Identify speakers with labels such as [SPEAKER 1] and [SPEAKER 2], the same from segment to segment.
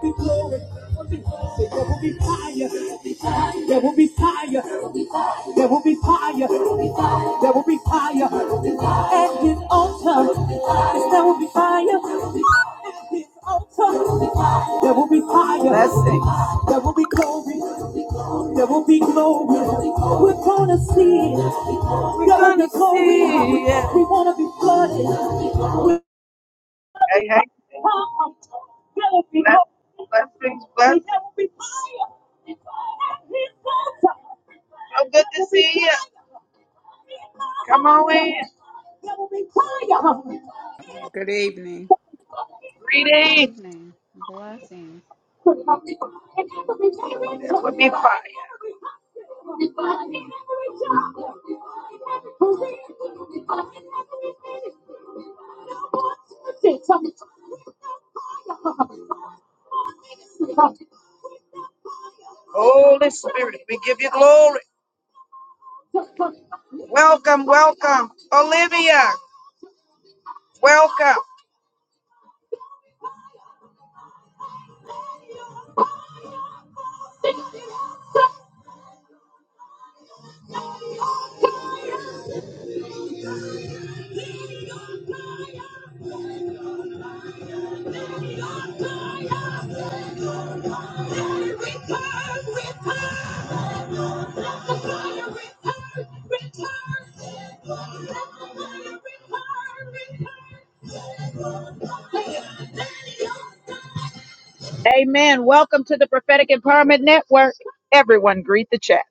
[SPEAKER 1] be glory. There will be fire. There will be fire. There will be fire. There will be fire. At his altar. Yes, there will be fire. At his altar. There will be fire. Blessing. There will be glory. There will be glory. We're gonna see it. We're gonna, see it. We wanna be flooded. Hey, hey. Bless- Blessings, blessings. So good to see you. Come on in.
[SPEAKER 2] Good evening.
[SPEAKER 1] Greetings with me fire. Holy Spirit, we give you glory. Welcome, welcome. Olivia, welcome. Amen. Welcome to the Prophetic Empowerment Network. Everyone greet the chat.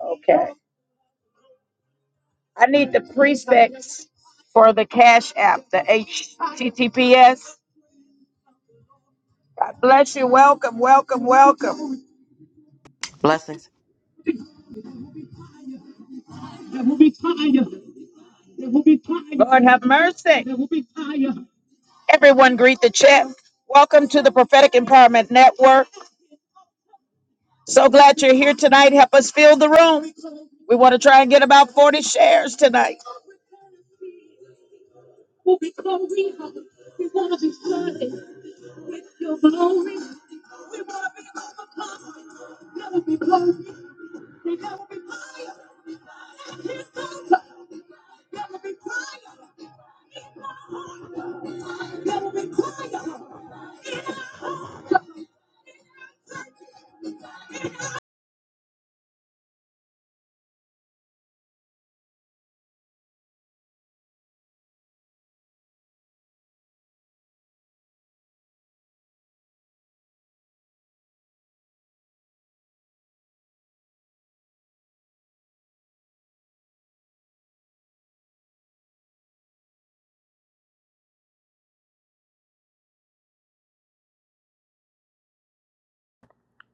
[SPEAKER 1] Okay. I need the prefix for the Cash App, the HTTPS. God bless you. Welcome, welcome, welcome.
[SPEAKER 3] Blessings.
[SPEAKER 1] Lord have mercy. Everyone greet the chat. Welcome to the Prophetic Empowerment Network. So glad you're here tonight. Help us fill the room. We want to try and get about 40 shares tonight.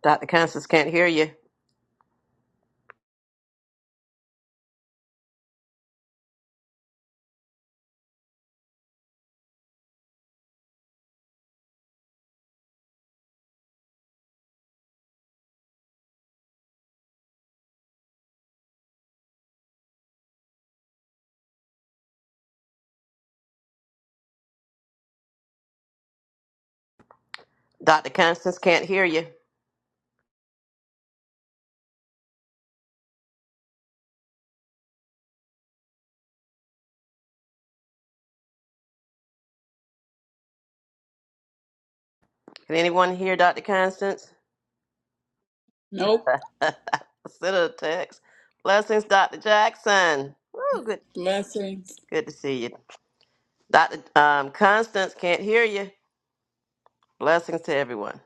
[SPEAKER 3] Dr. Constance can't hear you. Dr. Constance can't hear you. Can anyone hear Dr. Constance?
[SPEAKER 2] Nope.
[SPEAKER 3] Send her a text. Blessings, Dr. Jackson. Woo, good,
[SPEAKER 2] Blessings.
[SPEAKER 3] good to see you. Dr. Um, Constance can't hear you. Blessings to everyone.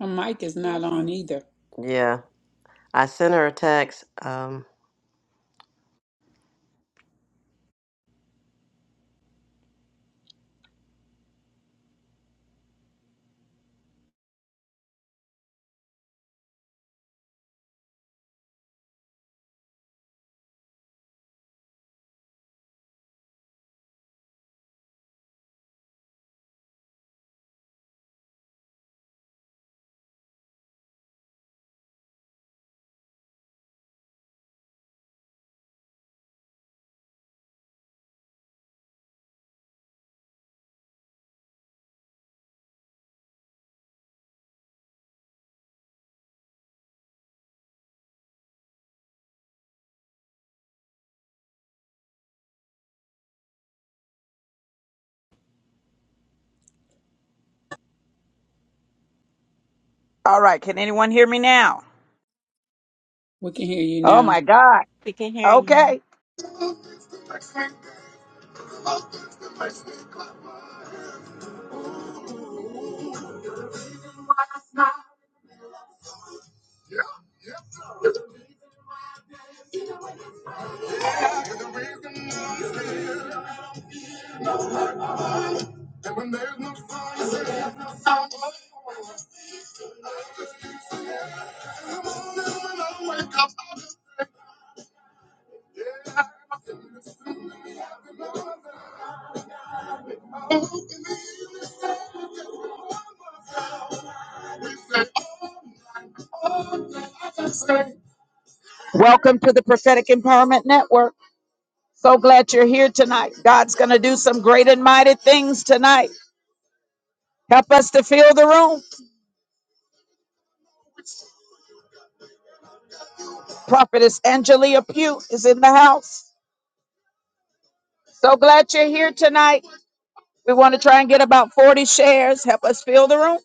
[SPEAKER 2] Her mic is not on either.
[SPEAKER 3] Yeah, I sent her a text. Um,
[SPEAKER 1] All right. Can anyone hear me now?
[SPEAKER 2] We can hear you
[SPEAKER 1] Oh
[SPEAKER 2] now.
[SPEAKER 1] my God.
[SPEAKER 4] We can hear you.
[SPEAKER 1] Okay. Welcome to the Prophetic Empowerment Network. So glad you're here tonight. God's going to do some great and mighty things tonight. Help us to fill the room. Prophetess Angelia Pugh is in the house. So glad you're here tonight. We want to try and get about 40 shares. Help us fill the room.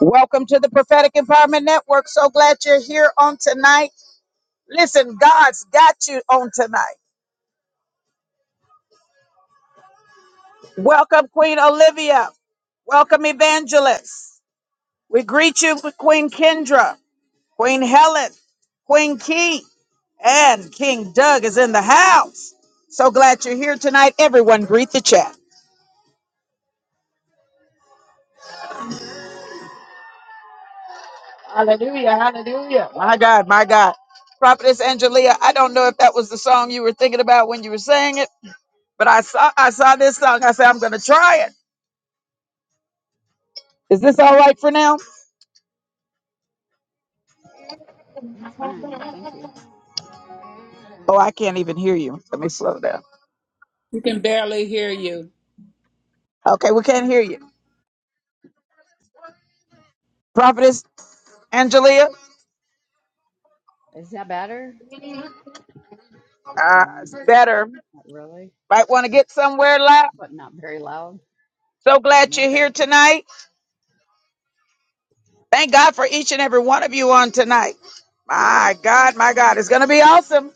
[SPEAKER 1] Welcome to the Prophetic Empowerment Network. So glad you're here on tonight. Listen, God's got you on tonight. Welcome, Queen Olivia. Welcome, Evangelist. We greet you, Queen Kendra, Queen Helen, Queen Key. And King Doug is in the house. So glad you're here tonight. Everyone, greet the chat. Hallelujah, hallelujah. My God, my God. Prophetess Angelia, I don't know if that was the song you were thinking about when you were saying it, but I saw I saw this song. I said, I'm gonna try it. Is this all right for now? Oh, I can't even hear you. Let me slow down.
[SPEAKER 2] We can barely hear you.
[SPEAKER 1] Okay, we can't hear you. Prophetess Angelia, uh, it's better. Might want to get somewhere loud. So glad you're here tonight. Thank God for each and every one of you on tonight. My God, my God, it's going to be awesome.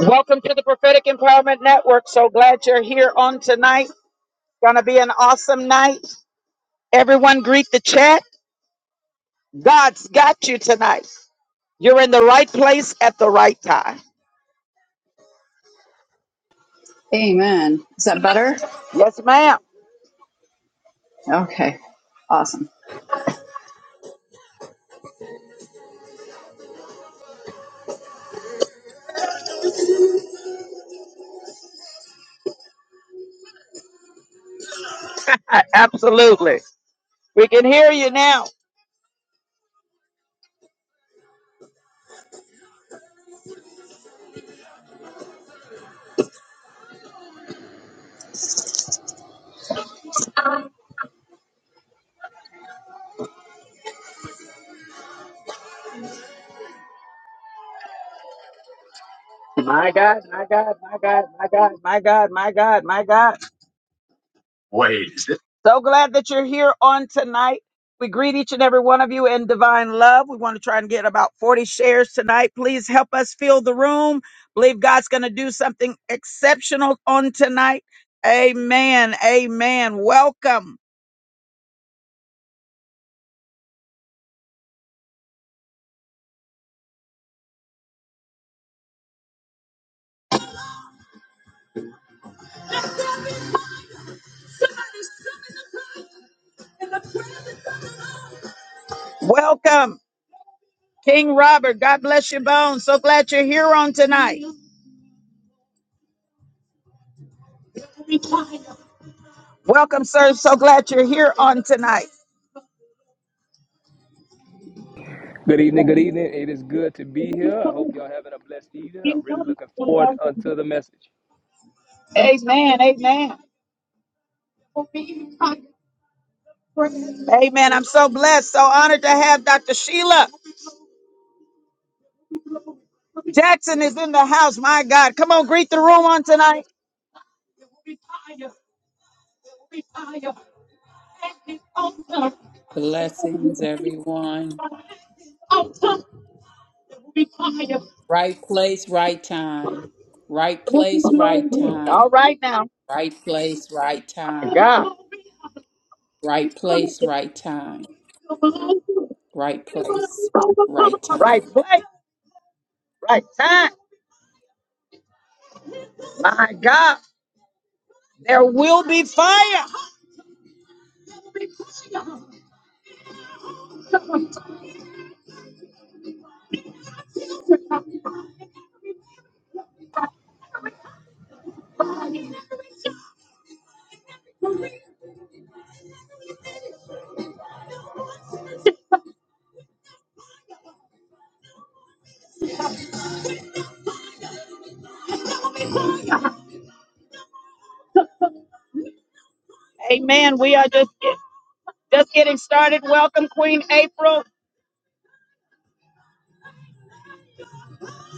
[SPEAKER 1] Welcome to the Prophetic Empowerment Network. So glad you're here on tonight. Going to be an awesome night. Everyone, greet the chat. God's got you tonight. You're in the right place at the right time. Yes, ma'am. Absolutely. We can hear you now. My God, my God, my God, my God, my God, my God, my God. Wait, is it? So glad that you're here on tonight. We greet each and every one of you in divine love. We want to try and get about 40 shares tonight. Please help us fill the room. Believe God's going to do something exceptional on tonight. Amen. Amen. Welcome. Welcome. King Robert, God bless your bones. So glad you're here on tonight. Welcome, sir. So glad you're here on tonight.
[SPEAKER 5] Good evening, good evening. It is good to be here. I hope y'all having a blessed evening. I'm really looking forward unto the message.
[SPEAKER 1] Amen. Amen. Amen. I'm so blessed, so honored to have Dr. Sheila. Jackson is in the house. My God. Come on, greet the room on tonight.
[SPEAKER 2] Blessings, everyone. Right place, right time. Right place, right time.
[SPEAKER 1] All right now.
[SPEAKER 2] Right place, right
[SPEAKER 1] My
[SPEAKER 2] time.
[SPEAKER 1] God.
[SPEAKER 2] Right place, right time. Right place, right
[SPEAKER 1] Right
[SPEAKER 2] time.
[SPEAKER 1] place, right time. My God. There will be fire. Amen. We are just just getting started. Welcome, Queen April.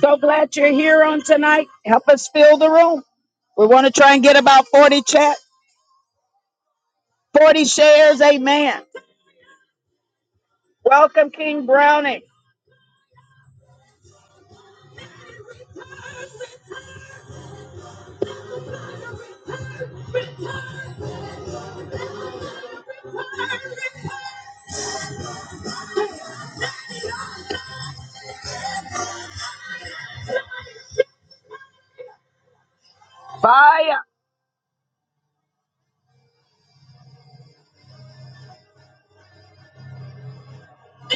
[SPEAKER 1] So glad you're here on tonight. Help us fill the room. We want to try and get about 40 chat, 40 shares. Amen. Welcome, King Brownie. Fire.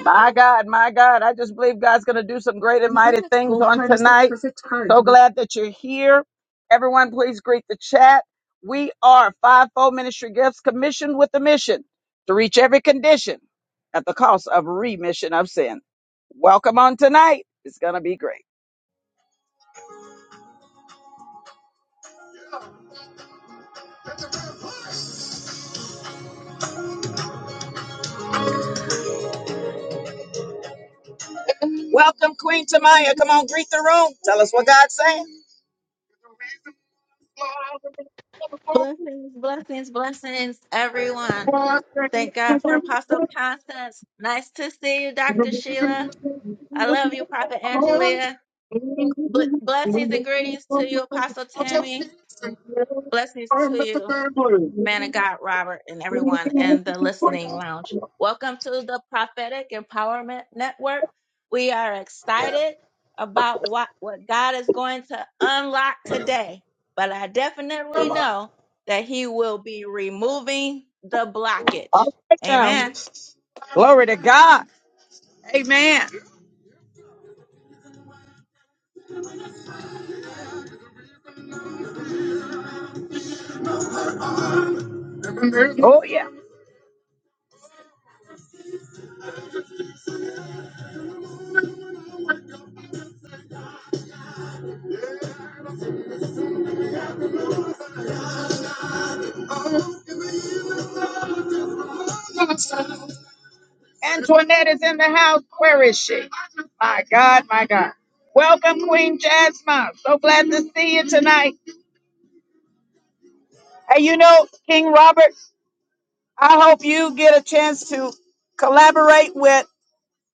[SPEAKER 1] My God, my God. I just believe God's going to do some great and mighty things on tonight. So glad that you're here. Everyone, please greet the chat. We are Fivefold Ministry Gifts commissioned with a mission to reach every condition at the cost of remission of sin. Welcome on tonight. It's going to be great. Welcome, Queen Tamaya. Come on, greet the room. Tell us what God's saying.
[SPEAKER 4] Blessings, blessings, blessings, everyone. Thank God for Apostle Constance. Nice to see you, Dr. Sheila.
[SPEAKER 1] Alright
[SPEAKER 4] I love you, Prophet Angelia. Bl- blessings and greetings to you, Apostle Tammy. Blessings to you. man of God, Robert, and everyone in the listening lounge. Welcome to the Prophetic Empowerment Network. We are excited about what, what God is going to unlock today, but I definitely know that He will be removing the blockage.
[SPEAKER 1] now.
[SPEAKER 4] Amen.
[SPEAKER 1] Glory to God. Oh, yeah. Antoinette is in the house. Where is she? My God, my God. Welcome, Queen Jasmine. So glad to see you tonight. Hey, you know, King Robert, I hope you get a chance to collaborate with.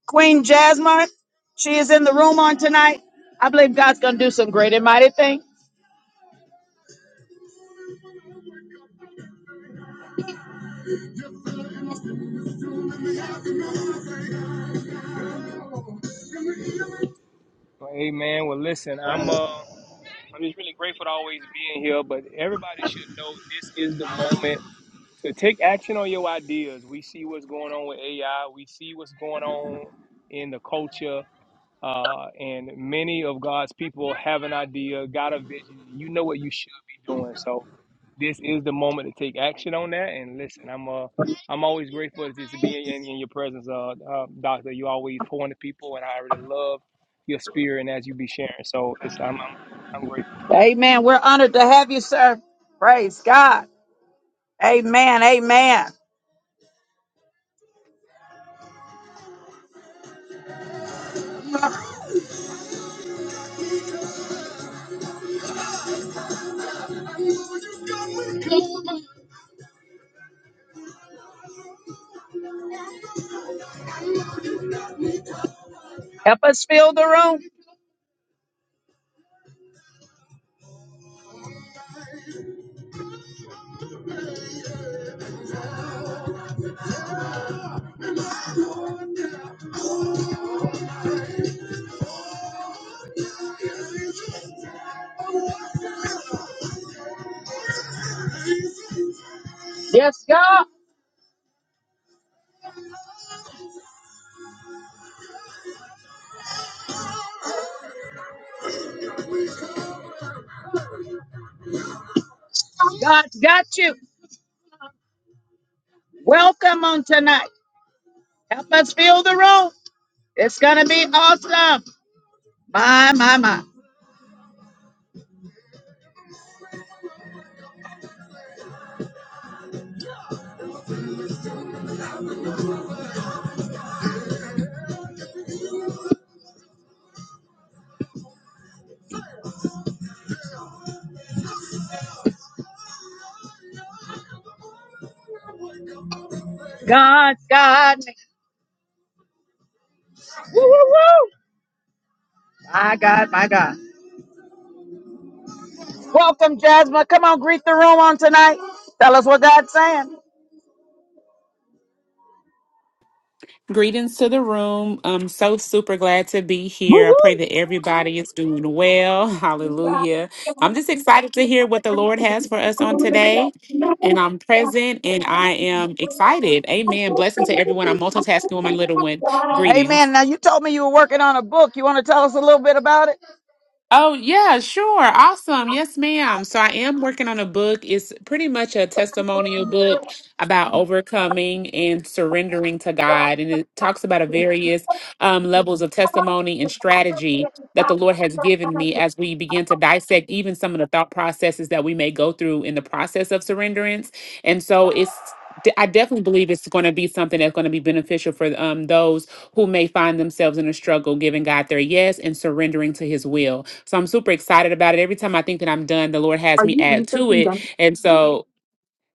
[SPEAKER 1] Queen Jasmine, she is in the room on tonight. I believe God's going to do some great and mighty thing.
[SPEAKER 5] Well, amen. Well, listen, I'm uh, I'm just really grateful to always being here. But everybody should know this is the moment to take action on your ideas. We see what's going on with AI. We see what's going on in the culture. Uh, and many of God's people have an idea, got a vision. You know what you should be doing. So this is the moment to take action on that. And listen, I'm uh, I'm always grateful just to be in, in your presence, uh, uh, Doctor. You always pour into people, and I already love your spirit and as you be sharing. So listen, I'm I'm, I'm grateful.
[SPEAKER 1] Amen. We're honored to have you, sir. Praise God. Amen. Amen. Help us fill the room. Yes, God. God's got you. Welcome on tonight. Help us fill the room. It's going to be awesome. My, my, my. God's got me. My God, my God. Welcome, Jasmine. Come on, greet the room on tonight. Tell us what God's saying.
[SPEAKER 6] Greetings to the room. I'm so super glad to be here. I pray that everybody is doing well. Hallelujah. I'm just excited to hear what the Lord has for us on today. And I'm present and I am excited. Amen. Blessing to everyone. I'm multitasking with my little one. Greetings.
[SPEAKER 1] Amen. Now you told me you were working on a book. You want to tell us a little bit about it?
[SPEAKER 6] Oh, yeah, sure. Awesome. Yes, ma'am. So I am working on a book. It's pretty much a testimonial book about overcoming and surrendering to God. And it talks about a various um, levels of testimony and strategy that the Lord has given me as we begin to dissect even some of the thought processes that we may go through in the process of surrenderance. And so it's I definitely believe it's going to be something that's going to be beneficial for um, those who may find themselves in a struggle, giving God their yes and surrendering to His will. So I'm super excited about it. Every time I think that I'm done, the Lord has me add to it. And Mhm. so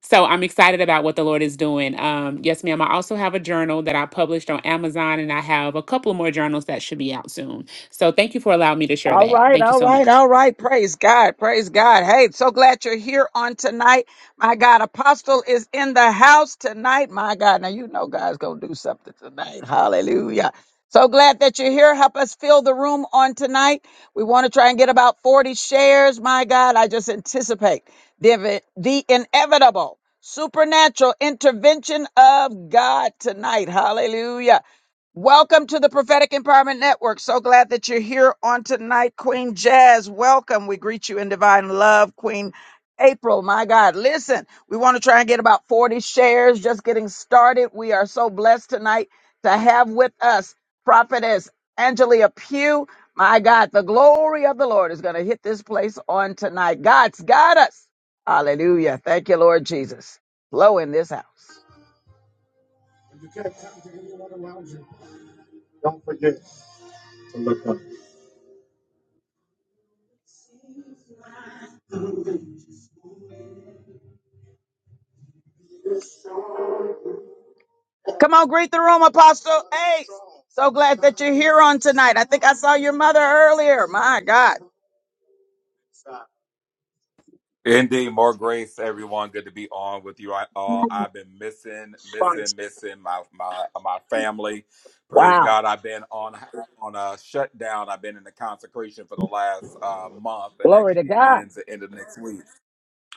[SPEAKER 6] so I'm excited about what the Lord is doing. Um, yes, ma'am. I also have a journal that I published on Amazon, and I have a couple more journals that should be out soon. So thank you for allowing me to share
[SPEAKER 1] All
[SPEAKER 6] that.
[SPEAKER 1] right,
[SPEAKER 6] Thank you
[SPEAKER 1] all
[SPEAKER 6] so
[SPEAKER 1] right,
[SPEAKER 6] much.
[SPEAKER 1] all right. Praise God, praise God. Hey, so glad you're here on tonight. My God, Apostle is in the house tonight. My God, now you know God's going to do something tonight. Hallelujah. So glad that you're here. Help us fill the room on tonight. We want to try and get about 40 shares. My God, I just anticipate the, the inevitable supernatural intervention of God tonight. Hallelujah. Welcome to the Prophetic Empowerment Network. So glad that you're here on tonight, Queen Jazz. Welcome. We greet you in divine love, Queen April. My God, listen, we want to try and get about 40 shares just getting started. We are so blessed tonight to have with us Prophetess Angelia Pugh. My God, the glory of the Lord is going to hit this place on tonight. God's got us. Hallelujah. Thank you, Lord Jesus. Blow in this house. Come on, greet the room, Apostle Hey, So glad that you're here on tonight. I think I saw your mother earlier. My God.
[SPEAKER 7] Indeed, more grace, everyone. Good to be on with you all. I've been missing, missing, missing my my my family. Praise
[SPEAKER 1] Wow.
[SPEAKER 7] God. I've been on on a shutdown. I've been in the consecration for the last uh, month, and
[SPEAKER 1] Glory to
[SPEAKER 7] actually it
[SPEAKER 1] God.
[SPEAKER 7] ends at the end of next week.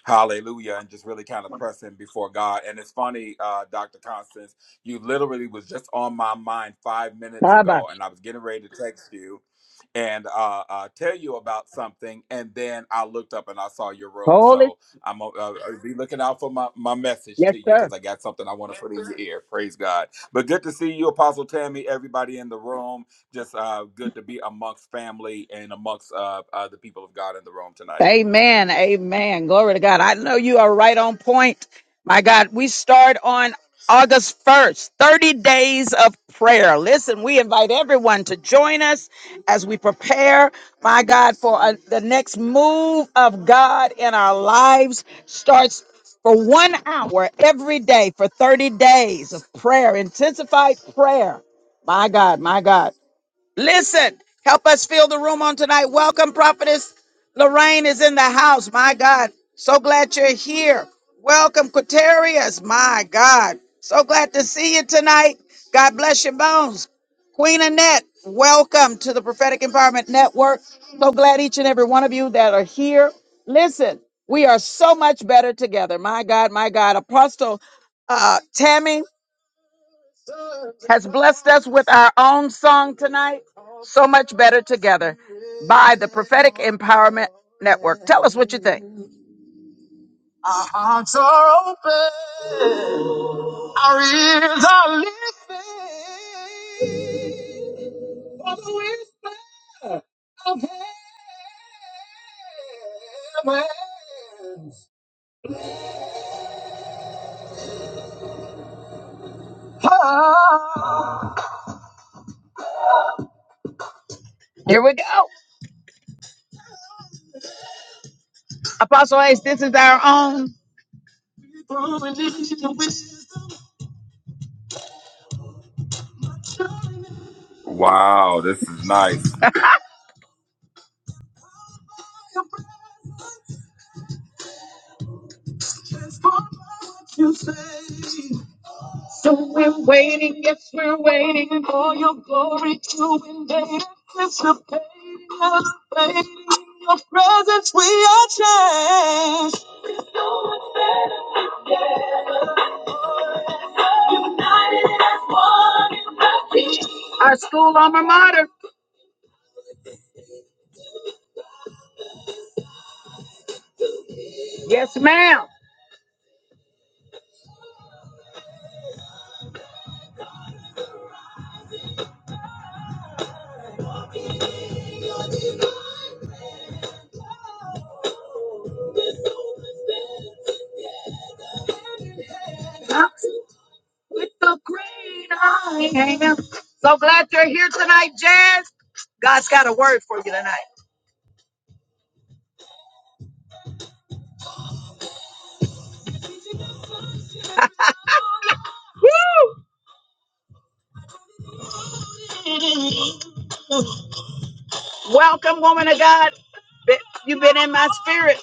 [SPEAKER 7] Hallelujah. And just really kind of pressing before God. And it's funny, uh, Dr. Constance, you literally was just on my mind five minutes
[SPEAKER 1] How about
[SPEAKER 7] ago, and I was getting ready to text you and uh, uh, tell you about something. And then I looked up and I saw your
[SPEAKER 1] you?
[SPEAKER 7] room.
[SPEAKER 1] Holy?
[SPEAKER 7] So I'm uh, uh, be looking out for my, my message
[SPEAKER 1] Yes,
[SPEAKER 7] to you
[SPEAKER 1] sir.
[SPEAKER 7] because I got something I want to put in your ear. Praise God. But good to see you, Apostle Tammy, everybody in the room. Just uh, good to be amongst family and amongst uh, uh, the people of God in the room tonight.
[SPEAKER 1] Amen. Amen. Glory to God. I know you are right on point. My God, we start on August 1st, 30 days of prayer. Listen, we invite everyone to join us as we prepare, my God, for uh, the next move of God in our lives. Starts for one hour every day for 30 days of prayer, intensified prayer. My God, my God. Listen, help us fill the room on tonight. Welcome, Prophetess Lorraine is in the house. My God, so glad you're here. Welcome, Quaterius. My God, so glad to see you tonight. God bless your bones. Queen Annette, welcome to the Prophetic Empowerment Network. So glad each and every one of you that are here. Listen, we are so much better together. My God, my God. Apostle uh, Tammy, has blessed us with our own song tonight, So Much Better Together, by the Prophetic Empowerment Network. Tell us what you think. Here we go. Apostle Ace, this is our own.
[SPEAKER 7] Wow, this is nice.
[SPEAKER 1] Our school alma mater. Yes, ma'am. So glad you're here tonight, Jazz. God's got a word for you tonight. Welcome, woman of God. Be- You've been in my spirit.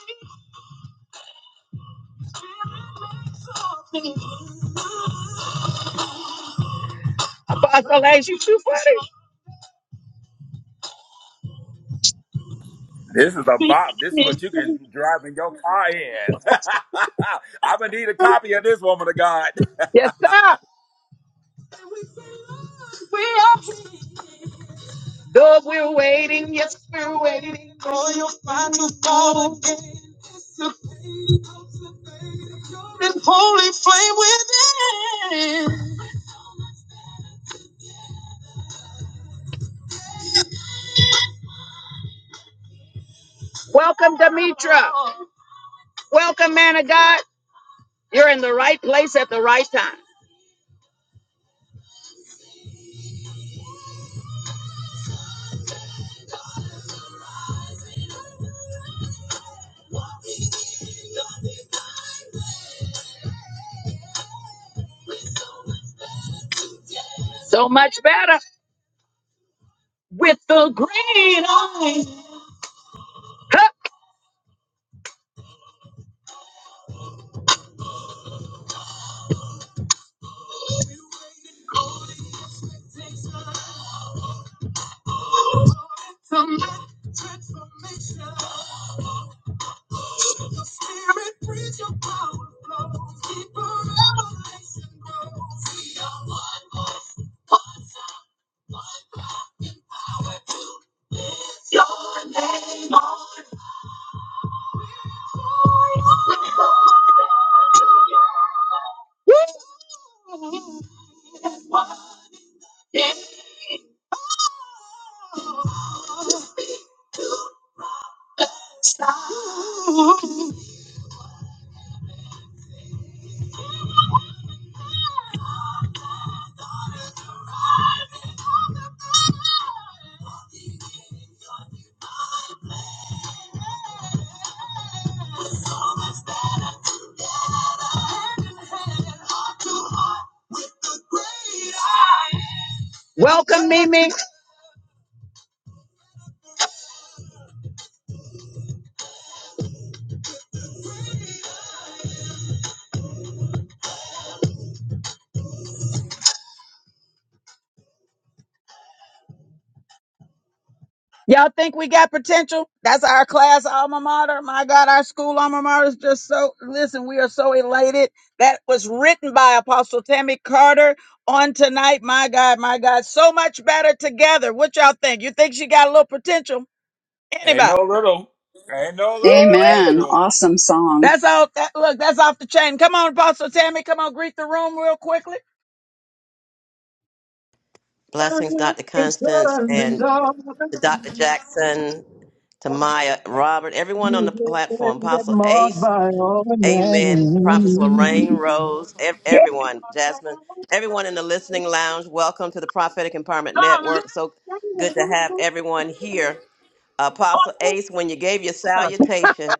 [SPEAKER 1] Apostle Ace, you too funny.
[SPEAKER 7] This is a bop. This is what you can drive in your car in. I'm gonna need a copy of this woman of God.
[SPEAKER 1] Yes, sir. Though we're waiting, yes, we're waiting. Welcome, Demetra. Welcome, man of God. You're in the right place at the right time. So much better with the great. Huh. Welcome, Mimi. Y'all think we got potential? That's our class alma mater. My God, our school alma mater is just so, listen, we are so elated. That was written by Apostle Tammy Carter on tonight. My God, my God, so much better together. What y'all think? You think she got a little potential?
[SPEAKER 7] Ain't
[SPEAKER 1] Anybody?
[SPEAKER 7] no little, ain't no
[SPEAKER 1] Woo!
[SPEAKER 7] little potential.
[SPEAKER 1] That's out. That, look, that's off the chain. Come on, Apostle Tammy. Come on, greet the room real quickly.
[SPEAKER 3] blessings, Dr.
[SPEAKER 1] It's
[SPEAKER 3] Constance,
[SPEAKER 1] turning
[SPEAKER 3] and
[SPEAKER 1] dark,
[SPEAKER 3] to Dr. Jackson, to Maya, Robert, everyone on the platform. Apostle
[SPEAKER 1] marked by all the
[SPEAKER 3] Amen. Prophets Lorraine,
[SPEAKER 1] name.
[SPEAKER 3] Rose, ev-
[SPEAKER 1] Yeah.
[SPEAKER 3] everyone, Jasmine, everyone in the listening lounge, welcome to the Prophetic Empowerment Network. So good to have everyone here. Apostle Ace, when you gave your salutation,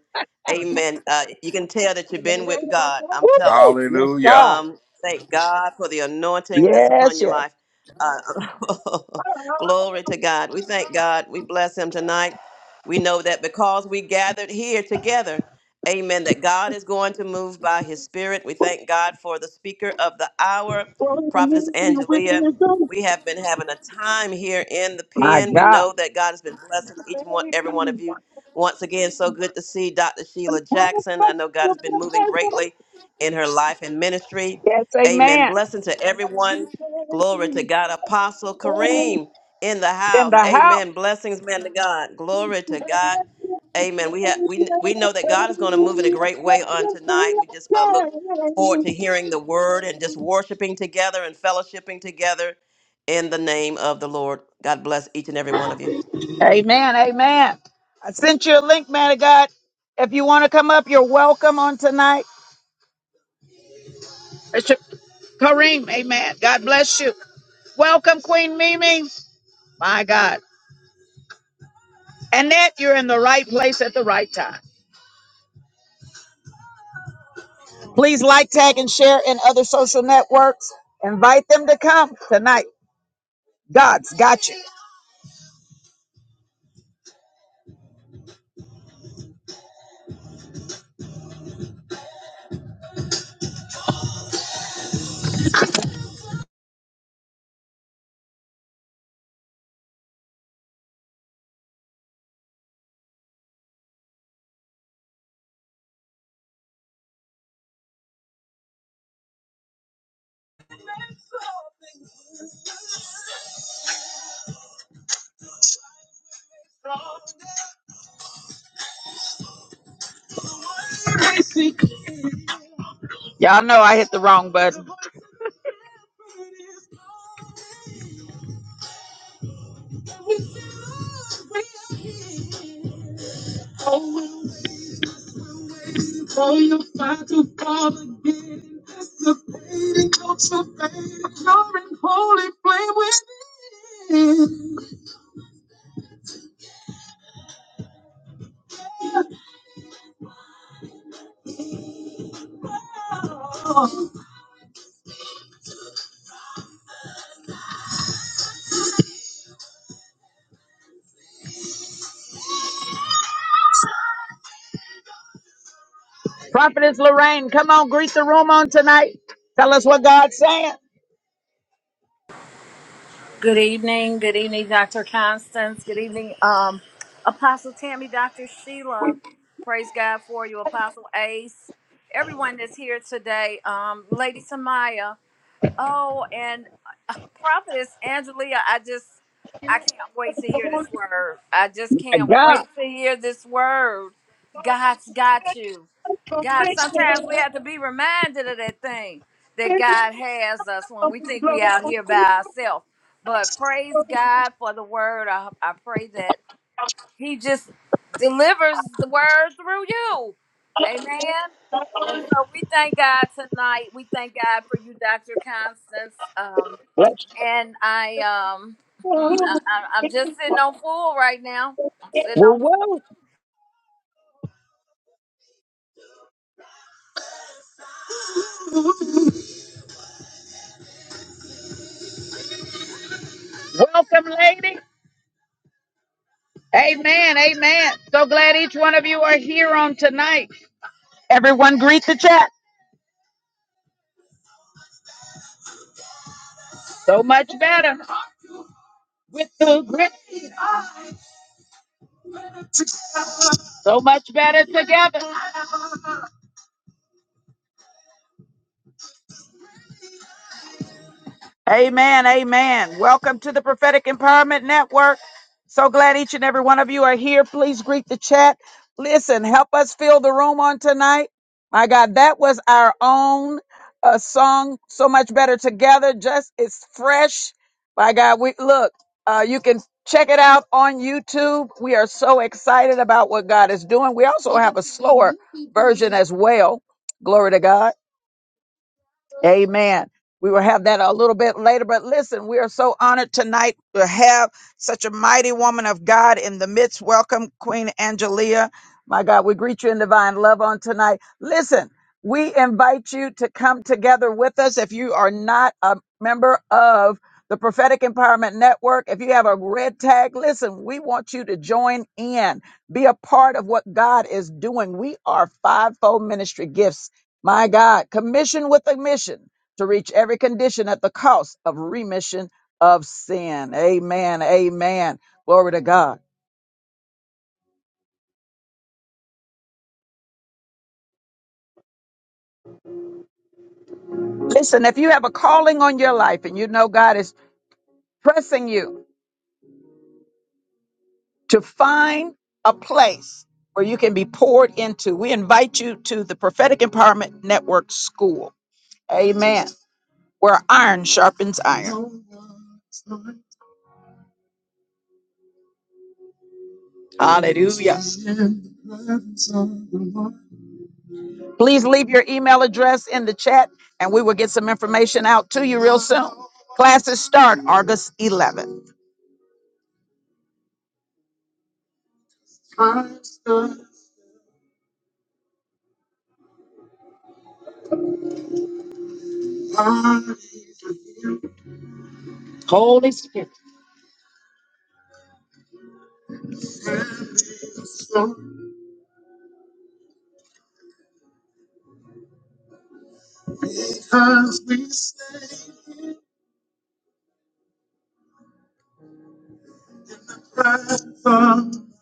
[SPEAKER 3] amen. Uh, you can tell that you've been with God. I'm telling you.
[SPEAKER 1] Yes,
[SPEAKER 7] Hallelujah.
[SPEAKER 1] God.
[SPEAKER 3] Um, thank God for the anointing that's upon
[SPEAKER 1] Yes,
[SPEAKER 3] your
[SPEAKER 1] yes.
[SPEAKER 3] life. Uh, glory to God. We thank God. We bless Him tonight. We know that because we gathered here together, amen, that God is going to move by His Spirit. We thank God for the speaker of the hour, Prophetess Angelia. We have been having a time here in the
[SPEAKER 1] My
[SPEAKER 3] pen. We
[SPEAKER 1] God.
[SPEAKER 3] know that God has been blessing each and one, every one of you. Once again, so good to see Dr. Sheila Jackson. I know God has been moving greatly in her life and ministry.
[SPEAKER 1] Yes,
[SPEAKER 3] Amen.
[SPEAKER 1] amen.
[SPEAKER 3] Blessing to everyone. Glory to
[SPEAKER 1] in
[SPEAKER 3] God. Apostle Kareem in the
[SPEAKER 1] the
[SPEAKER 3] house.
[SPEAKER 1] house.
[SPEAKER 3] Amen. Blessings, man to God. Glory to God. Amen. We have we we know that God is going to move in a great way on tonight. We just uh, look forward to hearing the word and just worshiping together and fellowshipping together in the name of the Lord. God bless each and every one of you.
[SPEAKER 1] Amen. Amen. I sent you a link, man of God. If you want to come up, you're welcome on tonight. It's Kareem, amen. God bless you. Welcome, Queen Mimi. My God. Annette, you're in the right place at the right time. Please like, tag, and share in other social networks. Invite them to come tonight. God's got you. Y'all know I hit the wrong button. Prophetess Lorraine, come on, greet the room on tonight. Tell us what God's saying.
[SPEAKER 8] Good evening. Good evening, Dr. Constance. Good evening, um, Apostle Tammy, Dr. Sheila. Praise God for you, Apostle Ace. Everyone that's here today, um, Lady Samaya. Oh, and uh, prophetess Angelia, I just I can't wait to
[SPEAKER 1] My
[SPEAKER 8] hear this word. I just can't
[SPEAKER 1] God.
[SPEAKER 8] wait to hear this word. God's got you. God, sometimes we have to be reminded of that thing that God has us when we think we out here by ourselves. But praise God for the word. I, I pray that he just delivers the word through you. Amen. And so we thank God tonight. We thank God for you, Dr. Constance. Um, and I, um, hmm, I, I- I'm just sitting on full right now. I'm sitting on.
[SPEAKER 1] Welcome, lady. Amen. Amen. So glad each one of you are here on tonight. Everyone greet the chat. So much better with the grit. So much better together. Amen. Amen. Welcome to the Prophetic Empowerment Network. So glad each and every one of you are here. Please greet the chat. Listen, help us fill the room on tonight. My God, that was our own uh, song, so much better together. Just it's fresh. My God, we look. Uh, you can check it out on YouTube. We are so excited about what God is doing. We also have a slower version as well. Glory to God. Amen. We will have that a little bit later, but listen, we are so honored tonight to have such a mighty woman of God in the midst. Welcome, Queen Angelia. My God, we greet you in divine love on tonight. Listen, we invite you to come together with us. If you are not a member of the Prophetic Empowerment Network, if you have a red tag, listen, we want you to join in, be a part of what God is doing. We are fivefold ministry gifts my God, commission with a mission to reach every condition at the cost of remission of sin. Amen. Amen. Glory to God. Listen, if you have a calling on your life and you know God is pressing you to find a place where you can be poured into, we invite you to the Prophetic Empowerment Network School. Amen. Where iron sharpens iron. Hallelujah. Please leave your email address in the chat and we will get some information out to you real soon. Classes start August 11th. Sometimes we stay right from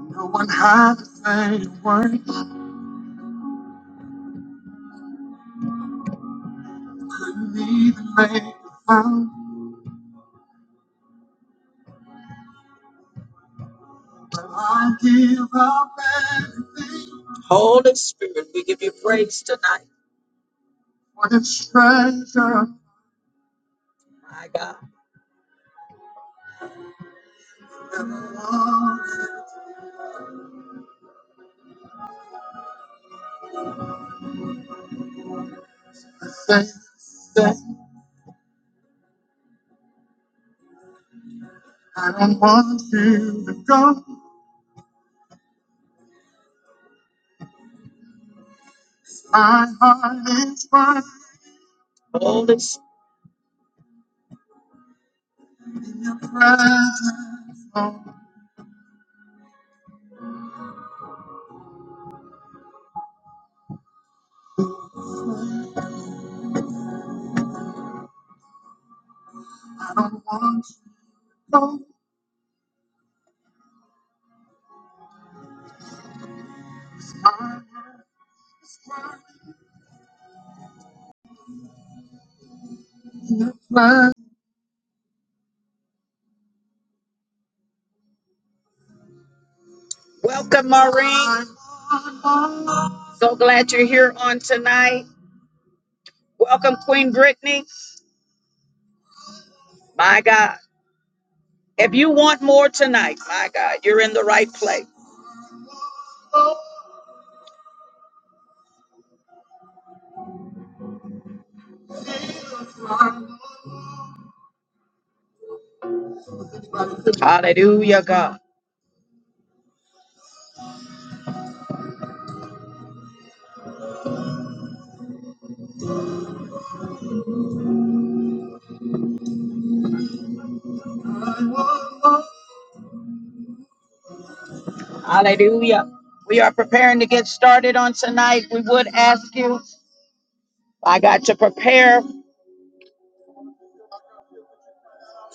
[SPEAKER 1] no one had to say a word, didn't even make a sound. But I give up everything for this treasure. Never wanted to say, say, I don't want you to go. My heart is burning. Welcome, Maureen. So glad you're here on tonight. Welcome, Queen Brittany. My God. If you want more tonight, my God, you're in the right place. Hallelujah, God. Hallelujah. We are preparing to get started on tonight. We would ask you, my God, to prepare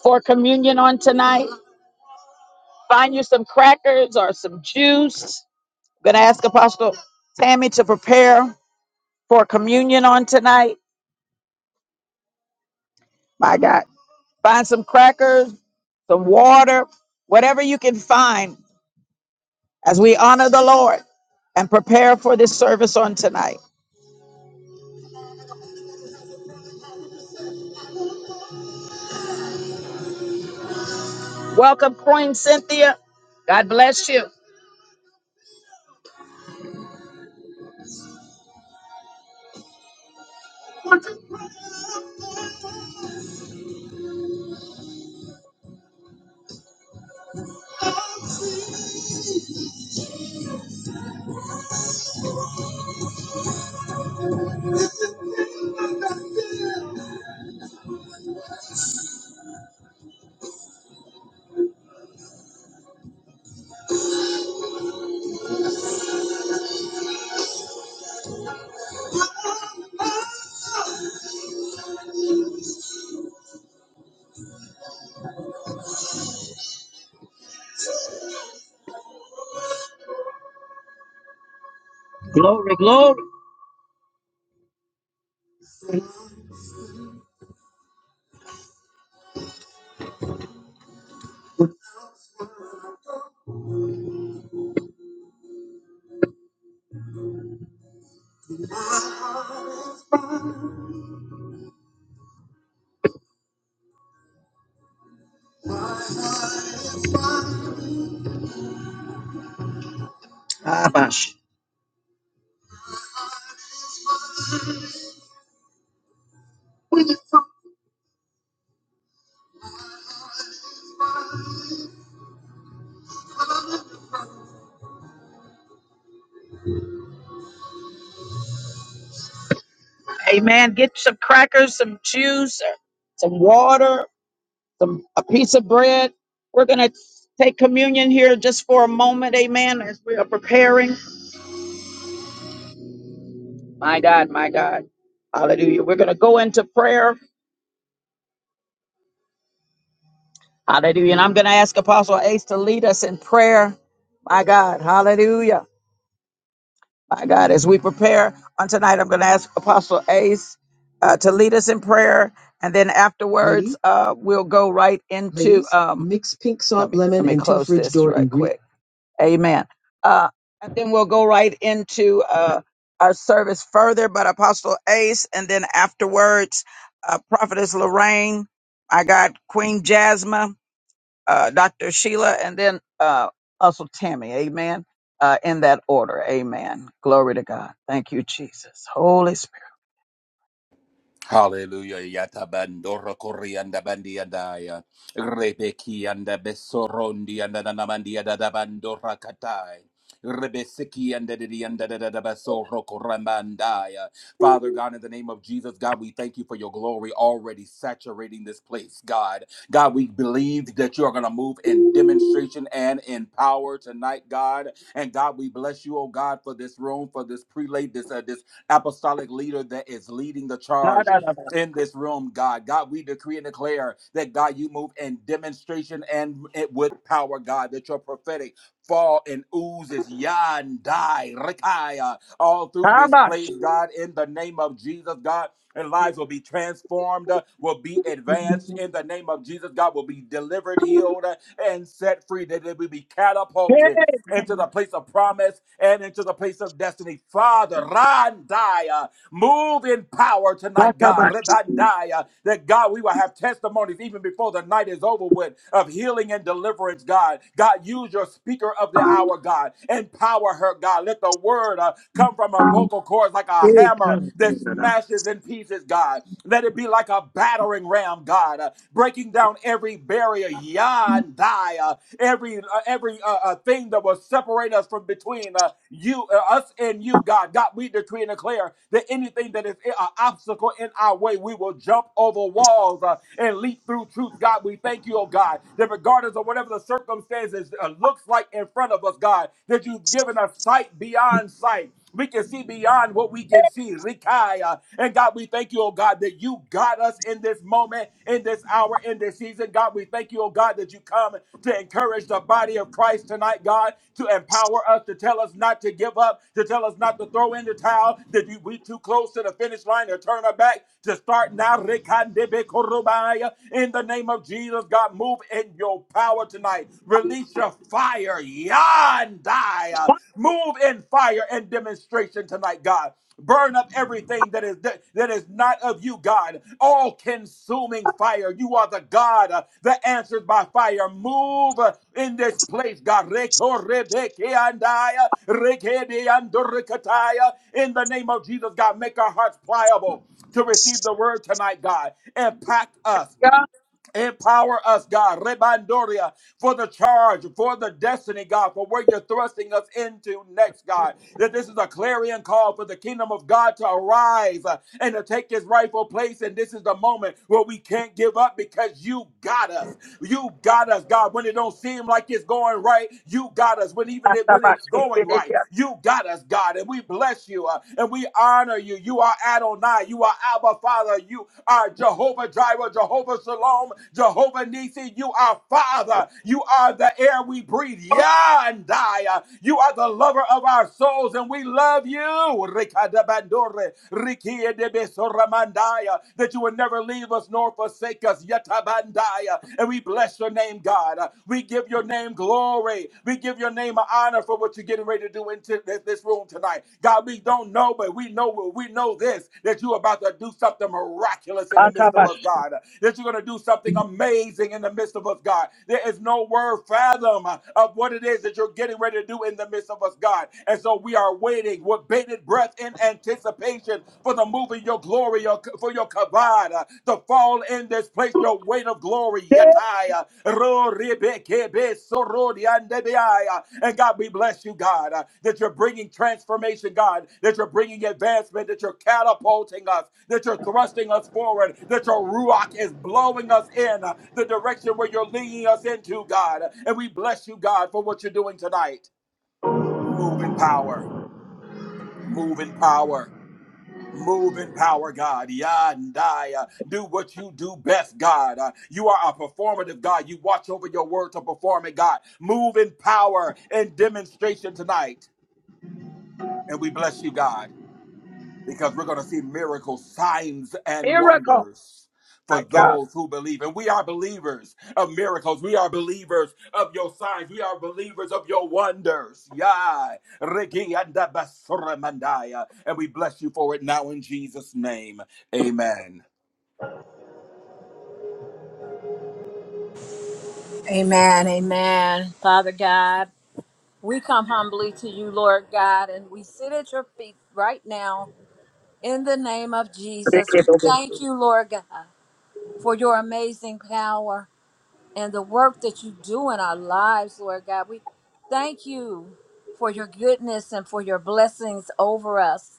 [SPEAKER 1] for communion on tonight. Find you some crackers or some juice I'm going to ask Apostle Tammy to prepare for communion on tonight. My God, find some crackers, some water, whatever you can find as we honor the Lord and prepare for this service on tonight. Welcome, Queen Cynthia. God bless you. Amen. Get some crackers, some juice, or some water, some a piece of bread. We're gonna take communion here just for a moment. Amen. As we are preparing. My God, my God. Hallelujah. We're going to go into prayer. Hallelujah. And I'm going to ask Apostle Ace to lead us in prayer. My God. Hallelujah. My God. As we prepare on tonight, I'm going to ask Apostle Ace uh, to lead us in prayer. And then afterwards, uh, we'll go right into. Um, let me let me close this right quick. Amen. Uh, and then we'll go right into uh, our service further. But Apostle Ace, and then afterwards, uh, Prophetess Lorraine, I got Queen Jasmine, uh, Dr. Sheila, and then uh, also Tammy. Amen. Uh, in that order. Amen. Glory to God. Thank you, Jesus. Holy Spirit.
[SPEAKER 7] Hallelujah. Yatabandoro Koreanda Bandiadaya. Rebeki and the Besorondi and the Nanamandia Dadabandora Katai. Rebesiki and Dadabasoro Koramandaya. Father God, in the name of Jesus, God, we thank you for your glory already saturating this place, God. God, we believe that you are going to move in demonstration and in power tonight, God. And God, we bless you, oh God, for this room, for this prelate, this, uh, this apostolic leader that is leading the charge in this room, God. God, we decree and declare that, God, you move in demonstration and with power, God, that your prophetic fall and oozes yandai rikaya all through this
[SPEAKER 1] Kabash.
[SPEAKER 7] place, God, in the name of Jesus, God. And lives will be transformed, uh, will be advanced in the name of Jesus. God will be delivered, healed, uh, and set free. That they will be catapulted into the place of promise and into the place of destiny. Father, Randai. Move in power tonight, God. Rebandaya. That God, we will have testimonies even before the night is over with of healing and deliverance, God. God, use your speaker of the hour, God. Empower her, God. Let the word uh, come from her vocal cords like a hammer that smashes in pieces, God. Let it be like a battering ram, God, uh, breaking down every barrier. Yandaya every uh, every uh, uh, thing that will separate us from between uh, you, uh, us, and you, God. God, we decree and declare that anything that is an obstacle in our way, we will jump over walls uh, and leap through truth. God, we thank you, oh God, that regardless of whatever the circumstances uh, looks like in front of us, God, that you've given us sight beyond sight. We can see beyond what we can see. Rikaya. And God, we thank you, oh God, that you got us in this moment, in this hour, in this season. God, we thank you, oh God, that you come to encourage the body of Christ tonight, God, to empower us, to tell us not to give up, to tell us not to throw in the towel, that you, we too close to the finish line to turn our back, to start now. Rikandebe korobaya. In the name of Jesus, God, move in your power tonight. Release your fire. Yandai. Move in fire and demonstration tonight, God. Burn up everything that is that, that is not of you, God. All consuming fire. You are the God uh, that answers by fire. Move uh, in this place, God. Reko rebeke In the name of Jesus, God, make our hearts pliable to receive the word tonight, God. Impact us Empower us, God, Rebandoria, for the charge, for the destiny, God, for where you're thrusting us into next, God. That this is a clarion call for the kingdom of God to arise uh, and to take His rightful place. And this is the moment where we can't give up because you got us. You got us, God. When it don't seem like it's going right, you got us. When even it, when it's going right, you got us, God. And we bless you uh, and we honor you. You are Adonai. You are Abba Father. You are Jehovah Jireh, Jehovah Shalom, Jehovah Nisi. You are Father. You are the air we breathe. Yeah, and Yandaya. You are the lover of our souls, and we love you. Rikadabandore, Rikiedebe Soramandaya that you would never leave us nor forsake us. Yatabandaya. And we bless your name, God. We give your name glory. We give your name honor for what you're getting ready to do in t- this this room tonight. God, we don't know, but we know we know this that you're about to do something miraculous in the midst of us, God. That you're going to do something amazing in the midst of us, God. There is no word fathom of what it is that you're getting ready to do in the midst of us, God. And so we are waiting with bated breath in anticipation for the move of your glory, your, for your kavod, uh, to fall in this place, your weight of glory. Yatai, uh, ro ribekebe sorodi andebeai, uh, And God, we bless you, God, uh, that you're bringing transformation, God, that you're bringing advancement, that you're catapulting us, that you're thrusting us forward, that your ruach is blowing us in uh, the direction where you're leading us into, God. And we bless you, God, for what you're doing tonight. Move in power. Move in power Move in power, God. Yandaya. Do what you do best, God. Uh, you are a performative God. You watch over your word to perform it, God. Move in power and demonstration tonight. And we bless you, God because we're going to see miracles, signs, and wonders for those who believe. And we are believers of miracles. We are believers of your signs. We are believers of your wonders. Yai. Rigi anda basura mandaya. And we bless you for it now in Jesus' name. Amen.
[SPEAKER 8] Amen. Amen. Father God, we come humbly to you, Lord God, and we sit at your feet right now in the name of Jesus. We thank you, Lord God, for your amazing power. and the work that you do in our lives, Lord God. We thank you for your goodness and for your blessings over us.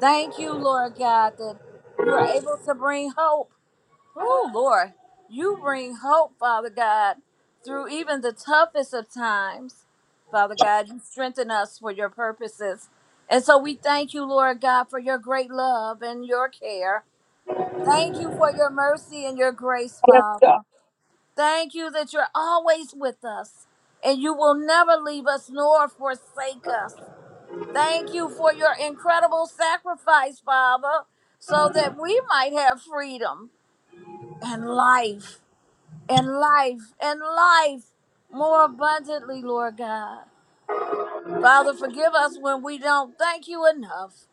[SPEAKER 8] Thank you, Lord God, that you are able to bring hope. Oh, Lord, you bring hope, Father God, through even the toughest of times. Father God, you strengthen us for your purposes. And so we thank you, Lord God, for your great love and your care. Thank you for your mercy and your grace, Father. Thank you that you're always with us and you will never leave us nor forsake us. Thank you for your incredible sacrifice, Father, so that we might have freedom and life and life and life more abundantly, Lord God. Father, forgive us when we don't thank you enough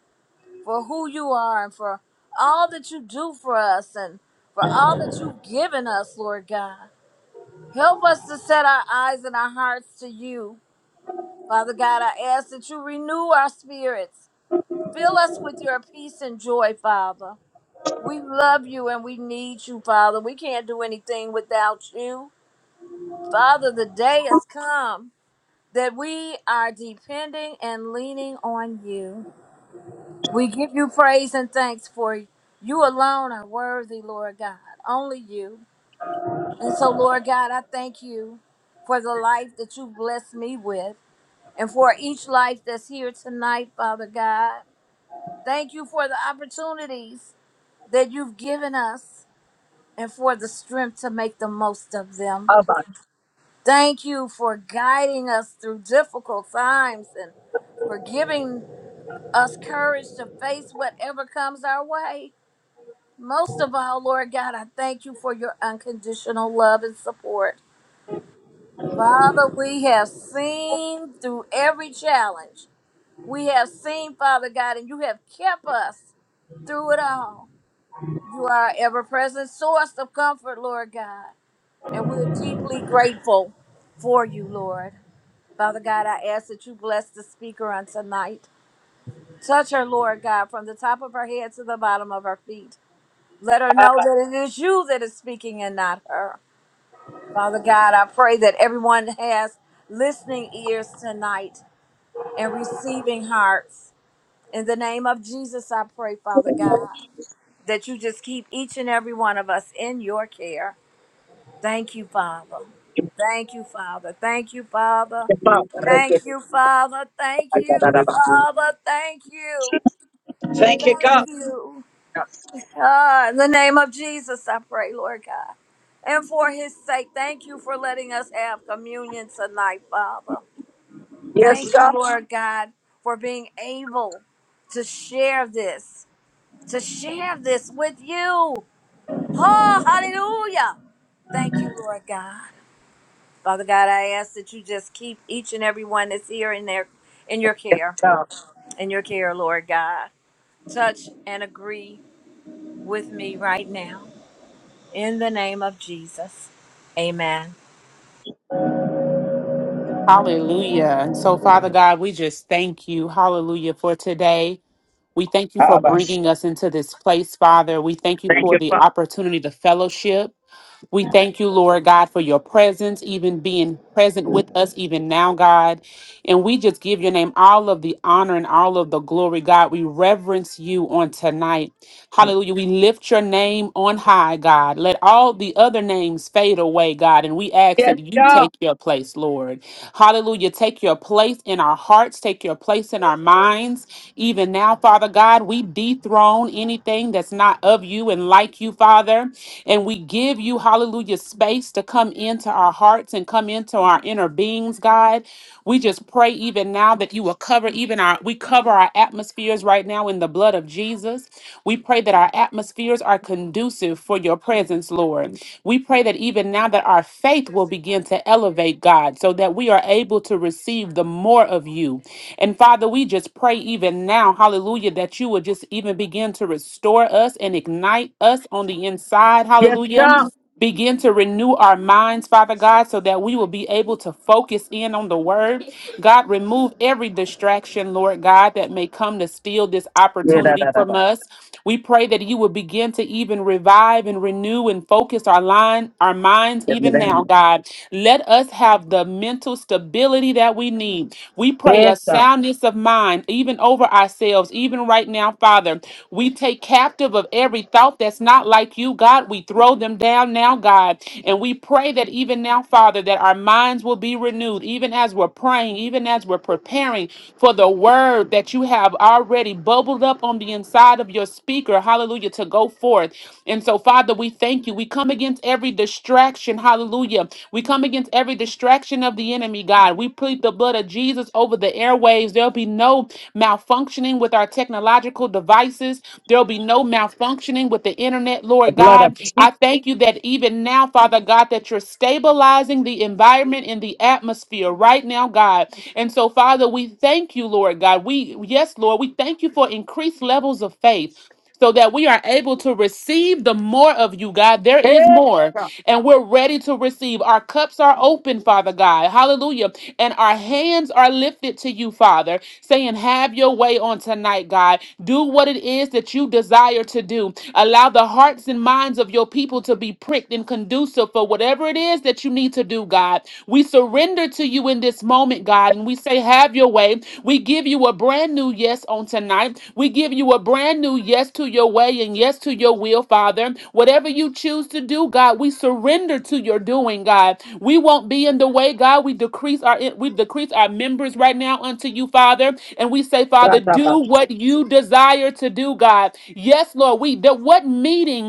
[SPEAKER 8] for who you are and for all that you do for us and for all that you've given us, Lord God. Help us to set our eyes and our hearts to you. Father God, I ask that you renew our spirits. Fill us with your peace and joy, Father. We love you and we need you, Father. We can't do anything without you. Father, the day has come that we are depending and leaning on you. We give you praise and thanks for you You alone are worthy, Lord God. Only you. And so, Lord God, I thank you for the life that you blessed me with. and for each life that's here tonight, Father God. Thank you for the opportunities that you've given us and for the strength to make the most of them. Thank you for guiding us through difficult times and for giving us courage to face whatever comes our way. Most of all, Lord God, I thank you for your unconditional love and support. Father, we have seen through every challenge we have seen, Father God, and you have kept us through it all. You are our ever present source of comfort, Lord God, and we're deeply grateful for you, Lord. Father God, I ask that you bless the speaker on tonight. Touch her, Lord God, from the top of her head to the bottom of her feet. Let her know that it is you that is speaking and not her. Father God, I pray that everyone has listening ears tonight and receiving hearts. In the name of Jesus, I pray, Father God, that you just keep each and every one of us in your care. Thank you, Father. Thank you, Father. Thank you, Father. Thank you, Father. Thank you, Father. Thank you. Thank you. Ah, in the name of Jesus, I pray, Lord God. And for his sake, thank you for letting us have communion tonight, Father. Thank you, Lord God, for being able to share this. to share this with you. Oh, hallelujah. Thank you, Lord God. Father God, I ask that you just keep each and every one that's here in their in your care. In your care, Lord God. Touch and agree with me right now. In the name of Jesus. Amen.
[SPEAKER 6] Hallelujah. And so, Father God, we just thank you. Hallelujah for today. We thank you for bringing us into this place, Father. We thank you for the opportunity to fellowship. We thank you, Lord God, for your presence, even being present with us, even now, God. And we just give your name all of the honor and all of the glory, God. We reverence you on tonight. Hallelujah. We lift your name on high, God. Let all the other names fade away, God. And we ask that you take your place, Lord. Hallelujah. Take your place in our hearts, take your place in our minds. Even now, Father God, we dethrone anything that's not of you and like you, Father. And we give you, hallelujah, space to come into our hearts and come into our inner beings, God. We just pray even now that you will cover even our, we cover our atmospheres right now in the blood of Jesus. We pray that our atmospheres are conducive for your presence, Lord. We pray that even now that our faith will begin to elevate, God, so that we are able to receive serve the more of you. And Father, we just pray even now, hallelujah, that you would just even begin to restore us and ignite us on the inside, hallelujah. Begin to renew our minds, Father God, so that we will be able to focus in on the word. God, remove every distraction, Lord God, that may come to steal this opportunity from us. We pray that you will begin to even revive and renew and focus our line, our minds even now, God. Let us have the mental stability that we need. We pray a soundness of mind, even over ourselves, even right now, Father. We take captive of every thought that's not like you, God. We throw them down now, God. And we pray that even now, Father, that our minds will be renewed, even as we're praying, even as we're preparing for the word that you have already bubbled up on the inside of your speaker. Hallelujah, to go forth. And so, Father, we thank Thank you. We come against every distraction. Hallelujah. We come against every distraction of the enemy, God. We plead the blood of Jesus over the airwaves. There'll be no malfunctioning with our technological devices. There'll be no malfunctioning with the internet, Lord God. I thank you that even now, Father God, that you're stabilizing the environment in the atmosphere right now, God. And so, Father, we thank you, Lord God. We, yes, Lord, we thank you for increased levels of faith so that we are able to receive the more of you, God. There is more, and we're ready to receive. Our cups are open, Father God. Hallelujah. And our hands are lifted to you, Father, saying, Have your way on tonight, God. Do what it is that you desire to do. Allow the hearts and minds of your people to be pricked and conducive for whatever it is that you need to do, God. We surrender to you in this this moment, God, and we say, Have your way. We give you a brand new yes on tonight. We give you a brand new yes to your way and yes to your will, Father. Whatever you choose to do, God, we surrender to your doing, God. We won't be in the way, God. We decrease our we decrease our members right now unto you, Father, and we say, Father, do what you desire to do, God. Yes, Lord. We the what meeting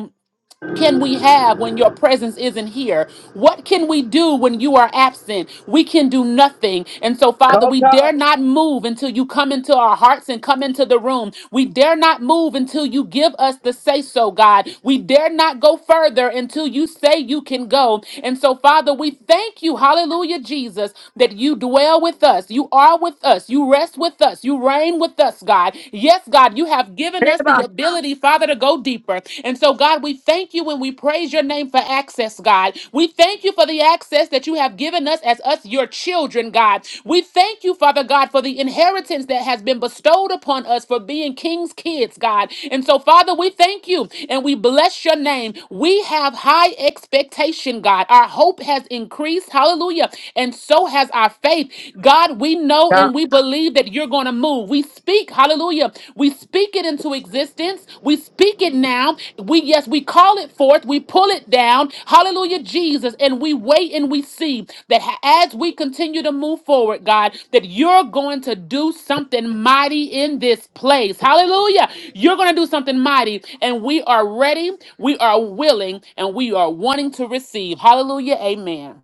[SPEAKER 6] can we have when your presence isn't here? What can we do when you are absent? We can do nothing. And so, Father, we dare not move until you come into our hearts and come into the room. We dare not move until you give us the say so, God. We dare not go further until you say you can go. And so, Father, we thank you, hallelujah, Jesus, that you dwell with us. You are with us. You rest with us. You reign with us, God. Yes, God, you have have given us the ability, Father, to go deeper. And so, God, we thank you and we praise your name for access, God. We thank you for the access that you have given us as us, your children, God. We thank you, Father God, for the inheritance that has been bestowed upon us for being king's kids, God. And so, Father, we thank you and we bless your name. We have high expectation, God. Our hope has increased. Hallelujah. And so has our faith. God, we know and we believe that you're going to move. We speak, hallelujah. We speak it into existence. We speak it now. We, yes, we call it forth. We pull it down. Hallelujah, Jesus. And we wait and we see that ha- as we continue to move forward, God, that you're going to do something mighty in this place. Hallelujah. You're going to do something mighty. And we are ready. We are willing and we are wanting to receive. Hallelujah. Amen.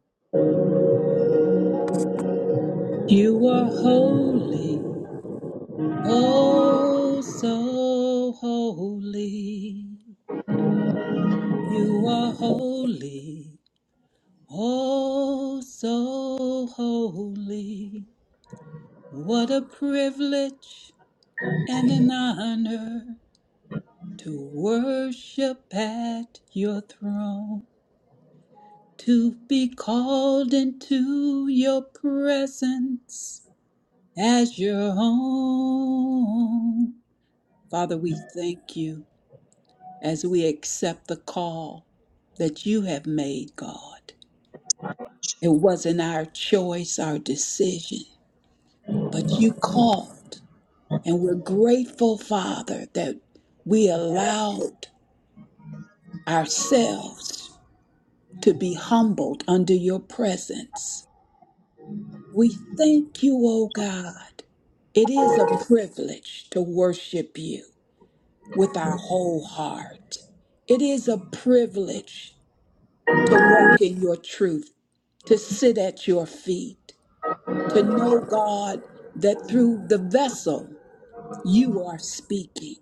[SPEAKER 2] You are holy. Oh, so holy. You are holy. Oh, so holy. What a privilege and an honor to worship at your throne, to be called into your presence as your own. Father, we thank you as we accept the call that you have made, God. It wasn't our choice, our decision. But you called, and we're grateful, Father, that we allowed ourselves to be humbled under your presence. We thank you, O God. It is a privilege to worship you with our whole heart. It is a privilege to walk in your truth, to sit at your feet, to know, God, that through the vessel you are speaking.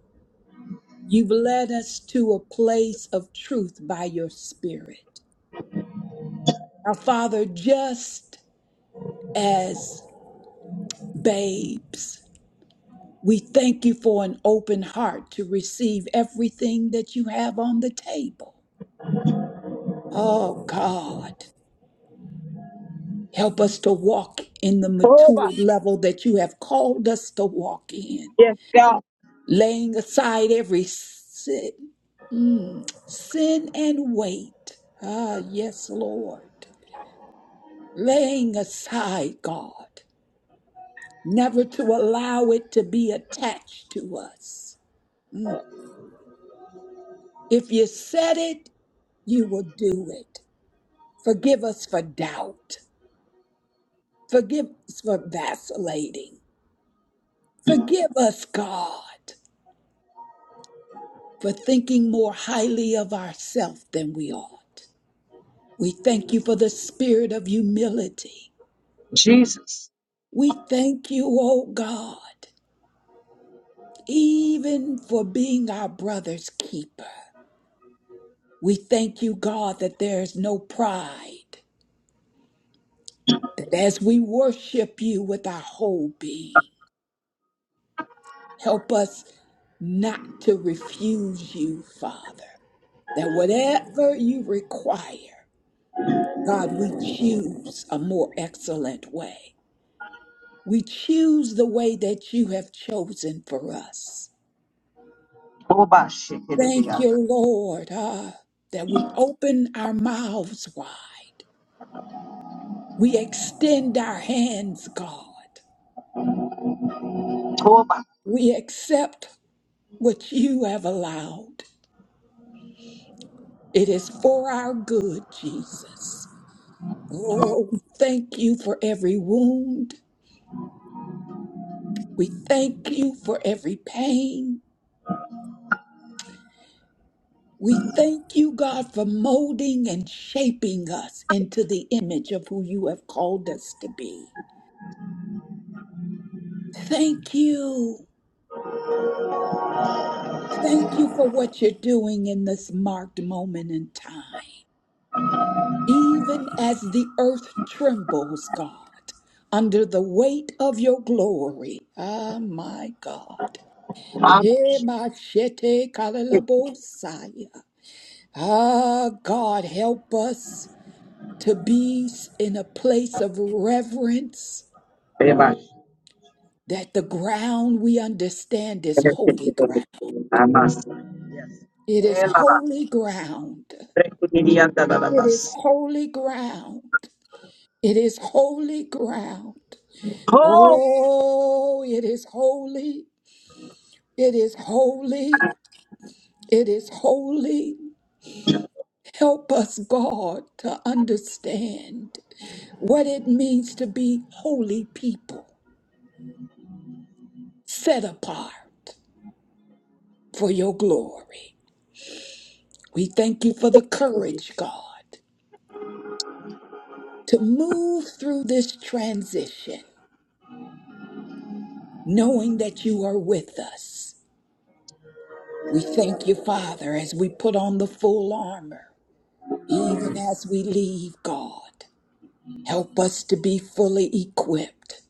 [SPEAKER 2] You've led us to a place of truth by your Spirit. Our Father, just as babes, we thank you for an open heart to receive everything that you have on the table. Oh God, help us to walk in the mature level that you have called us to walk in, laying aside every sin, mm, sin and weight. Ah, yes, Lord. laying aside God, never to allow it to be attached to us. Mm. If you said it, you will do it. Forgive us for doubt. Forgive us for vacillating. Forgive us, God, for thinking more highly of ourselves than we ought. We thank you for the spirit of humility. We thank you, O God, even for being our brother's keeper. We thank you, God, that there is no pride, that as we worship you with our whole being, help us not to refuse you, Father, that whatever you require, God, we choose a more excellent way. We choose the way that you have chosen for us. Thank you, Lord, ah, that we open our mouths wide. We extend our hands, God. We accept what you have allowed. It is for our good, Jesus. Oh, we thank you for every wound. We thank you for every pain. We thank you, God, for molding and shaping us into the image of who you have called us to be. Thank you. Thank you for what you're doing in this marked moment in time. even as the earth trembles, God, under the weight of your glory. Ah, my God. Yeah, my shete kalalabosaya. Ah, God, help us to be in a place of reverence that the ground we understand is holy ground. It is holy ground. It is holy ground. It is holy ground. Oh, it is holy. It is holy. It is holy. Help us, God, to understand what it means to be holy people, set apart for your glory. We thank you for the courage, God, to move through this transition, knowing that you are with us. We thank you, Father, as we put on the full armor, even as we leave, God. Help us to be fully equipped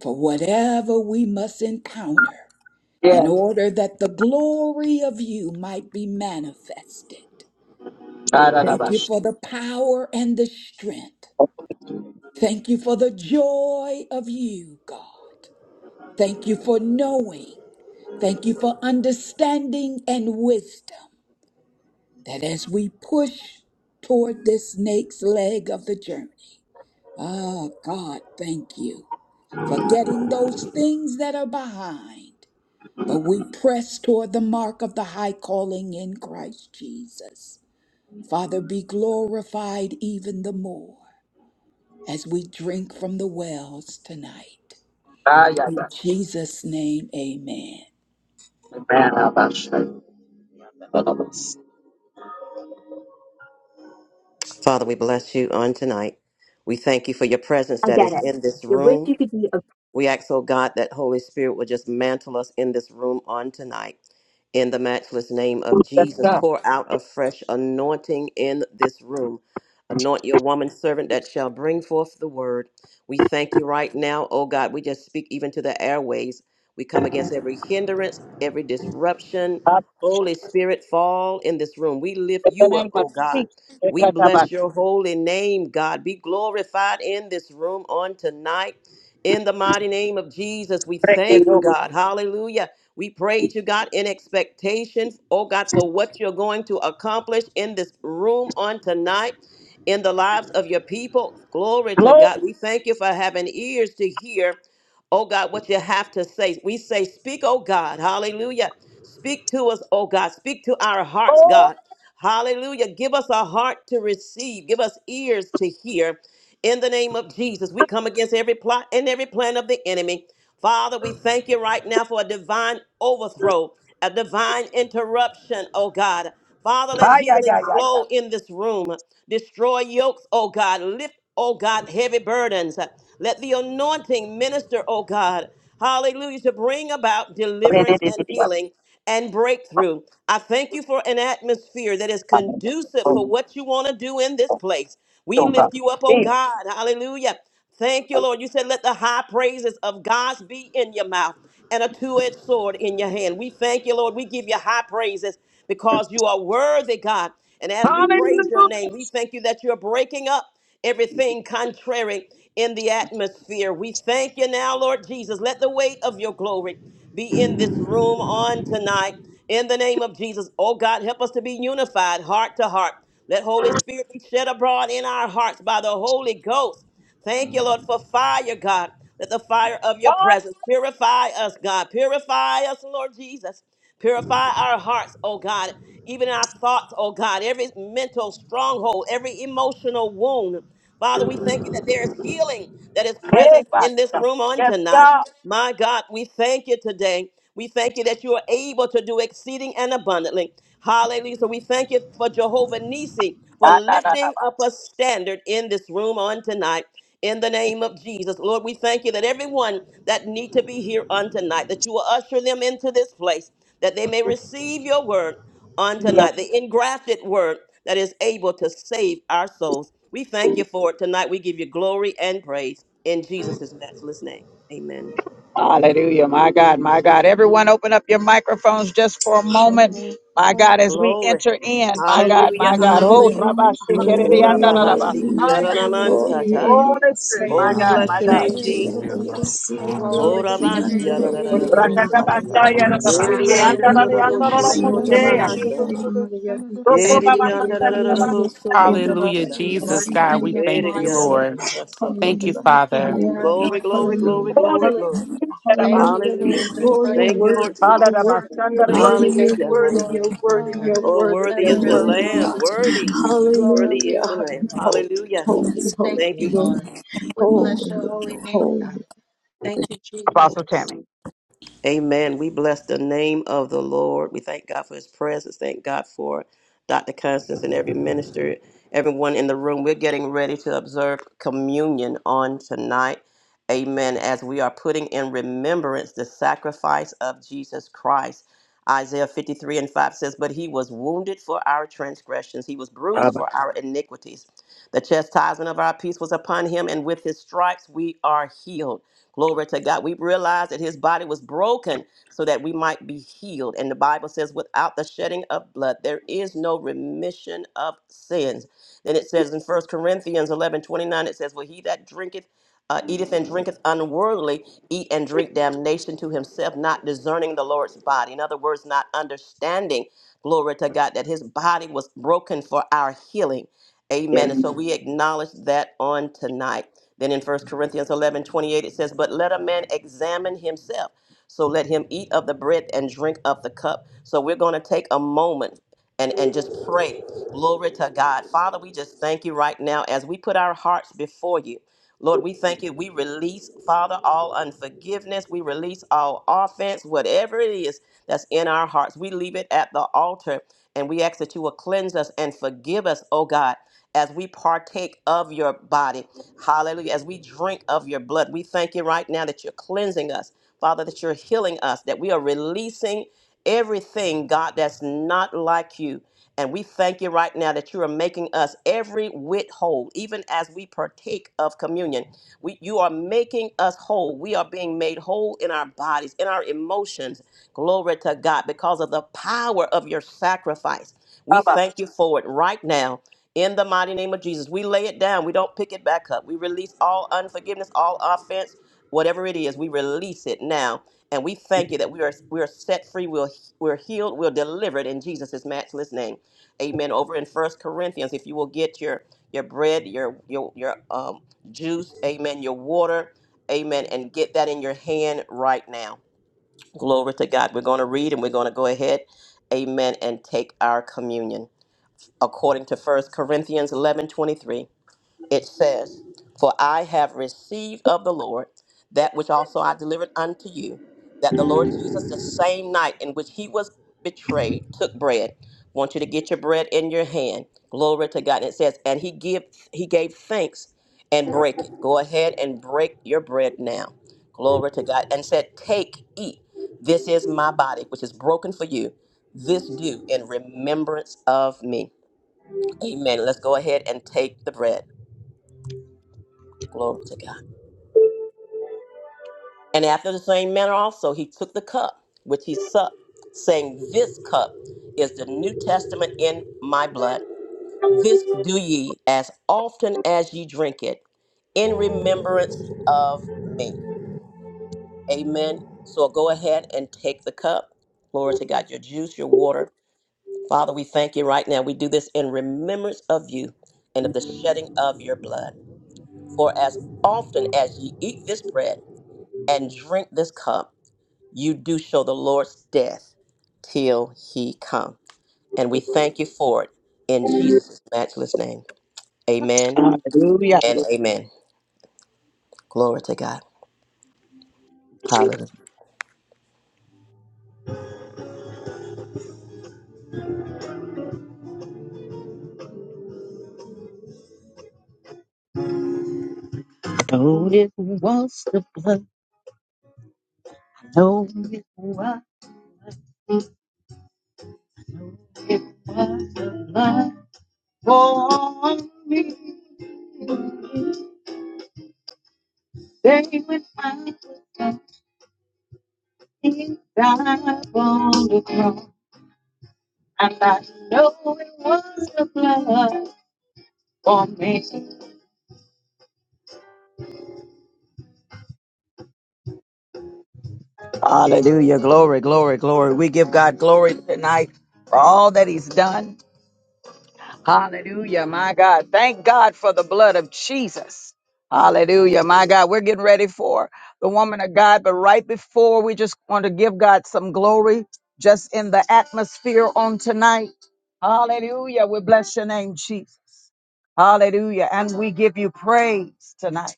[SPEAKER 2] for whatever we must encounter in order that the glory of you might be manifested. Thank you
[SPEAKER 1] Yes.
[SPEAKER 2] for the power and the strength. Thank you for the joy of you, God. Thank you for knowing. Thank you for understanding and wisdom that as we push toward this snake's leg of the journey, ah, God, thank you forgetting those things that are behind. But we press toward the mark of the high calling in Christ Jesus. Father, be glorified even the more as we drink from the wells tonight. In Jesus' name, amen.
[SPEAKER 3] Father, we bless you on tonight. We thank you for your presence
[SPEAKER 1] I
[SPEAKER 3] that
[SPEAKER 1] get
[SPEAKER 3] is
[SPEAKER 1] it.
[SPEAKER 3] in this
[SPEAKER 1] You wish
[SPEAKER 3] room.
[SPEAKER 1] you could be a
[SPEAKER 3] We ask, oh God, that Holy Spirit will just mantle us in this room on tonight. In the matchless name of Jesus, pour out a fresh anointing in this room. Anoint your woman servant that shall bring forth the word. We thank you right now, oh God. We just speak even to the airways. We come against every hindrance, every disruption. Holy Spirit, fall in this room. We lift you up, oh God. We bless
[SPEAKER 1] Fuck.
[SPEAKER 3] your holy name, God. Be glorified in this room on tonight. In the mighty name of Jesus, we
[SPEAKER 1] Freaking
[SPEAKER 3] thank you,
[SPEAKER 1] Lord.
[SPEAKER 3] God. Hallelujah. We praise you, God, in expectation, oh God, for what you're going to accomplish in this room on tonight. In the lives of your people. Glory to
[SPEAKER 1] Lord.
[SPEAKER 3] God. We thank you for having ears to hear, oh God, what you have to say. We say, Speak, oh God. Hallelujah. Speak to us, oh God. Speak to our hearts, God. Hallelujah. Give us a heart to receive. Give us ears to hear. In the name of Jesus, we come against every plot and every plan of the enemy. Father, we thank you right now for a divine overthrow, a divine interruption, oh God. Father, let healing flow in this room. Destroy yokes, oh God. Lift, oh God, heavy burdens. Let the anointing minister, oh God. Hallelujah, to bring about deliverance and healing and breakthrough. I thank you for an atmosphere that is conducive for what you want to do in this place. We lift you up, oh God. Hallelujah. Thank you, Lord. You said, let the high praises of God be in your mouth and a two edged sword in your hand. We thank you, Lord. We give you high praises because you are worthy, God. And as we praise your name, we thank you that you're breaking up everything contrary in the atmosphere. We thank you now, Lord Jesus. Let the weight of your glory be in this room on tonight. In the name of Jesus, oh God, help us to be unified heart to heart. Let Holy Spirit be shed abroad in our hearts by the Holy Ghost. Thank you, Lord, for fire, God. Let the fire of your presence purify us, God. Purify us, Lord Jesus. Purify our hearts, oh God, even our thoughts, oh God, every mental stronghold, every emotional wound. Father, we thank you that there is healing that is present in this room on tonight. My God, we thank you today. We thank you that you are able to do exceeding and abundantly. Hallelujah. So we thank you for Jehovah Nisi for lifting up a standard in this room on tonight. In the name of Jesus, Lord, we thank you that everyone that need to be here on tonight, that you will usher them into this place, that they may receive your word on tonight, the engrafted word that is able to save our souls. We thank you for it tonight. We give you glory and praise in Jesus' matchless name. Amen.
[SPEAKER 1] Hallelujah. My God, my God. Everyone open up your microphones just for a moment.
[SPEAKER 9] Hallelujah,
[SPEAKER 10] Amen.
[SPEAKER 1] My God,
[SPEAKER 10] Hallelujah.
[SPEAKER 1] as we
[SPEAKER 3] Glory.
[SPEAKER 1] enter in, my God,
[SPEAKER 3] Hallelujah.
[SPEAKER 1] my God. Oh,
[SPEAKER 3] Hallelujah.
[SPEAKER 2] Hallelujah.
[SPEAKER 1] Rabba
[SPEAKER 9] hallelujah,
[SPEAKER 1] Shikiri
[SPEAKER 3] Ora
[SPEAKER 9] hallelujah,
[SPEAKER 1] Anda Rabba.
[SPEAKER 3] bahasi
[SPEAKER 2] Glory
[SPEAKER 1] I
[SPEAKER 9] hallelujah.
[SPEAKER 1] am
[SPEAKER 2] to
[SPEAKER 4] And
[SPEAKER 3] kiaranaman
[SPEAKER 10] Hallelujah.
[SPEAKER 2] you.
[SPEAKER 9] Oh,
[SPEAKER 10] Thank you,
[SPEAKER 4] hallelujah.
[SPEAKER 3] sataya.
[SPEAKER 10] Jesus.
[SPEAKER 9] yeah,
[SPEAKER 1] Holy
[SPEAKER 9] I
[SPEAKER 1] Spirit,
[SPEAKER 9] see
[SPEAKER 4] Thank
[SPEAKER 9] the
[SPEAKER 3] Oh,
[SPEAKER 1] my
[SPEAKER 4] you,
[SPEAKER 3] we
[SPEAKER 1] God,
[SPEAKER 2] I
[SPEAKER 3] bless
[SPEAKER 1] my
[SPEAKER 3] your
[SPEAKER 9] name.
[SPEAKER 1] God.
[SPEAKER 4] Jesus.
[SPEAKER 3] name,
[SPEAKER 2] thank you,
[SPEAKER 10] Ayana
[SPEAKER 3] Jesus.
[SPEAKER 2] Lord.
[SPEAKER 9] Yeah, I
[SPEAKER 10] kurruku
[SPEAKER 9] see
[SPEAKER 10] shana
[SPEAKER 9] the
[SPEAKER 4] Glory
[SPEAKER 3] Ora
[SPEAKER 10] kurruku
[SPEAKER 4] to your
[SPEAKER 3] bas
[SPEAKER 10] tana
[SPEAKER 9] and
[SPEAKER 4] name,
[SPEAKER 9] the
[SPEAKER 10] kurruku
[SPEAKER 9] Korea
[SPEAKER 10] naya.
[SPEAKER 4] Jesus.
[SPEAKER 3] yararararabosaya.
[SPEAKER 9] Mahala. Yeah, yeah, I see.
[SPEAKER 3] Eridi
[SPEAKER 10] Ayana
[SPEAKER 9] In
[SPEAKER 4] Hallelujah.
[SPEAKER 9] the
[SPEAKER 10] kurruku
[SPEAKER 9] end, I
[SPEAKER 3] andarararabosu
[SPEAKER 9] see
[SPEAKER 10] shana
[SPEAKER 9] the
[SPEAKER 3] kota
[SPEAKER 10] kurruku
[SPEAKER 4] Hallelujah.
[SPEAKER 10] tata
[SPEAKER 9] yaki and the
[SPEAKER 3] bahasaya.
[SPEAKER 10] kurruku
[SPEAKER 9] Yamada. Yeah,
[SPEAKER 10] shana
[SPEAKER 9] I
[SPEAKER 10] kurruku
[SPEAKER 4] Thank
[SPEAKER 9] see
[SPEAKER 3] Eridi
[SPEAKER 10] naya.
[SPEAKER 4] you,
[SPEAKER 9] and the yaki and the
[SPEAKER 4] Jesus.
[SPEAKER 3] andarararabosu
[SPEAKER 9] Korea
[SPEAKER 3] kota
[SPEAKER 6] Hallelujah,
[SPEAKER 9] Mahala.
[SPEAKER 3] basaya.
[SPEAKER 9] Yeah, I
[SPEAKER 10] Hallelujah.
[SPEAKER 6] Jesus,
[SPEAKER 4] Lord,
[SPEAKER 9] see and
[SPEAKER 6] God.
[SPEAKER 4] send
[SPEAKER 6] We
[SPEAKER 9] the
[SPEAKER 4] your
[SPEAKER 6] thank
[SPEAKER 3] Eridi
[SPEAKER 6] you,
[SPEAKER 4] fire,
[SPEAKER 9] yaki.
[SPEAKER 6] Lord.
[SPEAKER 4] please.
[SPEAKER 3] yararararabosu
[SPEAKER 6] Thank
[SPEAKER 3] kota
[SPEAKER 6] you,
[SPEAKER 9] Hallelujah,
[SPEAKER 10] Thank
[SPEAKER 3] bahaya.
[SPEAKER 10] you,
[SPEAKER 6] Father.
[SPEAKER 4] Send
[SPEAKER 10] Lord.
[SPEAKER 9] hallelujah,
[SPEAKER 4] your
[SPEAKER 3] Glory,
[SPEAKER 4] anointing,
[SPEAKER 3] glory,
[SPEAKER 10] Thank you,
[SPEAKER 3] glory,
[SPEAKER 4] please.
[SPEAKER 9] hallelujah,
[SPEAKER 10] Lord.
[SPEAKER 1] Holy
[SPEAKER 3] glory, glory.
[SPEAKER 9] hallelujah,
[SPEAKER 1] Spirit, Rabba
[SPEAKER 4] Thank
[SPEAKER 10] Thank
[SPEAKER 4] you,
[SPEAKER 1] Shikiri.
[SPEAKER 9] hallelujah.
[SPEAKER 10] you,
[SPEAKER 3] Hallelujah.
[SPEAKER 10] Lord.
[SPEAKER 4] Jesus,
[SPEAKER 10] Thank
[SPEAKER 9] Oh,
[SPEAKER 4] for
[SPEAKER 10] you,
[SPEAKER 9] you're
[SPEAKER 4] your
[SPEAKER 3] Thank
[SPEAKER 10] Jesus.
[SPEAKER 3] you,
[SPEAKER 9] worthy,
[SPEAKER 3] Lord
[SPEAKER 4] healing
[SPEAKER 1] Father,
[SPEAKER 9] you're
[SPEAKER 4] power.
[SPEAKER 3] Jesus.
[SPEAKER 1] Rabba
[SPEAKER 9] worthy, you're
[SPEAKER 1] Shandari
[SPEAKER 9] worthy,
[SPEAKER 1] Yoshimi.
[SPEAKER 10] Thank
[SPEAKER 9] you're
[SPEAKER 4] Thank
[SPEAKER 10] you,
[SPEAKER 3] Hallelujah,
[SPEAKER 4] you,
[SPEAKER 9] worthy,
[SPEAKER 10] Lord.
[SPEAKER 4] Lord,
[SPEAKER 9] you're
[SPEAKER 3] hallelujah.
[SPEAKER 4] for
[SPEAKER 9] worthy,
[SPEAKER 4] your
[SPEAKER 9] you're
[SPEAKER 10] Hallelujah.
[SPEAKER 3] Oh,
[SPEAKER 9] worthy,
[SPEAKER 3] worthy
[SPEAKER 9] you're
[SPEAKER 3] is the
[SPEAKER 4] deliverance
[SPEAKER 9] worthy,
[SPEAKER 3] Lamb.
[SPEAKER 9] God.
[SPEAKER 4] power.
[SPEAKER 3] Worthy,
[SPEAKER 4] Lord,
[SPEAKER 3] worthy
[SPEAKER 4] we
[SPEAKER 9] Hallelujah,
[SPEAKER 3] is the
[SPEAKER 4] love
[SPEAKER 3] Lamb.
[SPEAKER 4] you, Lord.
[SPEAKER 9] holy,
[SPEAKER 3] Hallelujah.
[SPEAKER 9] holy,
[SPEAKER 4] We
[SPEAKER 9] holy,
[SPEAKER 4] thank
[SPEAKER 3] Thank
[SPEAKER 4] you,
[SPEAKER 3] you,
[SPEAKER 9] Lord.
[SPEAKER 4] Lord. We
[SPEAKER 2] Lord.
[SPEAKER 9] Holy,
[SPEAKER 4] bless your
[SPEAKER 9] Lord,
[SPEAKER 4] holy name,
[SPEAKER 9] holy.
[SPEAKER 4] God. Thank you, Jesus.
[SPEAKER 3] Amen. We bless the name of the Lord. We thank God for his presence. Thank God for Dr. Constance and every minister, everyone in the room. We're getting ready to observe communion on tonight. Amen. As we are putting in remembrance the sacrifice of Jesus Christ. Isaiah 53 and 5 says, But he was wounded for our transgressions, he was bruised for our iniquities. The chastisement of our peace was upon him, and with his stripes we are healed. Glory to God. We realize that his body was broken so that we might be healed. And the Bible says, without the shedding of blood, there is no remission of sins. Then it says in First Corinthians 11 29, it says, Well, he that drinketh, uh, eateth and drinketh unworthily, eat and drink damnation to himself, not discerning the Lord's body. In other words, not understanding, glory to God, that his body was broken for our healing. Amen. And so we acknowledge that on tonight. Then in First Corinthians 11 28 it says, But let a man examine himself. So let him eat of the bread and drink of the cup. So we're going to take a moment and, and just pray. Glory to God. Father, we just thank you right now as we put our hearts before you. Lord, we thank you. We release, Father, all unforgiveness. We release all offense, whatever it is that's in our hearts. We leave it at the altar and we ask that you will cleanse us and forgive us, oh God, as we partake of your body. Hallelujah. As we drink of your blood, we thank you right now that you're cleansing us, Father, that you're healing us, that we are releasing everything, God, that's not like you. And we thank you right now that you are making us every whit whole, even as we partake of communion. We, you are making us whole. We are being made whole in our bodies, in our emotions. Glory to God because of the power of your sacrifice. We thank you for it right now in the mighty name of Jesus. We lay it down. We don't pick it back up. We release all unforgiveness, all offense, whatever it is. We release it now. And we thank you that we are we are set free. We're, we're healed. We're delivered in Jesus' matchless name. Amen. Over in First Corinthians, if you will get your your bread, your your your um juice, amen, your water, amen, and get that in your hand right now. Glory to God. We're going to read and we're going to go ahead, amen, and take our communion according to First Corinthians 11 23, it says, For I have received of the Lord that which also I delivered unto you, that the Lord Jesus, the same night in which he was betrayed, took bread. Want you to get your bread in your hand. Glory to God. And it says, And he give he gave thanks and break it. Go ahead and break your bread now. Glory to God. And said, Take, eat. This is my body, which is broken for you. This do in remembrance of me. Amen. Let's go ahead and take the bread. Glory to God. And after the same manner also, he took the cup, which he supped, saying, This cup is the New Testament in my blood. This do ye as often as ye drink it in remembrance of me. Amen. So go ahead and take the cup. Glory to God. Your juice, your water. Father, we thank you right now. We do this in remembrance of you and of the shedding of your blood. For as often as ye eat this bread and drink this cup, you do show the Lord's death till he come. And we thank you for it in Jesus' matchless name. Amen
[SPEAKER 1] Hallelujah.
[SPEAKER 3] and amen. Glory to God. Hallelujah.
[SPEAKER 1] It was the blood, it was the blood for me. They would find his died on the cross. And I know it was the blood for me. Hallelujah. Glory, glory, glory. We give God glory tonight for all that He's done. Hallelujah, my God. Thank God for the blood of Jesus. Hallelujah, my God. We're getting ready for the woman of God, but right before we just want to give God some glory just in the atmosphere on tonight. Hallelujah. We bless your name, Jesus. Hallelujah. And we give you praise tonight.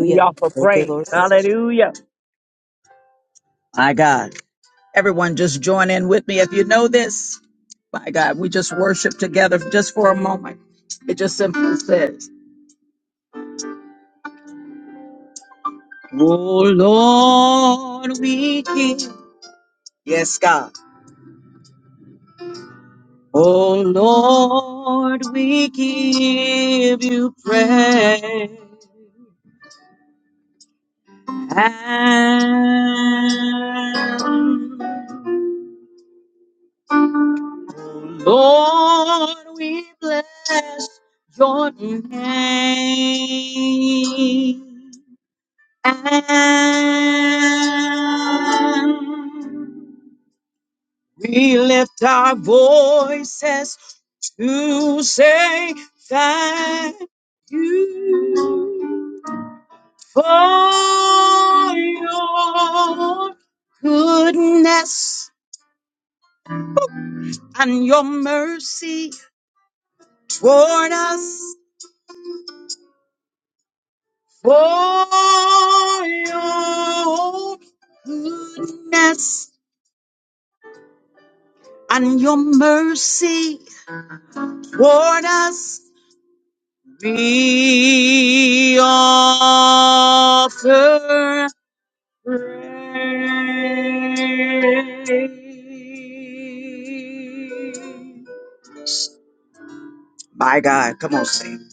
[SPEAKER 1] We offer
[SPEAKER 3] Thank you, Lord
[SPEAKER 1] praise.
[SPEAKER 3] Jesus.
[SPEAKER 1] Hallelujah. My God. Everyone just join in with me. If you know this, my God, we just worship together just for a moment. It just simply says, Oh Lord, we give. Yes, God. Oh Lord, we give you praise. And Lord, we bless your name. And We lift our voices to say thank you for your goodness and your mercy toward us. For your goodness and your mercy toward us. We offer My God, come on, sing.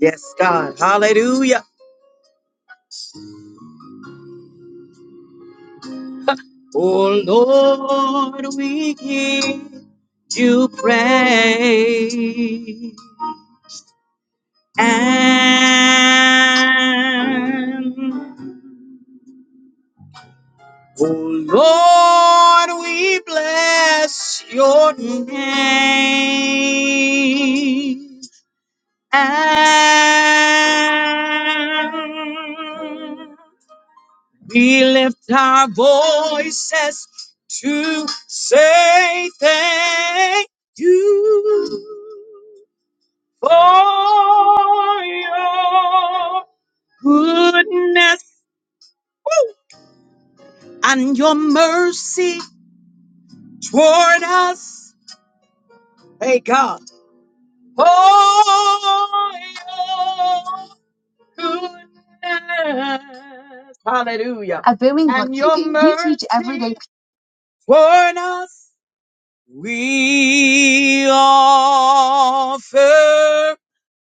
[SPEAKER 1] Yes, God. Hallelujah. Oh Lord, we give you praise. And oh Lord, we bless your name. And we lift our voices to say thank you for your goodness and your mercy toward us. Hey God, for your goodness. Hallelujah. At Birmingham, And you your do, you teach every day. mercy day. us we offer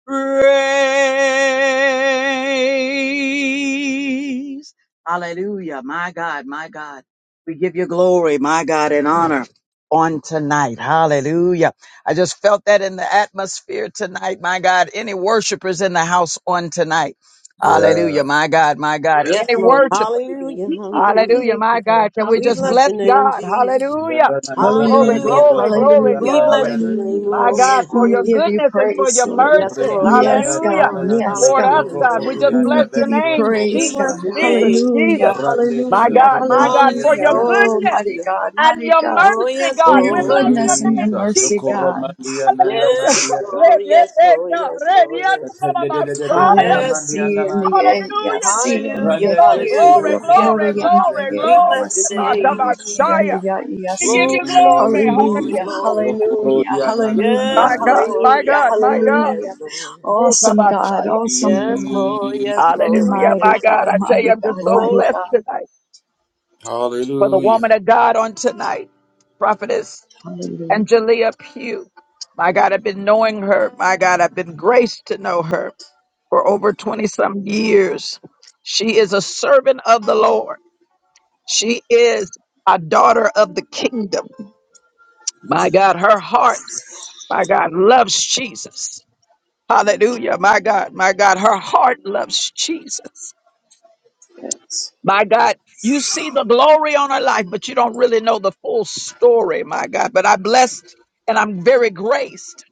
[SPEAKER 1] praise. Hallelujah. My God, my God. We give you glory, my God, and honor on tonight. Hallelujah. I just felt that in the atmosphere tonight, my God. Any worshipers in the house on tonight. Hallelujah,
[SPEAKER 7] Yeah.
[SPEAKER 1] my God, my God. Any
[SPEAKER 3] Yes, Lord.
[SPEAKER 1] worshipers.
[SPEAKER 3] Hallelujah. Hallelujah.
[SPEAKER 1] Hallelujah, my God. Can we
[SPEAKER 3] We
[SPEAKER 1] just
[SPEAKER 3] bless
[SPEAKER 1] bless
[SPEAKER 3] your name,
[SPEAKER 1] God?
[SPEAKER 3] Jesus.
[SPEAKER 1] Hallelujah.
[SPEAKER 7] Yanda na na na na
[SPEAKER 1] Glory,
[SPEAKER 7] ndo
[SPEAKER 3] Hallelujah.
[SPEAKER 9] Hallelujah,
[SPEAKER 1] glory,
[SPEAKER 7] roko
[SPEAKER 1] glory,
[SPEAKER 9] hallelujah,
[SPEAKER 3] We
[SPEAKER 7] rianda
[SPEAKER 1] glory.
[SPEAKER 7] ndia
[SPEAKER 3] bless your
[SPEAKER 7] na na
[SPEAKER 3] name,
[SPEAKER 9] hallelujah.
[SPEAKER 7] na
[SPEAKER 1] My
[SPEAKER 7] ndo
[SPEAKER 1] God,
[SPEAKER 3] Lord.
[SPEAKER 7] roko.
[SPEAKER 1] for
[SPEAKER 9] We
[SPEAKER 1] your
[SPEAKER 9] give you
[SPEAKER 3] Hallelujah.
[SPEAKER 1] goodness and for
[SPEAKER 9] praise,
[SPEAKER 1] your
[SPEAKER 9] Lord.
[SPEAKER 3] Yes,
[SPEAKER 1] mercy.
[SPEAKER 3] Lord.
[SPEAKER 7] Reki
[SPEAKER 3] Yes,
[SPEAKER 7] yanda
[SPEAKER 9] Yes,
[SPEAKER 7] na
[SPEAKER 1] Hallelujah.
[SPEAKER 9] God,
[SPEAKER 7] na na na
[SPEAKER 3] Lord.
[SPEAKER 7] na
[SPEAKER 9] yes,
[SPEAKER 7] na
[SPEAKER 1] Lord,
[SPEAKER 9] God.
[SPEAKER 1] us,
[SPEAKER 7] ndo
[SPEAKER 3] Hallelujah.
[SPEAKER 1] God,
[SPEAKER 7] roko
[SPEAKER 1] we
[SPEAKER 3] Hallelujah.
[SPEAKER 1] just
[SPEAKER 7] rianda
[SPEAKER 1] bless
[SPEAKER 9] We
[SPEAKER 1] your
[SPEAKER 9] give you
[SPEAKER 7] beso
[SPEAKER 1] name.
[SPEAKER 7] ko
[SPEAKER 3] We
[SPEAKER 9] praise,
[SPEAKER 1] Jesus,
[SPEAKER 9] God.
[SPEAKER 3] bless
[SPEAKER 7] rianda.
[SPEAKER 3] your
[SPEAKER 1] Jesus,
[SPEAKER 3] name,
[SPEAKER 1] Jesus.
[SPEAKER 9] Hallelujah,
[SPEAKER 7] Rande
[SPEAKER 3] Jesus.
[SPEAKER 1] My
[SPEAKER 9] hallelujah,
[SPEAKER 1] God, my God,
[SPEAKER 7] Satoramandia
[SPEAKER 1] for
[SPEAKER 9] hallelujah.
[SPEAKER 1] your
[SPEAKER 3] Hallelujah,
[SPEAKER 9] Oh,
[SPEAKER 1] goodness
[SPEAKER 9] mighty
[SPEAKER 7] Nanamadia.
[SPEAKER 3] hallelujah.
[SPEAKER 9] God,
[SPEAKER 1] and
[SPEAKER 9] mighty
[SPEAKER 1] your
[SPEAKER 9] God,
[SPEAKER 3] Oh,
[SPEAKER 1] mercy,
[SPEAKER 3] yes,
[SPEAKER 9] for
[SPEAKER 1] God.
[SPEAKER 9] your
[SPEAKER 1] We bless
[SPEAKER 3] Lord.
[SPEAKER 1] your
[SPEAKER 9] goodness and your
[SPEAKER 1] name,
[SPEAKER 7] Jesus,
[SPEAKER 9] mercy,
[SPEAKER 1] Jesus.
[SPEAKER 9] God.
[SPEAKER 7] Yokoramandia
[SPEAKER 1] Hallelujah.
[SPEAKER 3] Yes,
[SPEAKER 7] Nanamandia.
[SPEAKER 3] Lord. Yes, Lord. Yes, Lord. Yes.
[SPEAKER 7] Attended
[SPEAKER 9] Hallelujah.
[SPEAKER 3] Yes.
[SPEAKER 7] Coramandia
[SPEAKER 9] See and the yea,
[SPEAKER 7] Namandoria.
[SPEAKER 9] yeah,
[SPEAKER 1] Hallelujah,
[SPEAKER 9] see
[SPEAKER 1] Jesus.
[SPEAKER 9] and the
[SPEAKER 3] Hallelujah,
[SPEAKER 9] yea,
[SPEAKER 7] Rande
[SPEAKER 1] Oh,
[SPEAKER 9] key and the
[SPEAKER 7] Besoro
[SPEAKER 1] glory,
[SPEAKER 3] hallelujah.
[SPEAKER 9] yokore,
[SPEAKER 1] glory,
[SPEAKER 7] Coramandia
[SPEAKER 1] glory,
[SPEAKER 3] We
[SPEAKER 9] yamalaya, yeah,
[SPEAKER 3] bless your
[SPEAKER 9] see
[SPEAKER 7] Nanamandia.
[SPEAKER 9] and the
[SPEAKER 1] glory.
[SPEAKER 3] name.
[SPEAKER 9] yea, key and the
[SPEAKER 1] Messiah.
[SPEAKER 9] yea, yeah,
[SPEAKER 1] We
[SPEAKER 3] Glory,
[SPEAKER 1] give
[SPEAKER 9] see.
[SPEAKER 1] you glory.
[SPEAKER 3] glory,
[SPEAKER 7] Jesus,
[SPEAKER 9] Hallelujah,
[SPEAKER 1] Hallelujah.
[SPEAKER 3] glory.
[SPEAKER 9] hallelujah,
[SPEAKER 7] Yokorodia
[SPEAKER 9] hallelujah,
[SPEAKER 1] My
[SPEAKER 3] Yes,
[SPEAKER 1] God,
[SPEAKER 7] Nanamandia.
[SPEAKER 3] Lord.
[SPEAKER 1] my
[SPEAKER 9] hallelujah,
[SPEAKER 1] God,
[SPEAKER 3] Yes,
[SPEAKER 1] my
[SPEAKER 3] Lord.
[SPEAKER 1] God.
[SPEAKER 9] hallelujah.
[SPEAKER 3] Yes, Lord.
[SPEAKER 1] Hey,
[SPEAKER 9] Awesome God, awesome
[SPEAKER 3] Yes,
[SPEAKER 9] God,
[SPEAKER 3] Lord. Yes,
[SPEAKER 7] Jesus.
[SPEAKER 3] Lord.
[SPEAKER 1] Hallelujah,
[SPEAKER 9] mighty
[SPEAKER 1] my
[SPEAKER 3] Yes, Lord.
[SPEAKER 1] God.
[SPEAKER 9] God,
[SPEAKER 1] I tell you,
[SPEAKER 9] mighty
[SPEAKER 1] I'm just
[SPEAKER 9] God,
[SPEAKER 1] so
[SPEAKER 9] mighty
[SPEAKER 3] Glory.
[SPEAKER 1] blessed
[SPEAKER 9] God.
[SPEAKER 1] tonight for the
[SPEAKER 7] Hallelujah.
[SPEAKER 1] woman of God on tonight, Prophetess Angelia Pugh. My God, I've been knowing her. My God, I've been graced to know her for over 20 some years. She is a servant of the Lord. She is a daughter of the kingdom. My God, her heart, my God, loves Jesus. Hallelujah, my God, my God, her heart loves Jesus.
[SPEAKER 9] Yes.
[SPEAKER 1] My God, you see the glory on her life, but you don't really know the full story, my God. But I blessed and I'm very graced,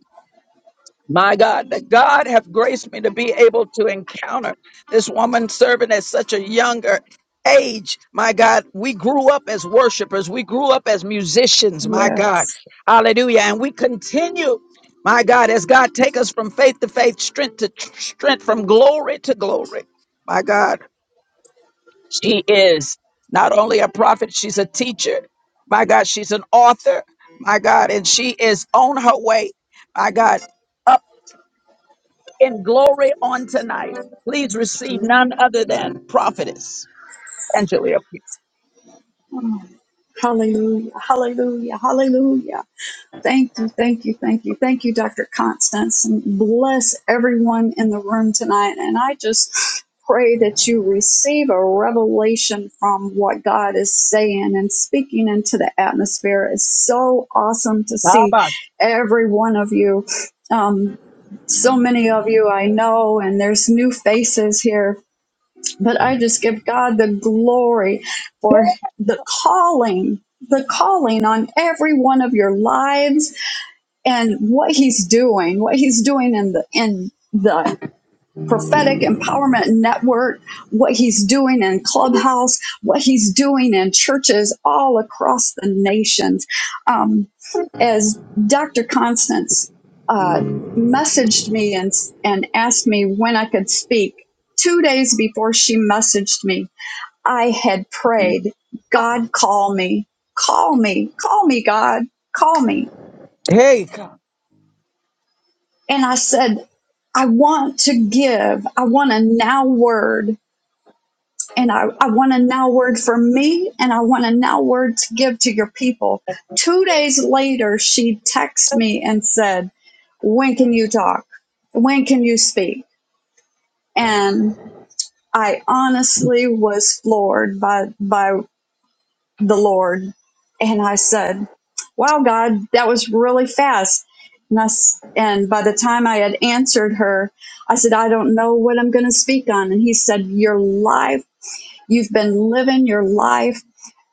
[SPEAKER 1] my God, that God have graced me to be able to encounter this woman serving at such a younger age, my God. We grew up as worshipers, we grew up as musicians, my God.
[SPEAKER 9] Yes.
[SPEAKER 1] Hallelujah. And we continue. My God, as God take us from faith to faith, strength to tr- strength, from glory to glory, my God. She is not only a prophet, she's a teacher. My God, she's an author. My God, and she is on her way. My God, up in glory on tonight. Please receive none other than prophetess Angelia.
[SPEAKER 9] Mm. Hallelujah. Hallelujah. Hallelujah. Thank you. Thank you. Thank you. Thank you, Dr. Constance. And bless everyone in the room tonight. And I just pray that you receive a revelation from what God is saying and speaking into the atmosphere. It's so awesome to see
[SPEAKER 1] Tabash.
[SPEAKER 9] every one of you. Um, so many of you I know, and there's new faces here But I just give God the glory for the calling, the calling on every one of your lives and what he's doing, what he's doing in the in the prophetic empowerment network, what he's doing in Clubhouse, what he's doing in churches all across the nations. Um, as Dr. Constance uh, messaged me and, and asked me when I could speak, two days before she messaged me, I had prayed, God, call me, call me, call me, God, call me.
[SPEAKER 1] Hey, God.
[SPEAKER 9] And I said, I want to give, I want a now word and I, I want a now word for me and I want a now word to give to your people. Two days later, she texted me and said, When can you talk? When can you speak? And I honestly was floored by, by the Lord. And I said, Wow, God, that was really fast. And, I s and by the time I had answered her, I said, I don't know what I'm going to speak on. And he said, Your life, you've been living your life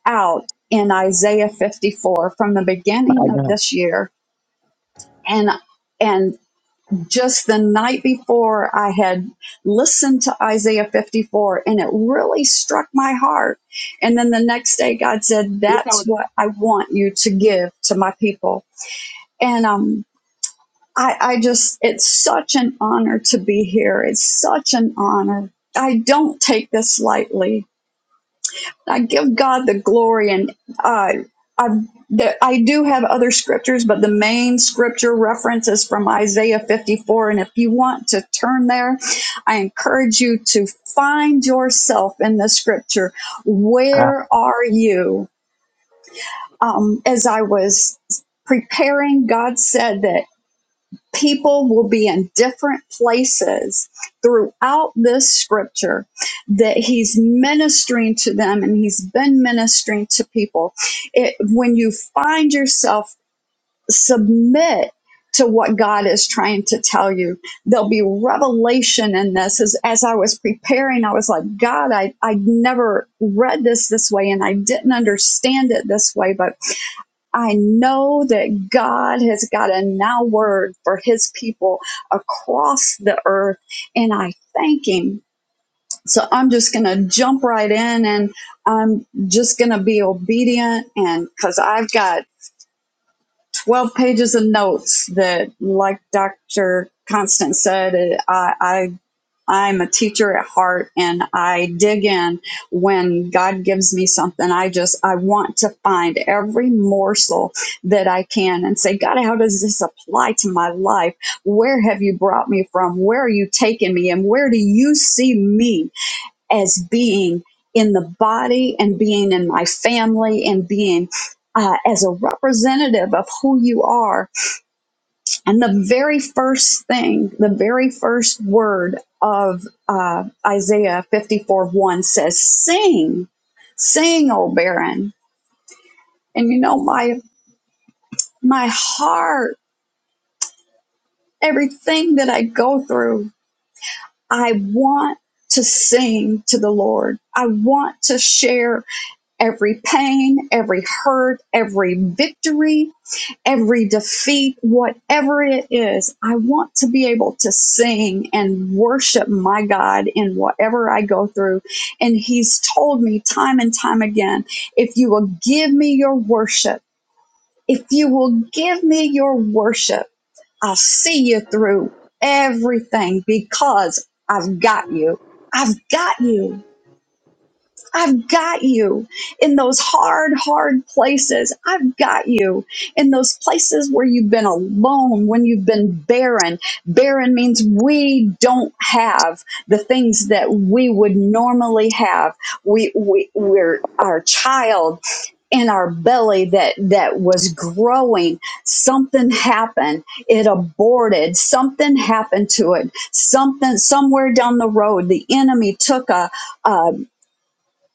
[SPEAKER 9] out in Isaiah 54 from the beginning of this year and and just the night before I had listened to Isaiah 54 and it really struck my heart and then the next day God said that's what I want you to give to my people and um I, I just it's such an honor to be here it's such an honor I don't take this lightly I give God the glory, and uh, I the, I do have other scriptures, but the main scripture reference is from Isaiah 54. And if you want to turn there, I encourage you to find yourself in the scripture. Where are you? Um, as I was preparing, God said that people will be in different places throughout this scripture that he's ministering to them and he's been ministering to people it, when you find yourself submit to what god is trying to tell you there'll be revelation in this as, as i was preparing i was like god i i never read this this way and i didn't understand it this way but I know that God has got a now word for his people across the earth, and I thank him. So I'm just going to jump right in and I'm just going to be obedient. And because I've got 12 pages of notes that, like Dr. Constant said, I, I I'm a teacher at heart and I dig in when God gives me something. I just, I want to find every morsel that I can and say, God, how does this apply to my life? Where have you brought me from? Where are you taking me? And where do you see me as being in the body and being in my family and being uh, as a representative of who you are? And the very first thing, the very first word of uh, Isaiah 54 1 says, Sing, sing, O barren. And you know, my, my heart, everything that I go through, I want to sing to the Lord. I want to share every pain, every hurt, every victory every defeat, whatever it is, I want to be able to sing and worship my God in whatever I go through. And He's told me time and time again if you will give me your worship, if you will give me your worship, I'll see you through everything because I've got you. I've got you. I've got you in those hard, hard places. I've got you in those places where you've been alone, when you've been barren. Barren means we don't have the things that we would normally have. We, we, we're our child in our belly that, that was growing. Something happened. It aborted. Something happened to it. Something, somewhere down the road, the enemy took a, a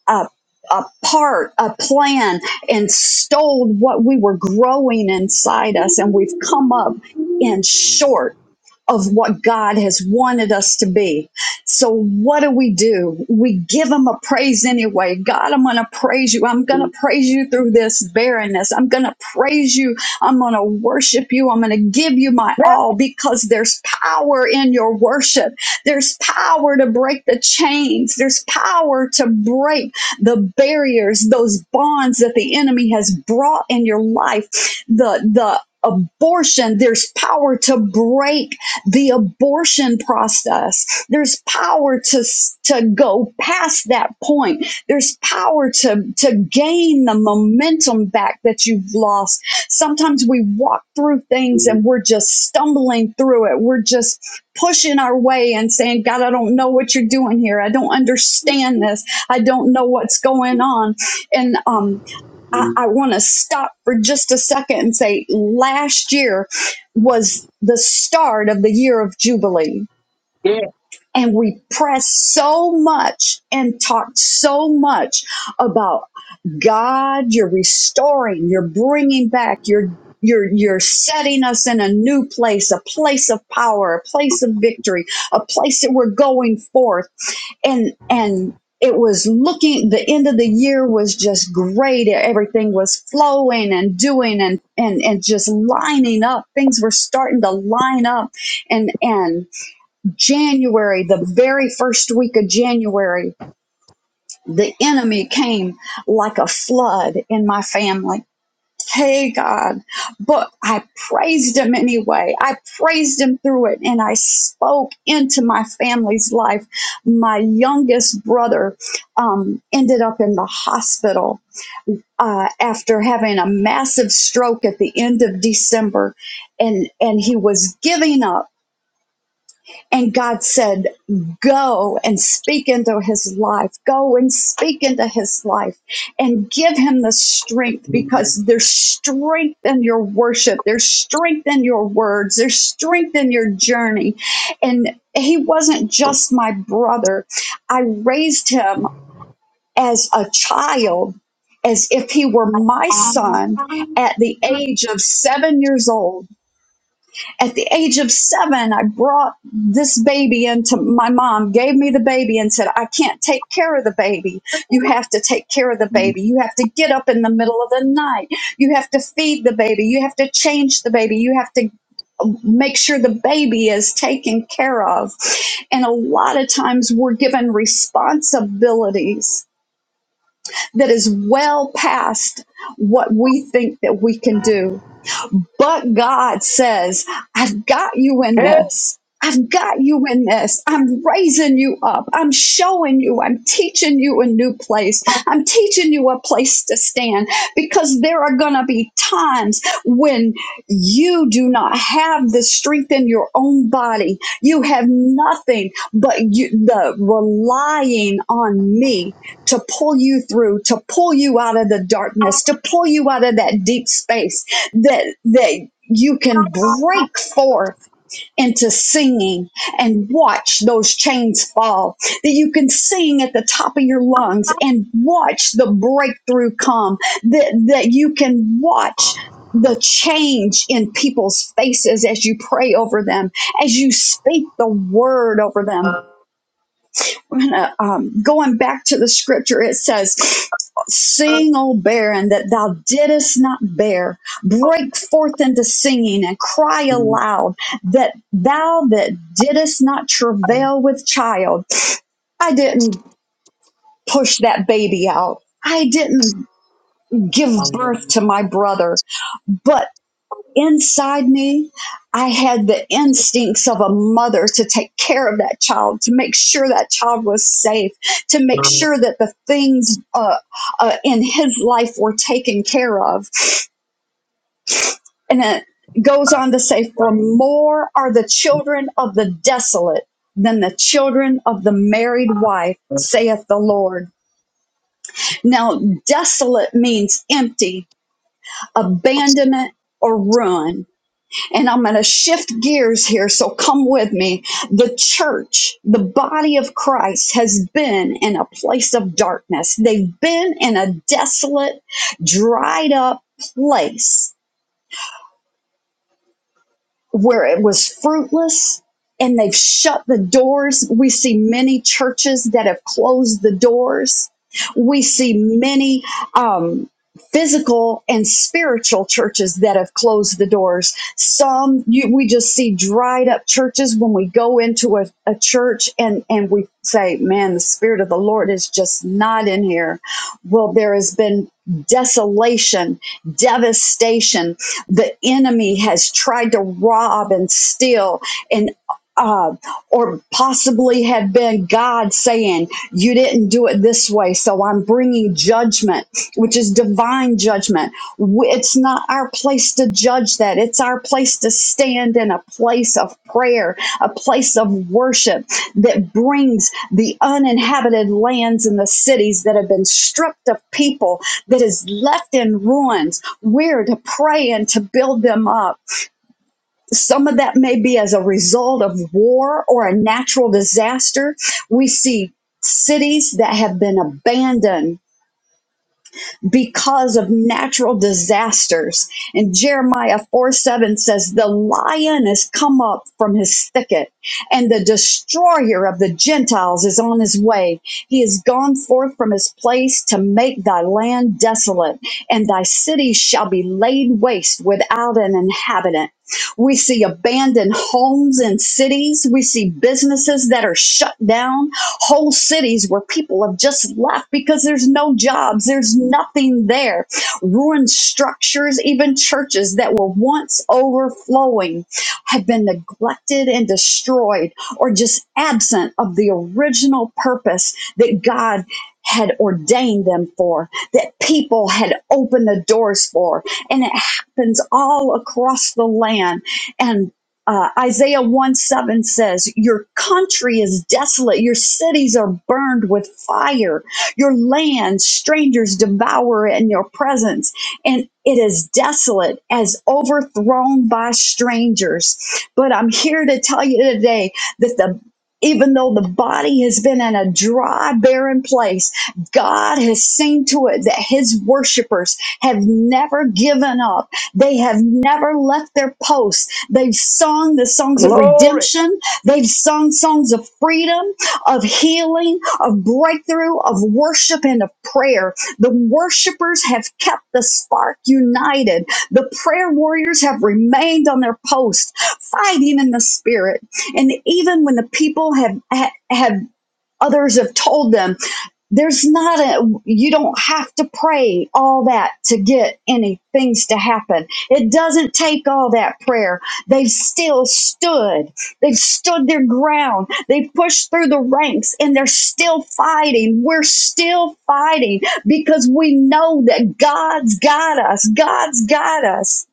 [SPEAKER 9] a, a part, a plan, and stole what we were growing inside us. And we've come up in short of what God has wanted us to be. So, what do we do? We give Him a praise anyway. God, I'm going to praise you. I'm going to praise you through this barrenness. I'm going to praise you. I'm going to worship you. I'm going to give you my all because there's power in your worship. There's power to break the chains. There's power to break the barriers, those bonds that the enemy has brought in your life, the the abortion there's power to break the abortion process there's power to to go past that point there's power to to gain the momentum back that you've lost sometimes we walk through things and we're just stumbling through it we're just pushing our way and saying god i don't know what you're doing here i don't understand this I don't know what's going on. And um, I, I want to stop for just a second and say last year was the start of the year of Jubilee.
[SPEAKER 1] Yeah.
[SPEAKER 9] And we pressed so much and talked so much about God, you're restoring, you're bringing back, you're you're you're setting us in a new place, a place of power, a place of victory, a place that we're going forth and and it was looking the end of the year was just great everything was flowing and doing and and and just lining up things were starting to line up and and january the very first week of january the enemy came like a flood in my family Hey God, but I praised him anyway. I praised him through it and I spoke into my family's life. My youngest brother um, ended up in the hospital uh, after having a massive stroke at the end of December and, and he was giving up and God said, Go and speak into his life. Go and speak into his life and give him the strength because there's strength in your worship. There's strength in your words. There's strength in your journey. And he wasn't just my brother, I raised him as a child. As if he were my son at the age of seven years old at the age of seven, I brought this baby into my mom, gave me the baby, and said, I can't take care of the baby. You have to take care of the baby. You have to get up in the middle of the night. You have to feed the baby. You have to change the baby. You have to make sure the baby is taken care of. And a lot of times we're given responsibilities that is well past what we think that we can do but God says, I've got you in this. I've got you in this. I'm raising you up. I'm showing you. I'm teaching you a new place. I'm teaching you a place to stand because there are going to be times when you do not have the strength in your own body. You have nothing but you, the relying on me to pull you through, to pull you out of the darkness, to pull you out of that deep space that that you can break forth into singing and watch those chains fall that you can sing at the top of your lungs and watch the breakthrough come that that you can watch the change in people's faces as you pray over them as you speak the word over them when, uh, um, going back to the scripture, it says, Sing, O barren, that thou didst not bear. Break forth into singing and cry aloud that thou that didst not travail with child. I didn't push that baby out. I didn't give birth to my brother but. Inside me, I had the instincts of a mother to take care of that child, to make sure that child was safe, to make sure that the things uh, uh, in his life were taken care of. And it goes on to say, For more are the children of the desolate than the children of the married wife, saith the Lord. Now, desolate means empty, abandonment, or ruin And I'm going to shift gears here, so come with me. The church, the body of Christ, has been in a place of darkness. They've been in a desolate, dried up place where it was fruitless and they've shut the doors. We see many churches that have closed the doors. We see many um, physical and spiritual churches that have closed the doors. Some you, we just see dried up churches when we go into a, a church and, and we say, man, the Spirit of the Lord is just not in here. Well, there has been desolation, devastation, the enemy has tried to rob and steal and uh, or possibly have been God saying, You didn't do it this way, so I'm bringing judgment, which is divine judgment w- it's not our place to judge that. It's our place to stand in a place of prayer, a place of worship that brings the uninhabited lands and the cities that have been stripped of people, that is left in ruins. We're to pray and to build them up. Some of that may be as a result of war or a natural disaster. We see cities that have been abandoned because of natural disasters. And Jeremiah 4 7 says, The lion has come up from his thicket, and the destroyer of the Gentiles is on his way. He has gone forth from his place to make thy land desolate, and thy cities shall be laid waste without an inhabitant. We see abandoned homes and cities. We see businesses that are shut down whole cities where people have just left because there's no jobs, there's nothing there. Ruined structures, even churches that were once overflowing, have been neglected and destroyed or just absent of the original purpose that God had ordained them for, that people had opened the doors for. And it happens all across the land. and uh, Isaiah 1 7 says, Your country is desolate, your cities are burned with fire, your land, strangers devour it in your presence, and it is desolate as overthrown by strangers. But I'm here to tell you today that the even though the body has been in a dry, barren place, God has seen to it that his worshipers have never given up. They have never left their post They've sung the songs of
[SPEAKER 1] Glory,
[SPEAKER 9] redemption. They've sung songs of freedom, of healing, of breakthrough, of worship, and of prayer. The worshipers have kept the spark united. The prayer warriors have remained on their post, fighting in the spirit. And even when the people have, ha- have Others have told them there's not a you don't have to pray all that to get any things to happen it doesn't take all that prayer they've still stood they've stood their ground they've pushed through the ranks and they're still fighting we're still fighting because we know that god's got us god's got us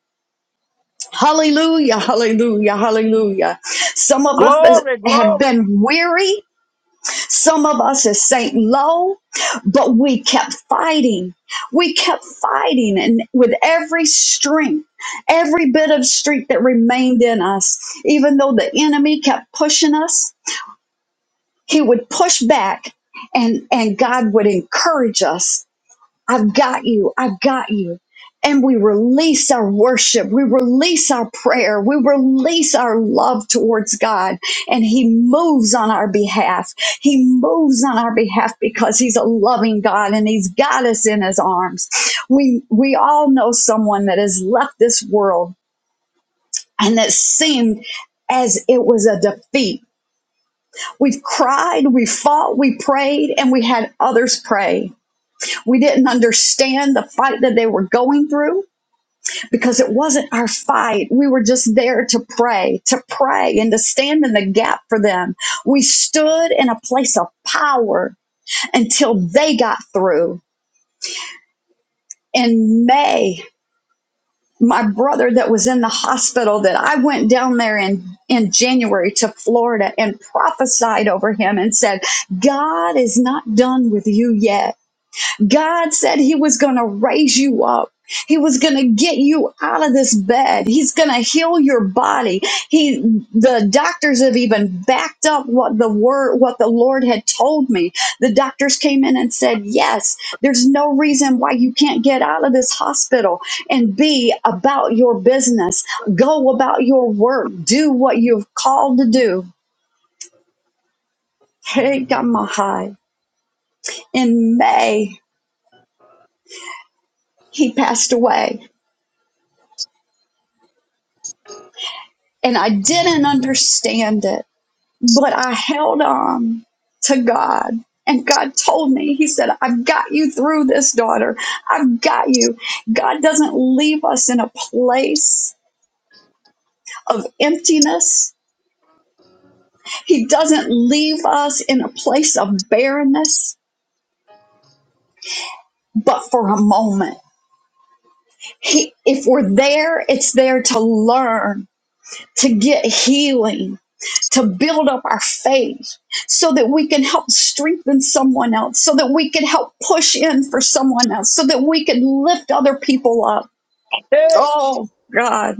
[SPEAKER 9] hallelujah hallelujah hallelujah some of us
[SPEAKER 1] glory,
[SPEAKER 9] have
[SPEAKER 1] glory.
[SPEAKER 9] been weary some of us is sank low, but we kept fighting. We kept fighting, and with every strength, every bit of strength that remained in us, even though the enemy kept pushing us, he would push back, and and God would encourage us I've got you. I've got you. And we release our worship. We release our prayer. We release our love towards God. And He moves on our behalf. He moves on our behalf because He's a loving God and He's got us in His arms. We, we all know someone that has left this world and that seemed as it was a defeat. We've cried, we fought, we prayed, and we had others pray we didn't understand the fight that they were going through because it wasn't our fight. We were just there to pray, to pray and to stand in the gap for them. We stood in a place of power until they got through. In May, my brother that was in the hospital that I went down there in in January to Florida and prophesied over him and said, "God is not done with you yet." God said he was going to raise you up. He was going to get you out of this bed. He's going to heal your body. He the doctors have even backed up what the word what the Lord had told me. The doctors came in and said, "Yes, there's no reason why you can't get out of this hospital and be about your business. Go about your work. Do what you've called to do." Hey, God, my high. In May, he passed away and I didn't understand it, but I held on to God. And God told me, He said, I've got you through this, daughter. I've got you. God doesn't leave us in a place of emptiness, He doesn't leave us in a place of barrenness, but for a moment. He, if we're there, it's there to learn to get healing, to build up our faith so that we can help strengthen someone else, so that we can help push in for someone else, so that we can lift other people up. Oh, God.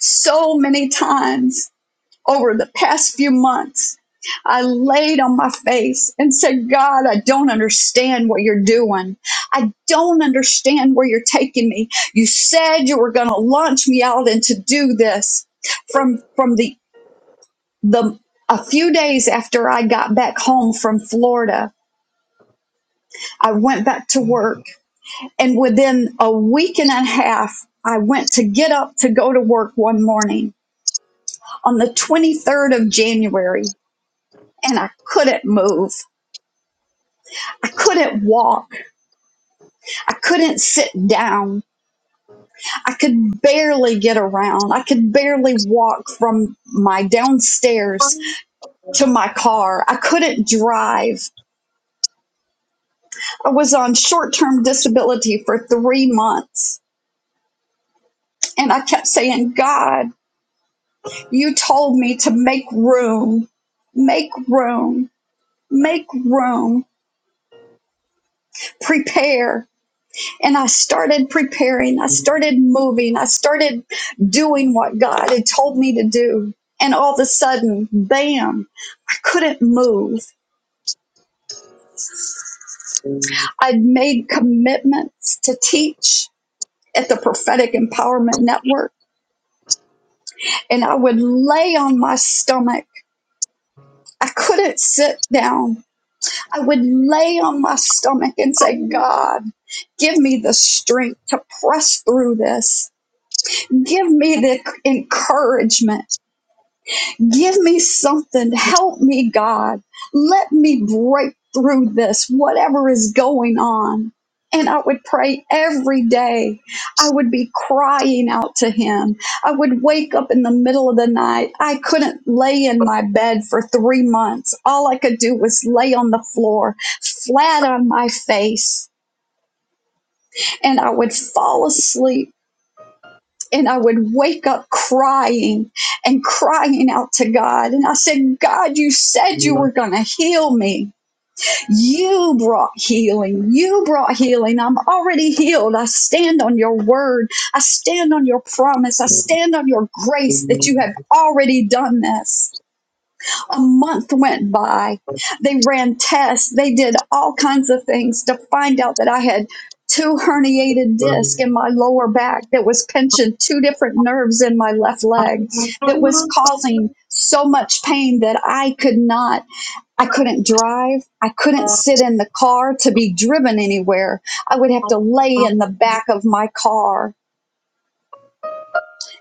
[SPEAKER 9] So many times over the past few months, I laid on my face and said, God, I don't understand what you're doing. I don't understand where you're taking me. You said you were going to launch me out and to do this from from the the a few days after I got back home from Florida, I went back to work and within a week and a half I went to get up to go to work one morning on the 23rd of January and I couldn't move. I couldn't walk. I couldn't sit down. I could barely get around. I could barely walk from my downstairs to my car. I couldn't drive. I was on short term disability for three months And I kept saying, God, you told me to make room, make room, make room, prepare. And I started preparing. I started moving. I started doing what God had told me to do. And all of a sudden, bam, I couldn't move. I'd made commitments to teach at the Prophetic Empowerment Network, and I would lay on my stomach. I couldn't sit down. I would lay on my stomach and say, God, give me the strength to press through this. Give me the encouragement Give me something. Help me, God. Let me break through this, whatever is going on. And I would pray every day. I would be crying out to Him. I would wake up in the middle of the night. I couldn't lay in my bed for three months. All I could do was lay on the floor, flat on my face. And I would fall asleep and I would wake up crying and crying out to God. And I said, God, you said you were going to heal me. You brought healing. You brought healing. I'm already healed. I stand on your word. I stand on your promise. I stand on your grace that you have already done this. A month went by. They ran tests. They did all kinds of things to find out that I had two herniated discs in my lower back that was pinching two different nerves in my left leg that was causing so much pain that I could not I couldn't drive. I couldn't sit in the car to be driven anywhere. I would have to lay in the back of my car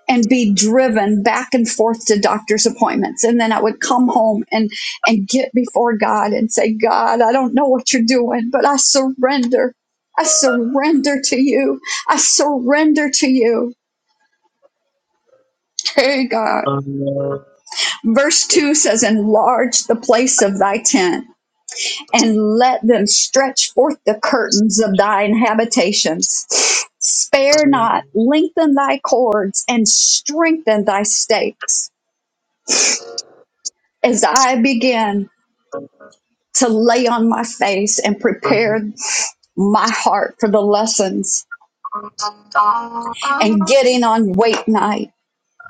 [SPEAKER 9] and be driven back and forth to doctor's appointments and then i would come home and and get before god and say god i don't know what you're doing but i surrender i surrender to you i surrender to you hey god verse 2 says enlarge the place of thy tent and let them stretch forth the curtains of thine habitations spare not lengthen thy cords and strengthen thy stakes as I begin. to lay on my face and prepare my heart for the lessons and getting on wait night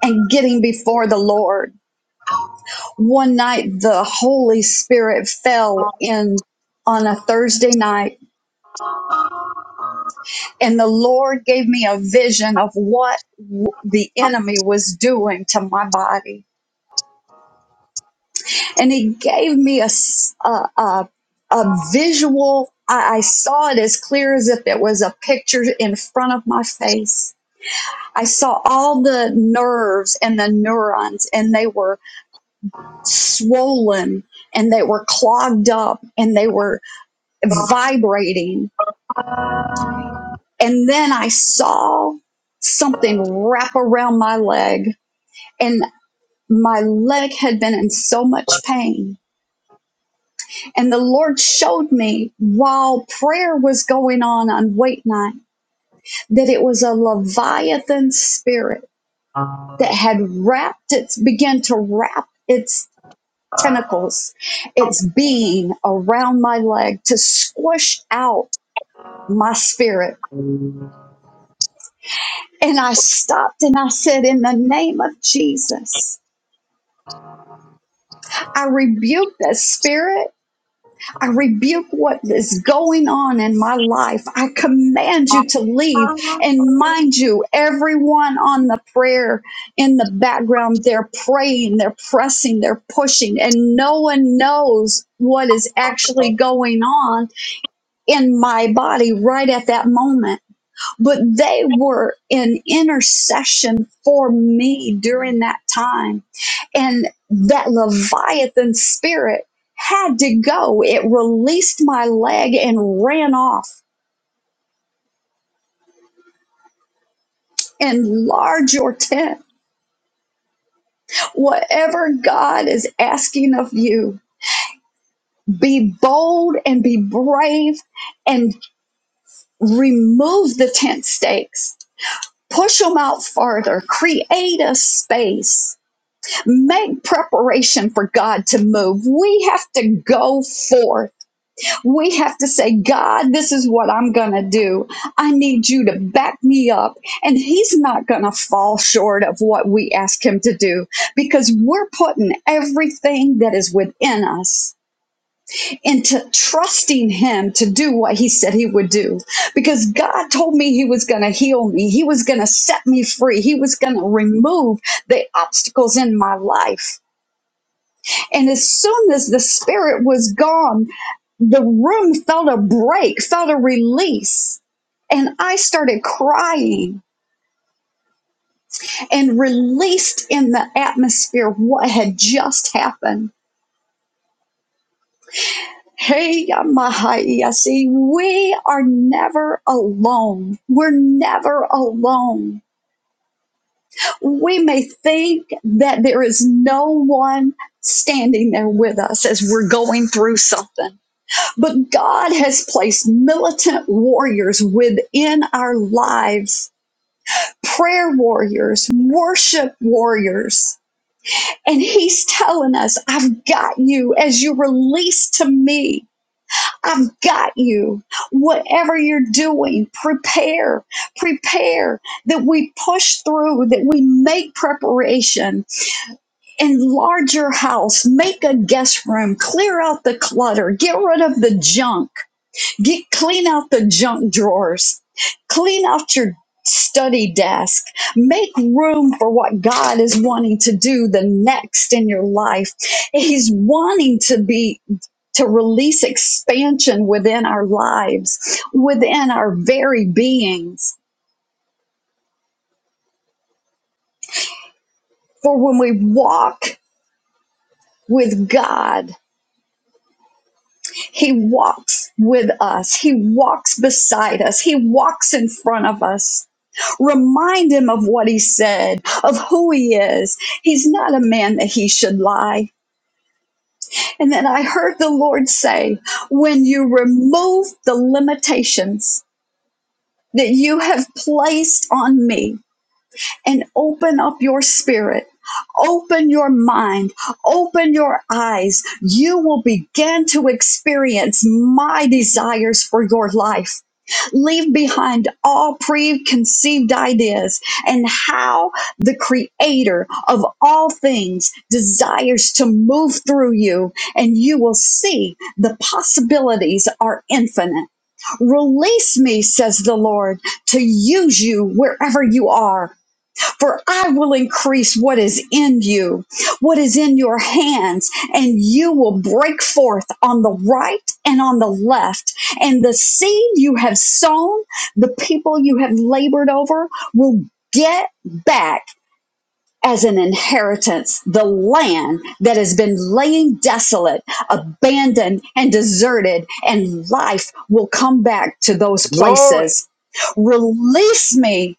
[SPEAKER 9] and getting before the Lord. One night the Holy Spirit fell in on a Thursday night and the Lord gave me a vision of what w- the enemy was doing to my body. And he gave me a, s- a, a- a visual, I I saw it as clear as if it was a picture in front of my face I saw all the nerves and the neurons, and they were swollen and they were clogged up and they were vibrating. And then I saw something wrap around my leg, and my leg had been in so much pain. And the Lord showed me while prayer was going on on wait night that it was a Leviathan spirit that had wrapped its, began to wrap its. tentacles, its being around my leg to squish out my spirit. And I stopped and I said, In the name of Jesus, I rebuke that spirit. I rebuke what is going on in my life. I command you to leave. And mind you, everyone on the prayer in the background, they're praying, they're pressing, they're pushing, and no one knows what is actually going on in my body right at that moment. But they were in intercession for me during that time. And that Leviathan spirit had to go. It released my leg and ran off. Enlarge your tent. Whatever God is asking of you, be bold and be brave and remove the tent stakes. Push them out farther. Create a space Make preparation for God to move. We have to go forth. We have to say, God, this is what I'm going to do. I need you to back me up. And He's not going to fall short of what we ask Him to do because we're putting everything that is within us into trusting Him to do what He said He would do. Because God told me He was going to heal me, He was going to set me free, He was going to remove the obstacles in my life. And as soon as the spirit was gone, the room felt a break, felt a release. And I started crying and released in the atmosphere what had just happened. Hey, Yamahaya, see, we are never alone. We're never alone. We may think that there is no one standing there with us as we're going through something But God has placed militant warriors within our lives, prayer warriors, worship warriors. And He's telling us, I've got you as you release to me. I've got you. Whatever you're doing, prepare, prepare that we push through, that we make preparation, enlarge your house, make a guest room, clear out the clutter, get rid of the junk Get clean out the junk drawers. Clean out your study desk. Make room for what God is wanting to do the next in your life. He's wanting to be to release expansion within our lives, within our very beings. For when we walk with God, He walks with us. He walks beside us. He walks in front of us. Remind him of what he said, of who he is. He's not a man that he should lie. And then I heard the Lord say, when you remove the limitations that you have placed on me, and open up your spirit. Open your mind. Open your eyes. You will begin to experience my desires for your life. Leave behind all preconceived ideas and how the creator of all things desires to move through you, and you will see the possibilities are infinite. Release me, says the Lord, to use you wherever you are. For I will increase what is in you, what is in your hands, and you will break forth on the right and on the left. And the seed you have sown, the people you have labored over, will get back as an inheritance the land that has been laying desolate, abandoned, and deserted, and life will come back to those places. Release me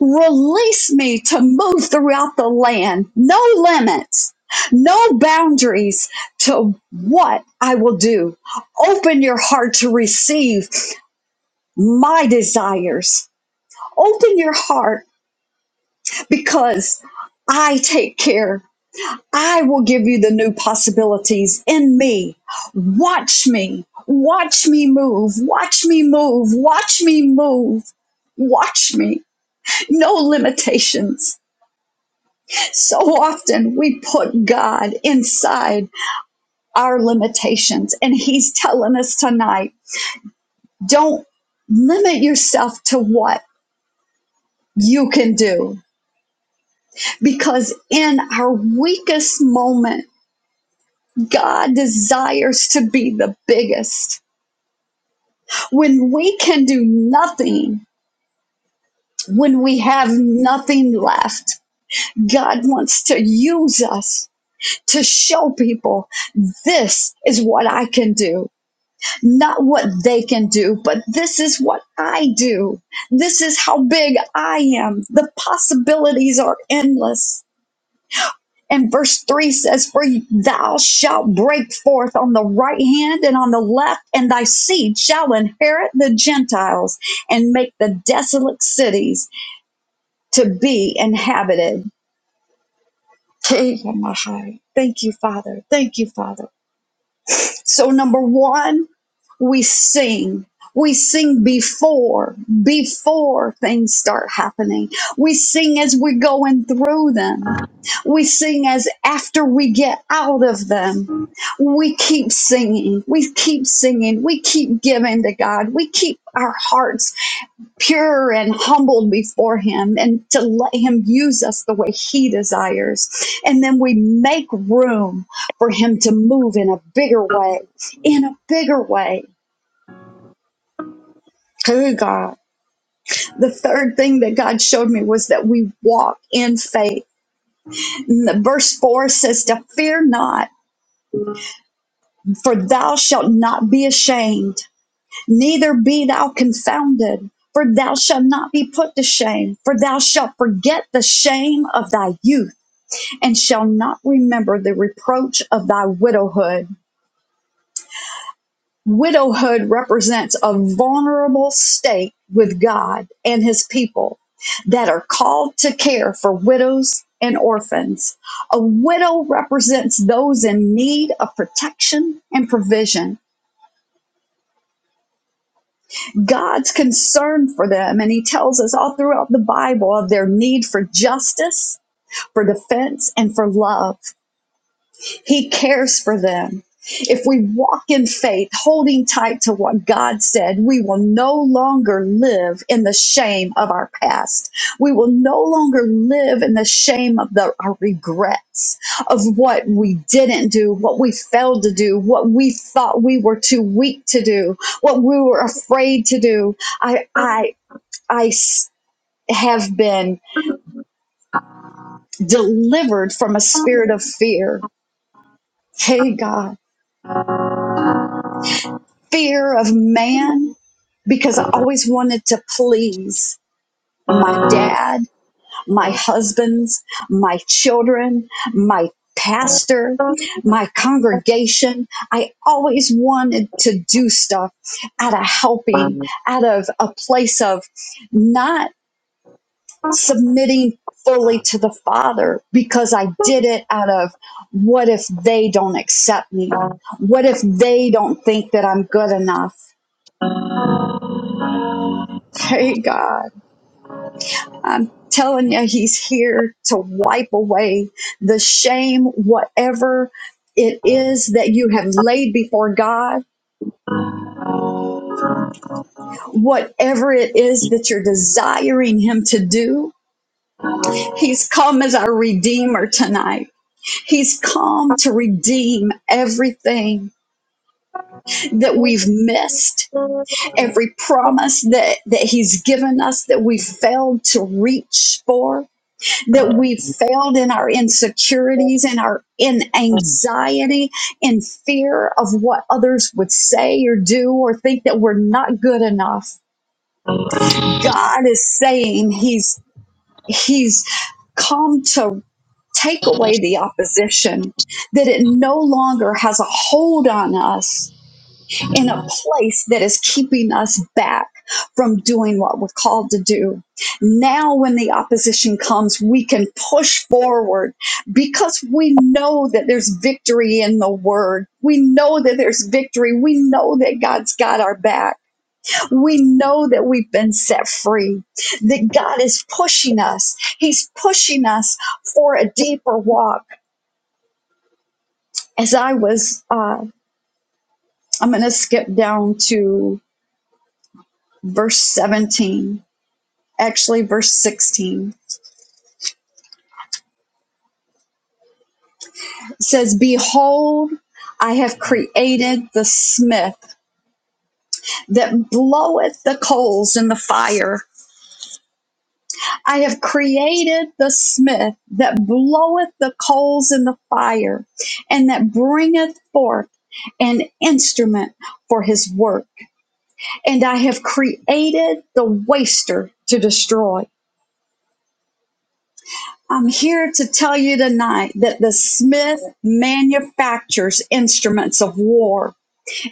[SPEAKER 9] Release me to move throughout the land. No limits, no boundaries to what I will do. Open your heart to receive my desires. Open your heart because I take care. I will give you the new possibilities in me. Watch me. Watch me move. Watch me move. Watch me move. Watch me. No limitations So often we put God inside our limitations, and He's telling us tonight don't limit yourself to what you can do. Because in our weakest moment, God desires to be the biggest. When we can do nothing, when we have nothing left, God wants to use us to show people this is what I can do not what they can do, but this is what I do. This is how big I am. The possibilities are endless. And verse 3 says, For thou shalt break forth on the right hand and on the left, and thy seed shall inherit the Gentiles and make the desolate cities to be inhabited. Thank you, Father. Thank you, Father. So, number one, we sing. We sing before, before things start happening. We sing as we're going through them. We sing as after we get out of them. We keep singing. We keep singing. We keep giving to God. We keep our hearts pure and humbled before him and to let him use us the way he desires. And then we make room for him to move in a bigger way, in a bigger way. Oh God. The third thing that God showed me was that we walk in faith. And the verse 4 says, To fear not, for thou shalt not be ashamed, neither be thou confounded, for thou shalt not be put to shame, for thou shalt forget the shame of thy youth and shall not remember the reproach of thy widowhood. Widowhood represents a vulnerable state with God and his people that are called to care for widows and orphans. A widow represents those in need of protection and provision. God's concern for them, and he tells us all throughout the Bible of their need for justice, for defense, and for love. He cares for them. If we walk in faith, holding tight to what God said, we will no longer live in the shame of our past. We will no longer live in the shame of the, our regrets, of what we didn't do, what we failed to do, what we thought we were too weak to do, what we were afraid to do. I, I, I s- have been delivered from a spirit of fear. Hey, God. fear of man because I always wanted to please my dad, my husbands, my children, my pastor, my congregation. I always wanted to do stuff out of helping, out of a place of not submitting fully to the Father because I did it out of what if they don't accept me? What if they don't think that I'm good enough? Hey, God. I'm telling you, he's here to wipe away the shame, whatever it is that you have laid before God, whatever it is that you're desiring him to do. He's come as our redeemer tonight. He's come to redeem everything that we've missed, every promise that, that he's given us that we failed to reach for. that we've failed in our insecurities and our in anxiety in fear of what others would say or do or think that we're not good enough god is saying he's he's come to take away the opposition that it no longer has a hold on us in a place that is keeping us back from doing what we're called to do. Now, when the opposition comes, we can push forward because we know that there's victory in the word. We know that there's victory. We know that God's got our back. We know that we've been set free, that God is pushing us. He's pushing us for a deeper walk. As I was, uh, I'm going to skip down to verse 17 actually verse 16 it says behold i have created the smith that bloweth the coals in the fire i have created the smith that bloweth the coals in the fire and that bringeth forth an instrument for his work and i have created the waster to destroy I'm here to tell you tonight that the Smith manufactures instruments of war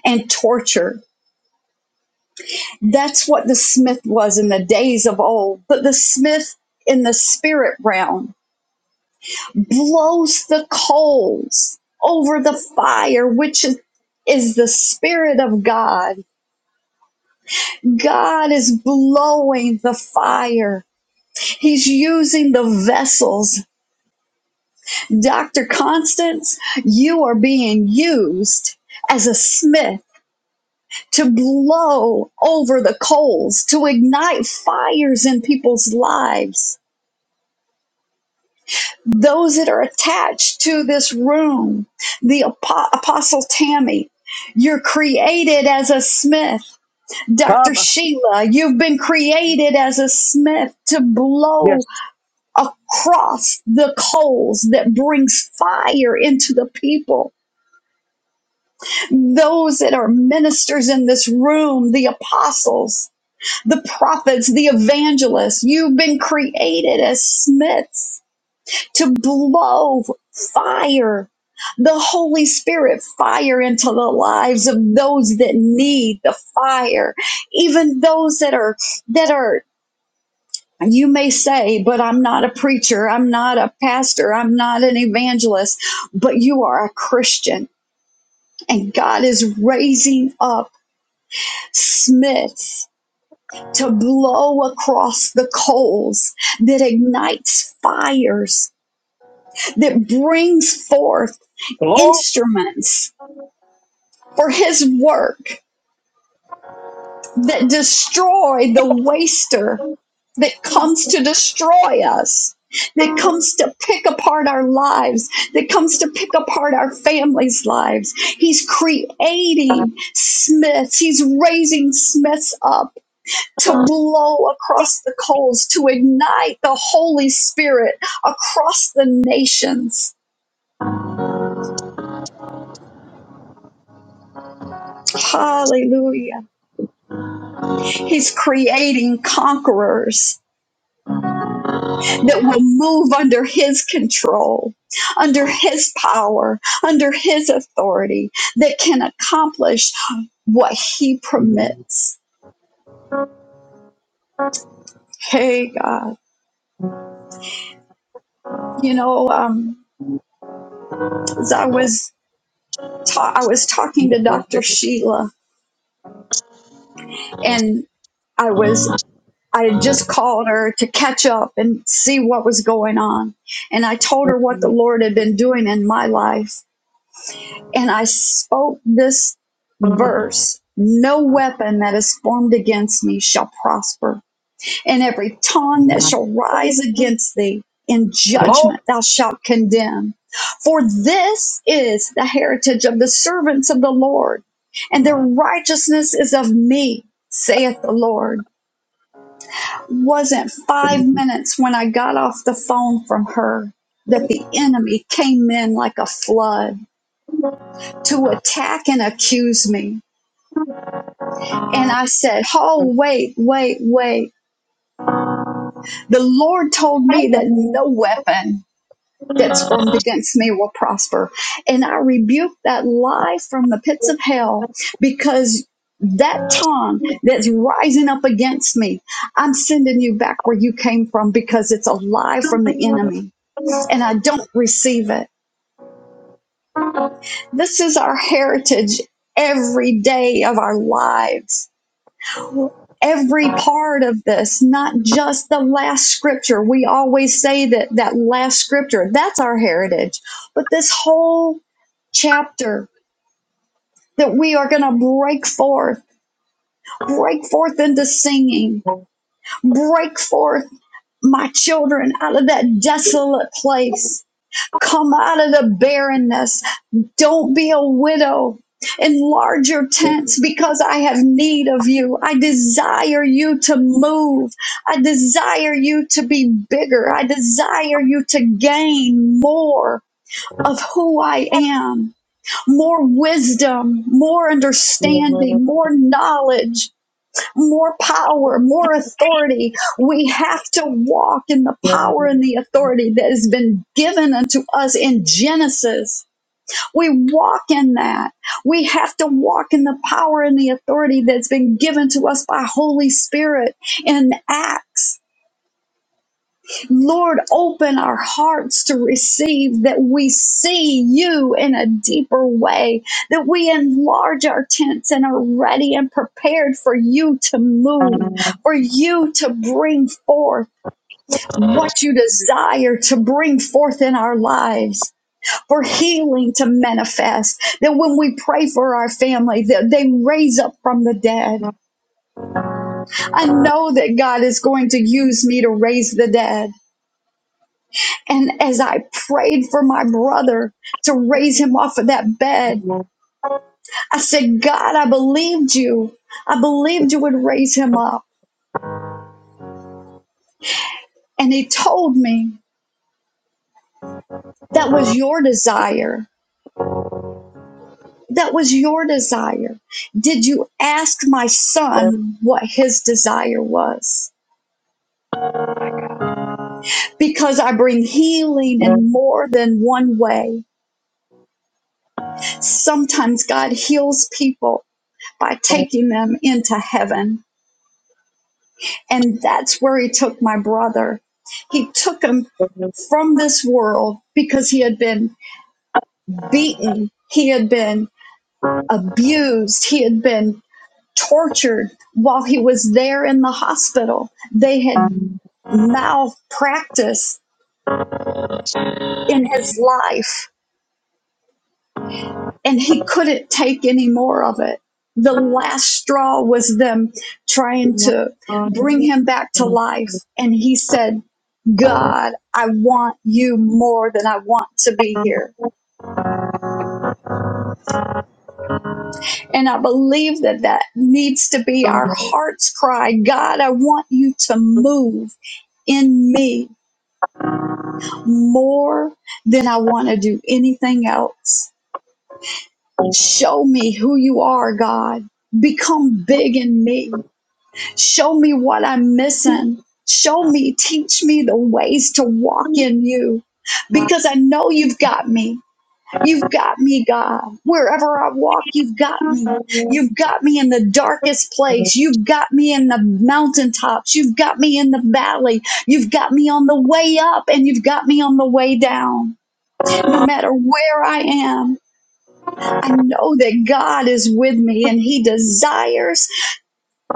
[SPEAKER 9] and torture. That's what the smith was in the days of old. But the smith in the spirit realm blows the coals over the fire, which is, is the spirit of God. God is blowing the fire, He's using the vessels. Dr. Constance, you are being used as a smith to blow over the coals, to ignite fires in people's lives. Those that are attached to this room, the Apo- Apostle Tammy, you're created as a smith. Dr.
[SPEAKER 1] Taba.
[SPEAKER 9] Sheila, you've been created as a smith to blow
[SPEAKER 1] Yes.
[SPEAKER 9] across the coals that brings fire into the people. Those that are ministers in this room, the apostles, the prophets, the evangelists. You've been created as smiths to blow fire, the Holy Spirit fire into the lives of those that need the fire, even those that are, that are, you may say, but I'm not a preacher. I'm not a pastor. I'm not an evangelist, but you are a Christian and God is raising up Smiths to blow across the coals that ignites fires, that brings forth
[SPEAKER 1] Glory,
[SPEAKER 9] instruments for his work, that destroy the waster that comes to destroy us, that comes to pick apart our lives, that comes to pick apart our families' lives. He's creating Smiths, he's raising Smiths up to blow across the coals, to ignite the Holy Spirit across the nations. Hallelujah. He's creating conquerors that will move under his control, under his power, under his authority, that can accomplish what he permits. Hey, God. You know, um, as I was, ta- I was talking to Dr. Sheila, and I was. I had just called her to catch up and see what was going on. And I told her what the Lord had been doing in my life. And I spoke this verse No weapon that is formed against me shall prosper, and every tongue that shall rise against thee in judgment thou shalt condemn. For this is the heritage of the servants of the Lord, and their righteousness is of me, saith the Lord wasn't five minutes when I got off the phone from her that the enemy came in like a flood to attack and accuse me. And I said, Oh, wait, wait, wait. The Lord told me that no weapon that's formed against me will prosper. And I rebuked that lie from the pits of hell because that tongue that's rising up against me, I'm sending you back where you came from because it's a lie from the enemy and I don't receive it. This is our heritage every day of our lives. Every part of this, not just the last scripture. We always say that that last scripture, that's our heritage. But this whole chapter that we are going to break forth, break forth into singing, break forth, my children, out of that desolate place. Come out of the barrenness Don't be a widow. Enlarge your tents because I have need of you. I desire you to move. I desire you to be bigger. I desire you to gain more of who I am, more wisdom, more
[SPEAKER 1] glory.
[SPEAKER 9] understanding, more knowledge, more power, more authority. We have to walk in the
[SPEAKER 1] There's
[SPEAKER 9] power and the authority that has been given unto us in Genesis we walk in that. We have to walk in the power and the authority that's been given to us by Holy Spirit in Acts. Lord, open our hearts to receive that we see you in a deeper way, that we enlarge our tents and are ready and prepared for you to move, for you to bring forth what you desire to bring forth in our lives for healing to manifest. That when we pray for our family, that they raise up from the dead. I know that God is going to use me to raise the dead. And as I prayed for my brother to raise him off of that bed, I said, God, I believed you. I believed you would raise him up. And he told me that was your desire. That was your desire. Did you ask my son what his desire was? because I bring healing in more than one way. Sometimes God heals people by taking them into heaven. And that's where He took my brother. He took him from this world because he had been beaten, he had been abused, he had been tortured while he was there in the hospital. They had malpractice in his life and he couldn't take any more of it. The last straw was them trying to bring him back to life. And he said, God, I want you more than I want to be here. And I believe that that needs to be our heart's cry God, I want you to move in me more than I want to do anything else. Show me who you are, God. Become big in me Show me what I'm missing. Show me, teach me the ways to walk in you because I know you've got me. You've got me, God. Wherever I walk, you've got me. You've got me in the darkest place. You've got me in the mountaintops. You've got me in the valley. You've got me on the way up and you've got me on the way down. No matter where I am, I know that God is with me and He desires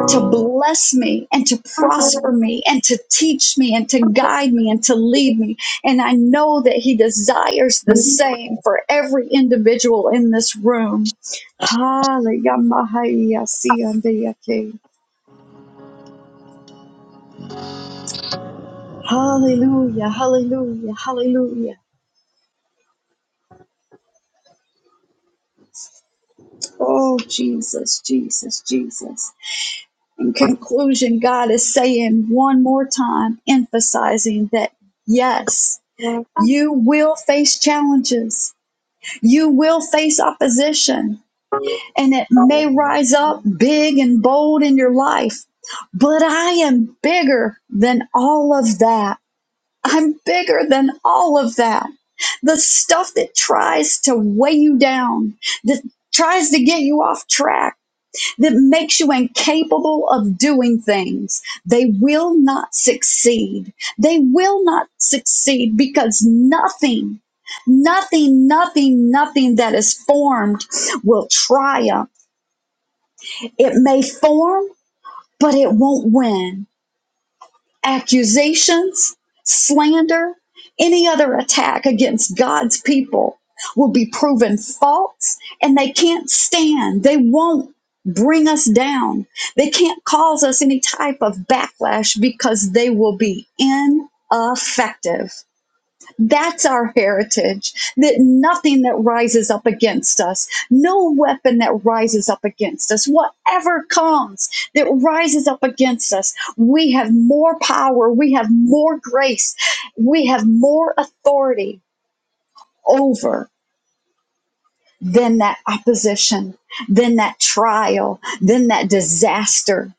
[SPEAKER 9] to bless me and to prosper me and to teach me and to guide me and to lead me. And I know that He desires the same for every individual in this room. Hallelujah. Hallelujah, hallelujah, hallelujah. Oh, Jesus, Jesus, Jesus. In conclusion, God is saying one more time, emphasizing that yes, you will face challenges You will face opposition and it may rise up big and bold in your life, but I am bigger than all of that. I'm bigger than all of that. The stuff that tries to weigh you down, that tries to get you off track that makes you incapable of doing things. They will not succeed. They will not succeed because nothing, nothing, nothing, nothing that is formed will triumph. It may form, but it won't win accusations, slander, any other attack against God's people will be proven false and they can't stand. They won't bring us down. They can't cause us any type of backlash because they will be ineffective. That's our heritage. That nothing that rises up against us, no weapon that rises up against us, whatever comes that rises up against us, we have more power, we have more grace, we have more authority over than that opposition, than that trial, than that disaster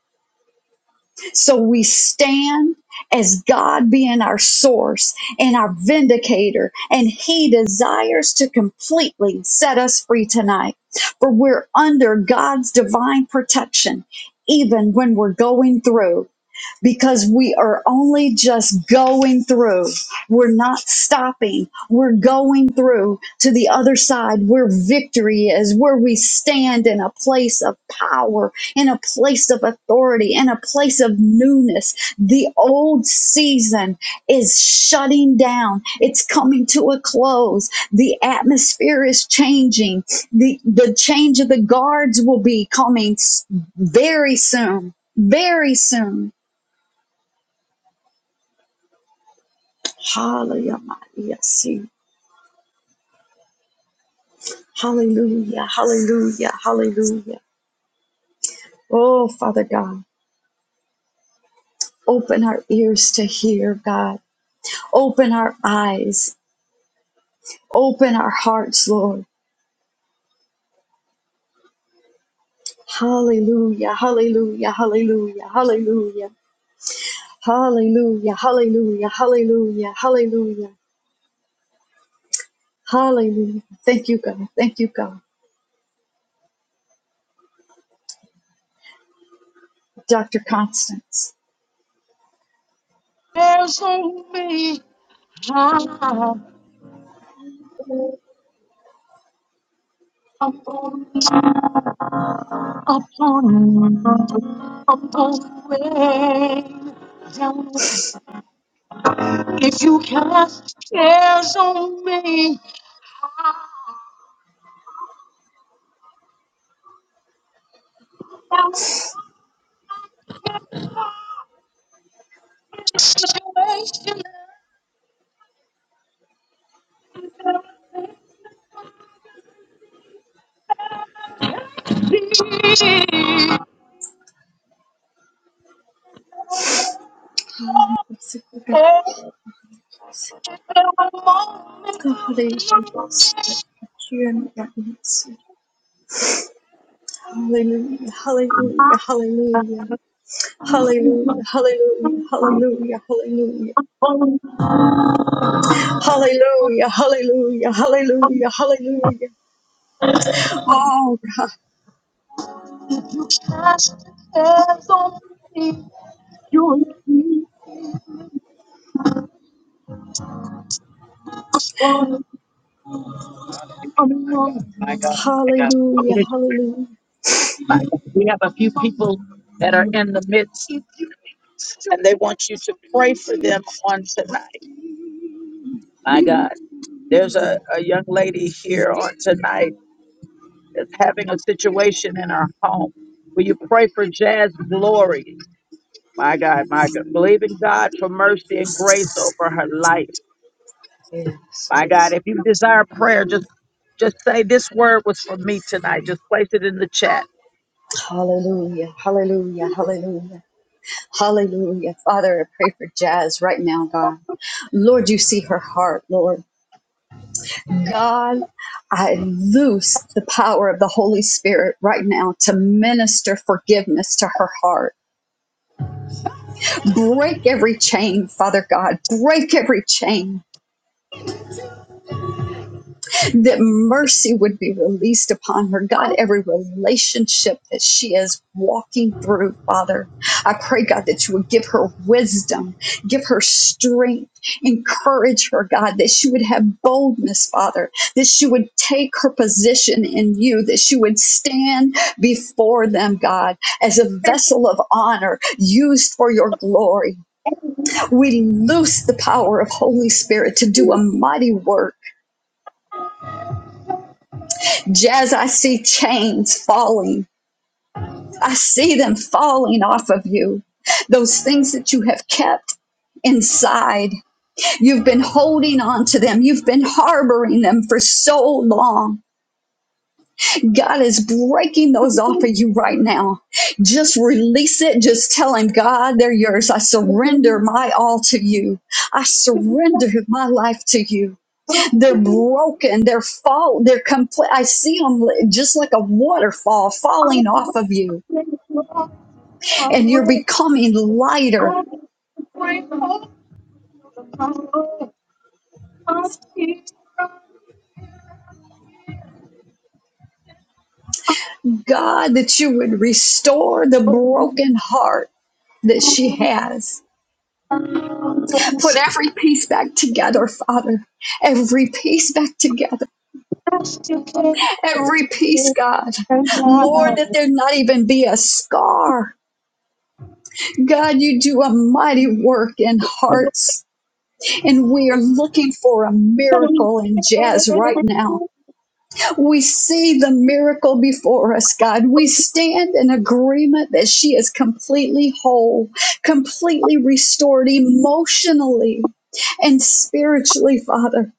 [SPEAKER 9] So we stand as God being our source and our vindicator, and He desires to completely set us free tonight. For we're under God's divine protection, even when we're going through because we are only just going through. We're not stopping. We're going through to the other side where victory is, where we stand in a place of power, in a place of authority, in a place of newness. The old season is shutting down, it's coming to a close. The atmosphere is changing. The, the change of the guards will be coming s- very soon. Very soon Hallelujah. Maria, see. Hallelujah. Hallelujah. Hallelujah. Oh, Father God, open our ears to hear, God. Open our eyes. Open our hearts, Lord. Hallelujah. Hallelujah. Hallelujah. Hallelujah. Hallelujah. Hallelujah. Hallelujah. Hallelujah. Hallelujah. Thank you, God. Thank you, God. Dr. Constance.
[SPEAKER 1] only time upon upon upon way down. If you cast cares on me, salvation is here. Every moment I'm lost.
[SPEAKER 9] Hallelujah, hallelujah,
[SPEAKER 1] I'm
[SPEAKER 9] hallelujah, hallelujah,
[SPEAKER 1] on,
[SPEAKER 9] hallelujah, hallelujah,
[SPEAKER 1] I'm on,
[SPEAKER 9] hallelujah, hallelujah, hallelujah,
[SPEAKER 1] I'm
[SPEAKER 9] hallelujah, hallelujah. Oh,
[SPEAKER 1] You cast your cares on me. You keep us from coming My God,
[SPEAKER 9] God.
[SPEAKER 1] my God. Oh, it
[SPEAKER 9] hallelujah,
[SPEAKER 1] is-
[SPEAKER 9] hallelujah.
[SPEAKER 1] My God. We have a few people that are in the midst and they want you to pray for them on tonight. My God, there's a, a young lady here on tonight that's having a situation in her home. Will you pray for Jazz Glory? My God, my God. Believe in God for mercy and grace over her life.
[SPEAKER 9] Yes,
[SPEAKER 1] My God,
[SPEAKER 9] yes.
[SPEAKER 1] if you desire prayer, just just say this word was for me tonight. Just place it in the chat.
[SPEAKER 9] Hallelujah, hallelujah, hallelujah, hallelujah. Father, I pray for Jazz right now, God. Lord, you see her heart, Lord. God, I loose the power of the Holy Spirit right now to minister forgiveness to her heart. Break every chain, Father God. Break every chain. That mercy would be released upon her. God, every relationship that she is walking through, Father. I pray, God, that you would give her wisdom, give her strength, encourage her, God, that she would have boldness, Father, that she would take her position in you, that she would stand before them, God, as a vessel of honor used for your glory We loose the power of Holy Spirit to do a mighty work. Jazz, I see chains falling. I see them falling off of you. Those things that you have kept inside, you've been holding on to them. You've been harboring them for so long. God is breaking those off of you right now. Just release it. Just tell Him, God, they're yours. I surrender my all to you. I surrender my life to you. They're broken. They're fall. They're complete. I see them just like a waterfall falling off of you, and you're becoming lighter. God, that you would restore the broken heart that she has. Put every piece back together, Father. Every piece back together. Every piece, God. Lord, that there not even be a scar. God, you do a mighty work in hearts. and we are looking for a miracle in jazz right now. We see the miracle before us, God. We stand in agreement that she is completely whole, completely restored emotionally and spiritually, Father,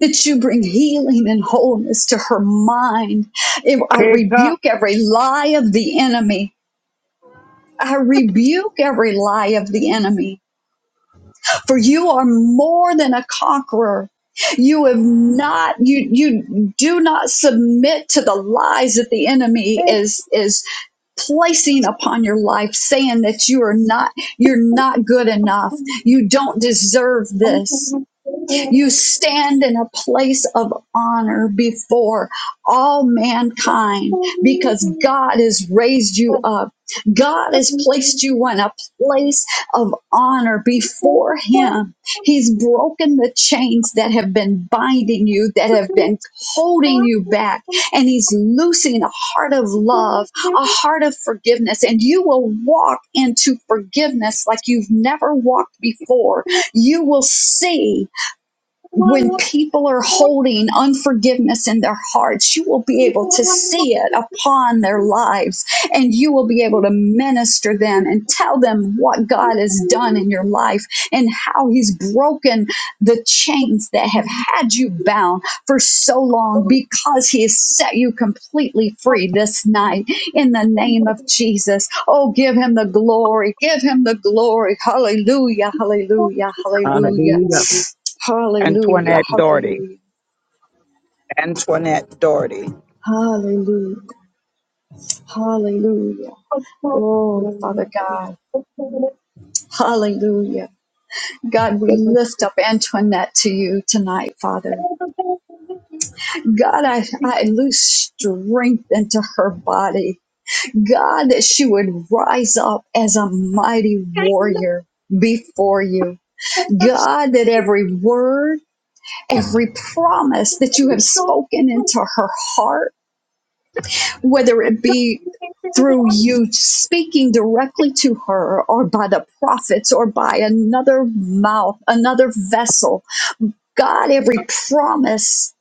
[SPEAKER 9] that you bring healing and wholeness to her mind. If I rebuke every lie of the enemy. I rebuke every lie of the enemy for you are more than a conqueror. You have not you you do not submit to the lies that the enemy is is placing upon your life saying that you are not you're not good enough. You don't deserve this. You stand in a place of honor before all mankind because God has raised you up. God has placed you in a place of honor before Him. He's broken the chains that have been binding you, that have been holding you back, and He's loosing a heart of love, a heart of forgiveness, and you will walk into forgiveness like you've never walked before. You will see when people are holding unforgiveness in their hearts, you will be able to see it upon their lives and you will be able to minister them and tell them what God has done in your life and how He's broken the chains that have had you bound for so long because He has set you completely free this night in the name of Jesus. Oh, give Him the glory, give Him the glory. Hallelujah, hallelujah,
[SPEAKER 1] Uh,
[SPEAKER 9] hallelujah. Hallelujah,
[SPEAKER 1] Antoinette Doherty.
[SPEAKER 9] hallelujah,
[SPEAKER 1] Antoinette Doherty.
[SPEAKER 9] hallelujah, hallelujah. Oh, Father God, hallelujah. God, we lift up Antoinette to you tonight, Father. God, I, I lose strength into her body. God, that she would rise up as a mighty warrior before you. God, that every word, every promise that you have spoken into her heart, whether it be through you speaking directly to her or by the prophets or by another mouth, another vessel. God, every promise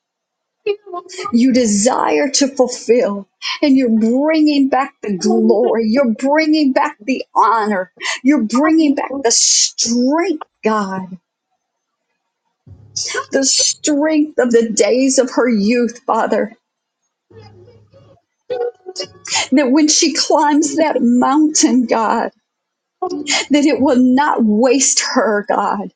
[SPEAKER 9] you desire to fulfill, and you're bringing back the glory, you're bringing back the honor, you're bringing back the strength. God, the strength of the days of her youth, Father, that when she climbs that mountain, God. that it would not waste her, God,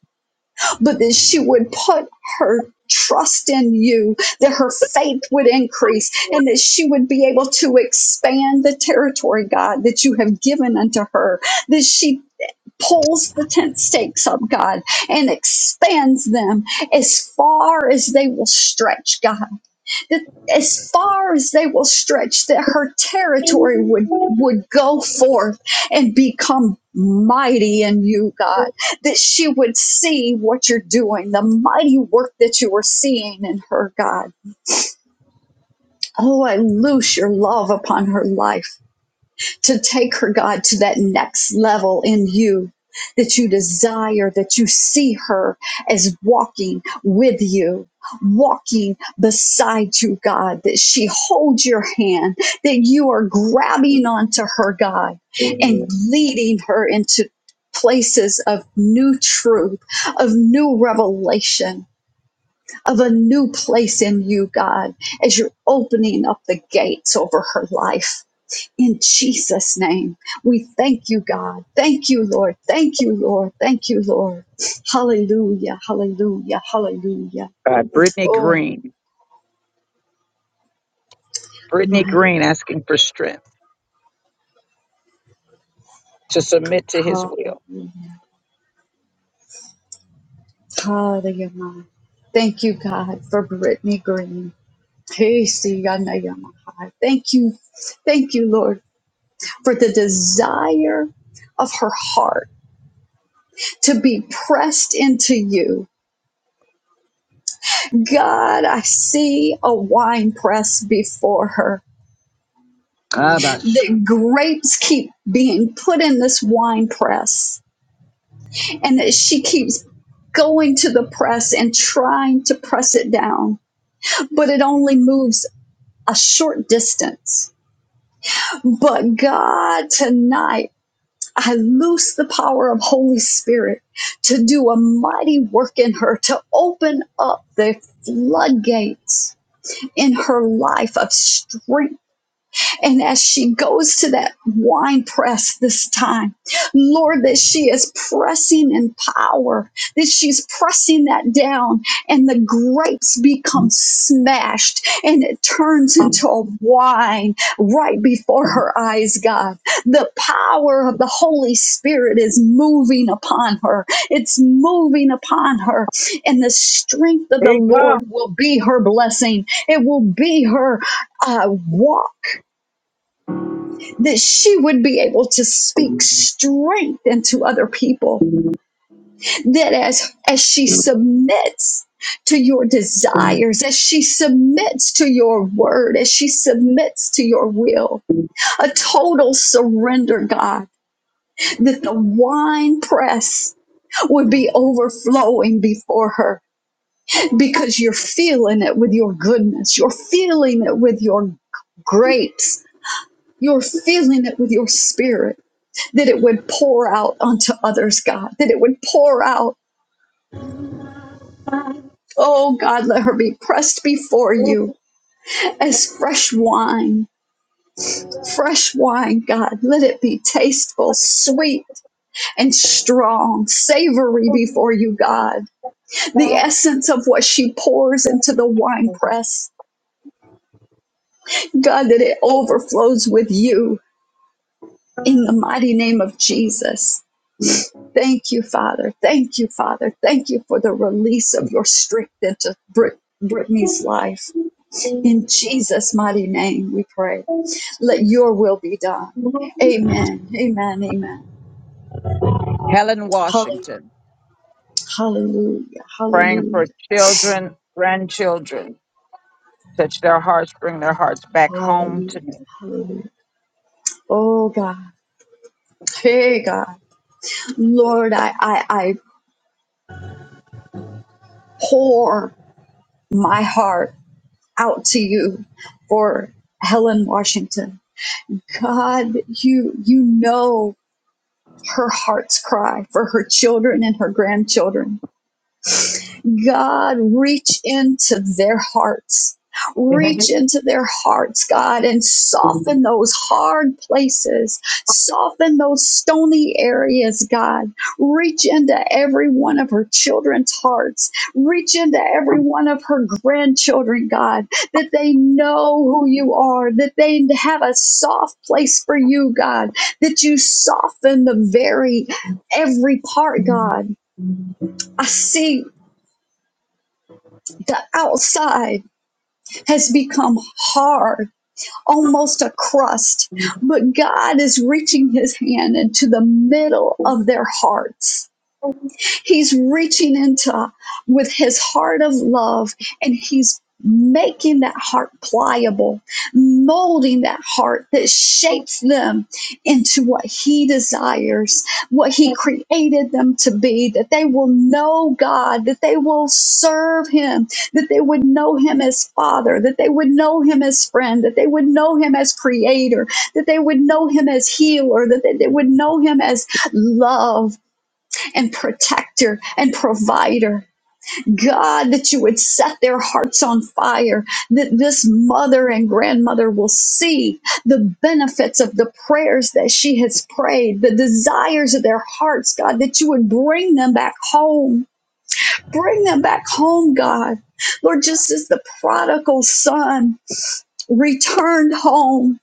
[SPEAKER 9] but that she would put her trust in you, that her faith would increase, and that she would be able to expand the territory, God, that you have given unto her, that she pulls the tent stakes up, God, and expands them as far as they will stretch, God that as far as they will stretch that her territory would would go forth and become mighty in you god that she would see what you're doing the mighty work that you are seeing in her god oh i loose your love upon her life to take her, God, to that next level in you that you desire, that you see her as walking with you. Walking beside you, God, that she holds your hand, that you are grabbing onto her, God, and leading her into places of new truth, of new revelation, of a new place in you, God, as you're opening up the gates over her life. In Jesus' name, we thank you, God. Thank you, Lord. Thank you, Lord. Thank you, Lord. Hallelujah. Hallelujah. Hallelujah.
[SPEAKER 1] by Brittany
[SPEAKER 9] Oh,
[SPEAKER 1] Green. Brittany
[SPEAKER 9] mighty.
[SPEAKER 1] Green asking for strength to submit to his
[SPEAKER 9] God.
[SPEAKER 1] will.
[SPEAKER 9] Hallelujah. Hallelujah. Thank you, God, for Brittany Green. Hey, see, I know you're my high. Thank you. Thank you, Lord, for the desire of her heart to be pressed into you. God, I see a wine press before her.
[SPEAKER 1] Ah, bash.
[SPEAKER 9] the grapes keep being put in this wine press and that she keeps going to the press and trying to press it down but it only moves a short distance but god tonight I loose the power of Holy Spirit to do a mighty work in her, to open up the floodgates in her life of strength And as she goes to that wine press this time, Lord, that she is pressing in power, that she's pressing that down, and the grapes become smashed and it turns into a wine right before her eyes, God. The power of the Holy Spirit is moving upon her, it's moving upon her, and the strength of the
[SPEAKER 1] Big
[SPEAKER 9] Lord
[SPEAKER 1] up.
[SPEAKER 9] will be her blessing, it will be her uh, walk that she would be able to speak strength into other people that as as she submits to your desires as she submits to your word as she submits to your will a total surrender god that the wine press would be overflowing before her because you're feeling it with your goodness you're feeling it with your grapes you're feeling it with your spirit that it would pour out onto others, God, that it would pour out. Oh, God, let her be pressed before you as fresh wine. Fresh wine, God, let it be tasteful, sweet, and strong, savory before you, God. The essence of what she pours into the wine press, God, that it overflows with you in the mighty name of Jesus. Thank you, Father. Thank you, Father. Thank you for the release of your strength into Brit- Brittany's life. In Jesus' mighty name, we pray. Let your will be done. Amen. Amen. Amen.
[SPEAKER 1] Helen
[SPEAKER 9] Hallelujah.
[SPEAKER 1] Washington
[SPEAKER 9] Hallelujah.
[SPEAKER 1] praying
[SPEAKER 9] Hallelujah.
[SPEAKER 1] for children, grandchildren. Touch their hearts, bring their hearts back home
[SPEAKER 9] Hallelujah.
[SPEAKER 1] to me.
[SPEAKER 9] Hallelujah. Oh, God. Hey, God. Lord, I, I, I pour my heart out to you for Helen Washington. God, you you know her heart's cry for her children and her grandchildren. God, reach into their hearts. Reach into their hearts, God, and soften those hard places. Soften those stony areas, God. Reach into every one of her children's hearts. Reach into every one of her grandchildren, God, that they know who you are, that they have a soft place for you, God, that you soften the very, every part, God. I see the outside has become hard, almost a crust, but God is reaching his hand into the middle of their hearts He's reaching into with his heart of love and he's making that heart pliable, molding that heart that shapes them into what he desires, what he created them to be, that they will know God, that they will serve him, that they would know him as father, that they would know him as friend, that they would know him as creator, that they would know him as healer, that they, they would know him as love and protector and provider. God, that you would set their hearts on fire, that this mother and grandmother will see the benefits of the prayers that she has prayed, the desires of their hearts, God, that you would bring them back home. Bring them back home, God. Lord, just as the prodigal son returned home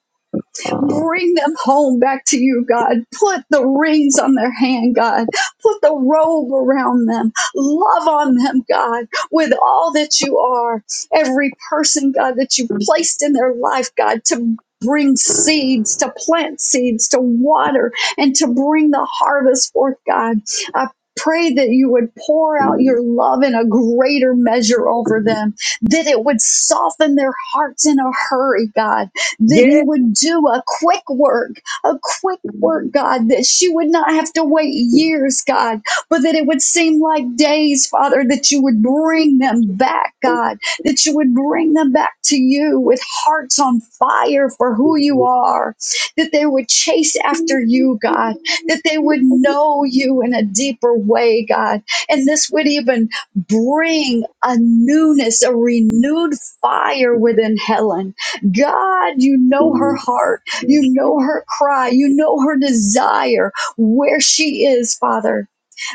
[SPEAKER 9] Bring them home back to you, God. Put the rings on their hand, God. Put the robe around them. Love on them, God, with all that you are. Every person, God, that you've placed in their life, God, to bring seeds, to plant seeds, to water, and to bring the harvest forth, God. I pray that you would pour out your love in a greater measure over them, that it would soften their hearts in a hurry, God that you
[SPEAKER 1] Yeah.
[SPEAKER 9] would do a quick work, a quick work, God, that she would not have to wait years, God, but that it would seem like days, Father, that you would bring them back, God, that you would bring them back to you with hearts on fire for who you are, that they would chase after you, God, that they would know you in a deeper way, God, and this would even bring a newness, a renewed fire within Helen God, you know her heart. You know her cry. You know her desire where she is, Father.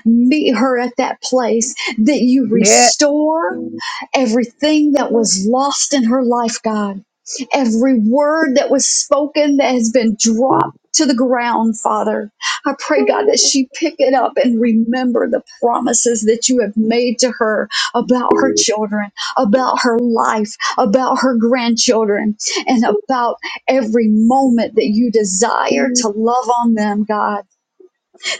[SPEAKER 9] Meet her at that place that you
[SPEAKER 1] Yeah.
[SPEAKER 9] restore everything that was lost in her life, God, every word that was spoken that has been dropped. To the ground, Father. I pray, God, that she pick it up and remember the promises that you have made to her about her children, about her life, about her grandchildren, and about every moment that you desire to love on them, God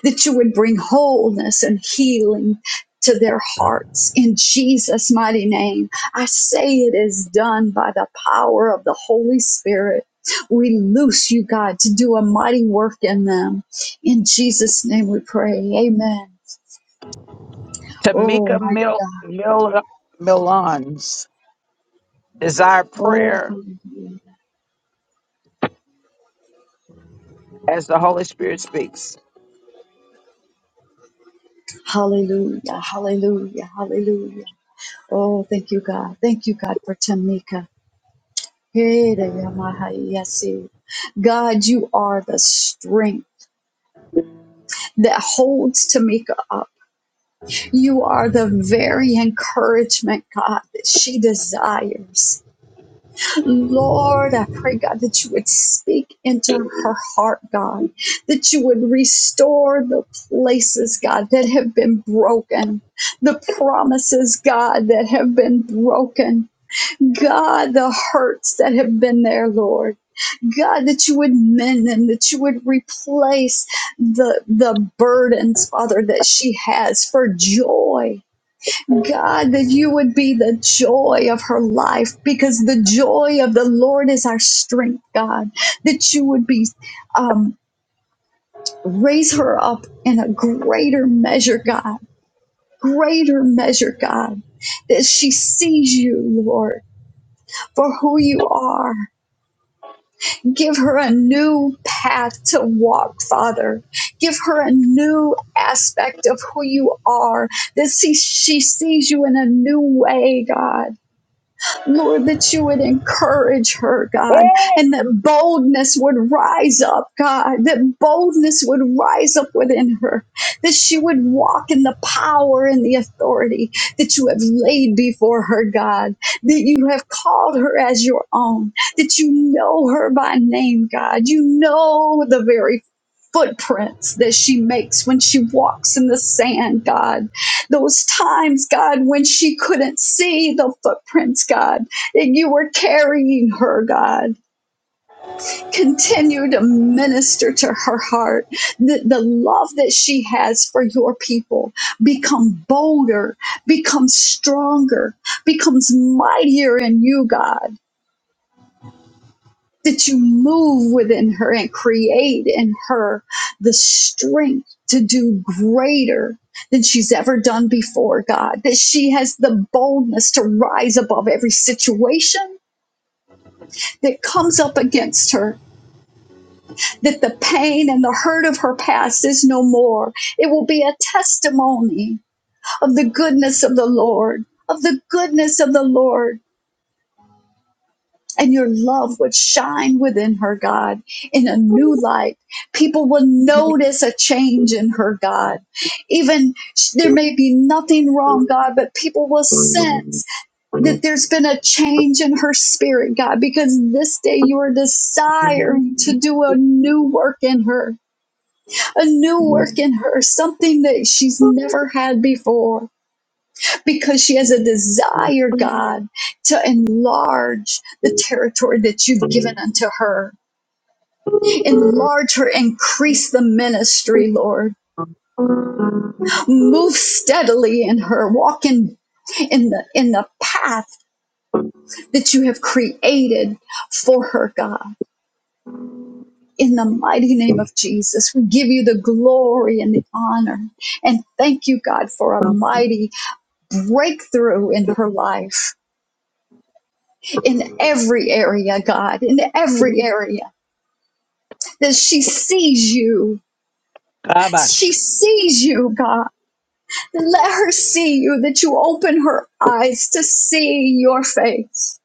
[SPEAKER 9] that you would bring wholeness and healing to their hearts in Jesus' mighty name. I say it is done by the power of the Holy Spirit. We loose you, God, to do a mighty work in them. In Jesus' name we pray. Amen. Oh,
[SPEAKER 1] Tamika
[SPEAKER 9] mighty
[SPEAKER 1] Mil-
[SPEAKER 9] God.
[SPEAKER 1] Mil- Milans Desire
[SPEAKER 9] Oh,
[SPEAKER 1] prayer
[SPEAKER 9] hallelujah.
[SPEAKER 1] as the Holy Spirit speaks.
[SPEAKER 9] Hallelujah. Hallelujah. Hallelujah. Oh, thank you, God. Thank you, God, for Tamika. Hey, there, Yamaha, yes, you. God, you are the strength. that holds Tamika up. You are the very encouragement, God, that she desires. Lord, I pray, God, that you would speak into her heart, God, that you would restore the places, God, that have been broken, the promises, God, that have been broken, God, the hurts that have been there, Lord. God, that you would mend them, that you would replace the the burdens, Father, that she has for joy. God, that you would be the joy of her life, because the joy of the Lord is our strength, God. That you would be um, raise her up in a greater measure, God, greater measure, God. That she sees you, Lord, for who you are Give her a new path to walk, Father. Give her a new aspect of who you are, that she, she sees you in a new way, God. Lord, that you would encourage her, God, and that boldness would rise up, God, that boldness would rise up within her, that she would walk in the power and the authority that you have laid before her, God, that you have called her as your own, that you know her by name, God. You know the very footprints that she makes when she walks in the sand, God those times, God, when she couldn't see the footprints, God, that you were carrying her, God. Continue to minister to her heart. The, the love that she has for your people become bolder, becomes stronger, becomes mightier in you, God. that you move within her and create in her the strength to do greater than she's ever done before, God, that she has the boldness to rise above every situation that comes up against her. That the pain and the hurt of her past is no more. It will be a testimony of the goodness of the Lord, of the goodness of the Lord and your love would shine within her, God, in a new light. People will notice a change in her, God. Even there may be nothing wrong, God, but people will sense that there's been a change in her spirit, God, because this day you are desiring to do a new work in her, a new work in her, something that she's never had before because she has a desire, God, to enlarge the territory that you've given unto her. Enlarge her, increase the ministry, Lord. Move steadily in her, walk in, in the in the path that you have created for her, God. In the mighty name of Jesus, we give you the glory and the honor. And thank you, God, for a mighty breakthrough in her life in every area, God, in every area. that she sees you. She
[SPEAKER 1] Kabash.
[SPEAKER 9] sees you, God. Let her see you, that you open her eyes to see your face.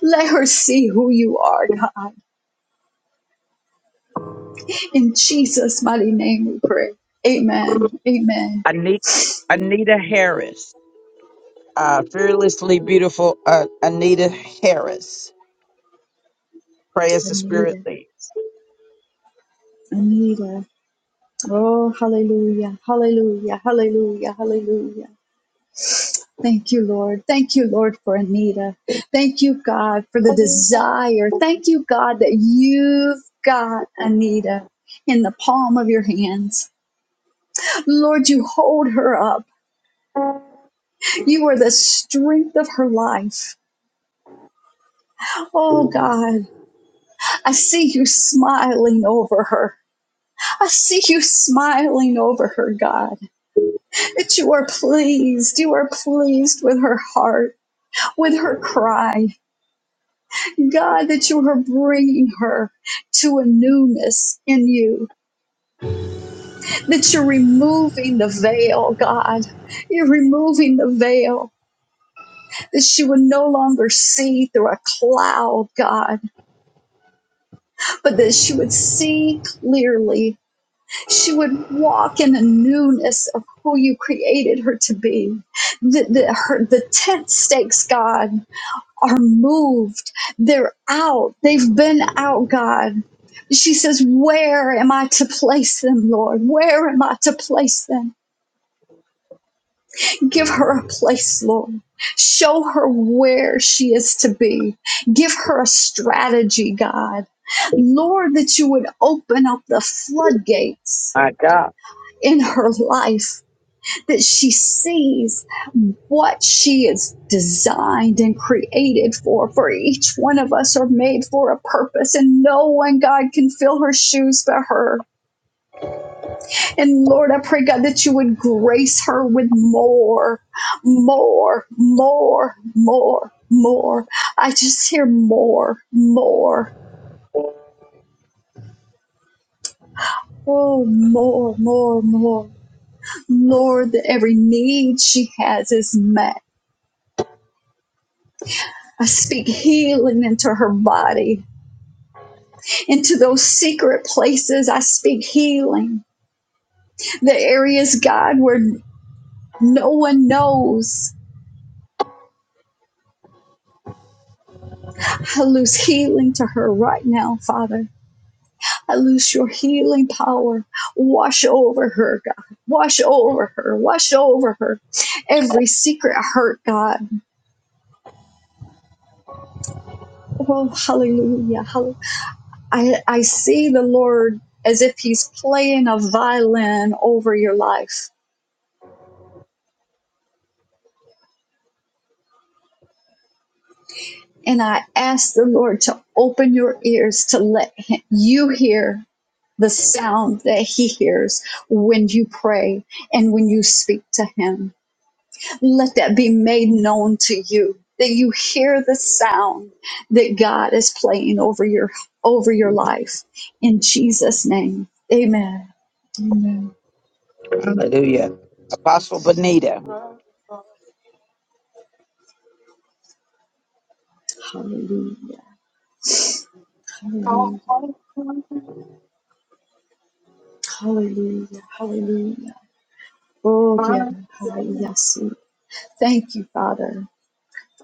[SPEAKER 9] Let her see who you are, God. In Jesus' mighty name we pray. Amen. Amen.
[SPEAKER 1] Ani- Anita Harris. Uh, fearlessly beautiful uh, Anita Harris. Pray as the Spirit
[SPEAKER 9] Anita,
[SPEAKER 1] leads.
[SPEAKER 9] Anita. Oh, hallelujah, hallelujah, hallelujah, hallelujah. Thank you, Lord. Thank you, Lord, for Anita. Thank you, God, for the desire. Thank you, God, that you've got Anita in the palm of your hands. Lord, you hold her up. You are the strength of her life. Oh, God, I see you smiling over her. I see you smiling over her, God, that you are pleased. You are pleased with her heart, with her cry. God, that you are bringing her to a newness in you, that you're removing the veil, God. You're removing the veil, that she would no longer see through a cloud, God, but that she would see clearly. She would walk in a newness of who you created her to be. The, the, her, the tent stakes, God. are moved. They're out. They've been out, God. She says, Where am I to place them, Lord? Where am I to place them? Give her a place, Lord. Show her where she is to be. Give her a strategy, God. Lord, that you would open up the floodgates
[SPEAKER 1] My God.
[SPEAKER 9] in her life that she sees what she is designed and created for. For each one of us are made for a purpose, and no one, God, can fill her shoes but her. And Lord, I pray, God, that you would grace her with more, more, more, more, more. I just hear more, more. Oh, more, more, more. Lord, that every need she has is met. I speak healing into her body. into those secret places. I speak healing. The areas, God, where no one knows. I lose healing to her right now, Father. I lose your healing power. Wash over her, God. Wash over her. Wash over her. Every secret hurt, God. Oh, hallelujah. Hallelujah. I, I see the Lord as if he's playing a violin over your life And I ask the Lord to open your ears to let him, you hear the sound that he hears when you pray and when you speak to him. Let that be made known to you that you hear the sound that God is playing over your over your life in Jesus name. Amen. Amen.
[SPEAKER 1] Hallelujah. Apostle Benita.
[SPEAKER 9] Hallelujah. Hallelujah. Hallelujah. Hallelujah. Oh, yeah. Hi, yes. Thank you, Father.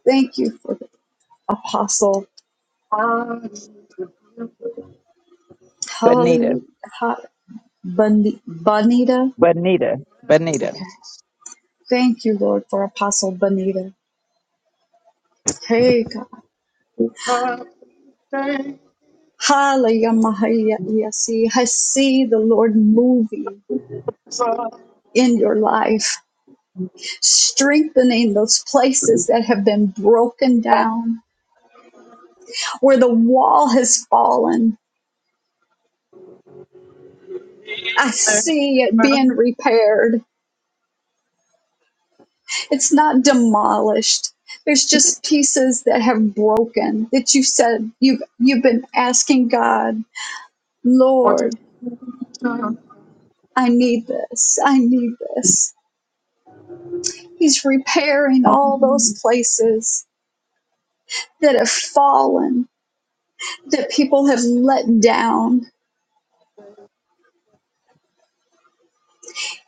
[SPEAKER 9] Thank you for Apostle
[SPEAKER 1] Benita.
[SPEAKER 9] Hallelujah, Ha- Boni- Bonita.
[SPEAKER 1] Benita. Benita.
[SPEAKER 9] Thank you, Lord, for Apostle Bonita. Hey, God. Hallelujah, Mahaya, Yasi. I see the Lord moving in your life, strengthening those places that have been broken down, where the wall has fallen. I see it being repaired. It's not demolished there's just pieces that have broken that you said you've you've been asking god Lord, I need this. I need this. He's repairing all those places that have fallen, that people have let down.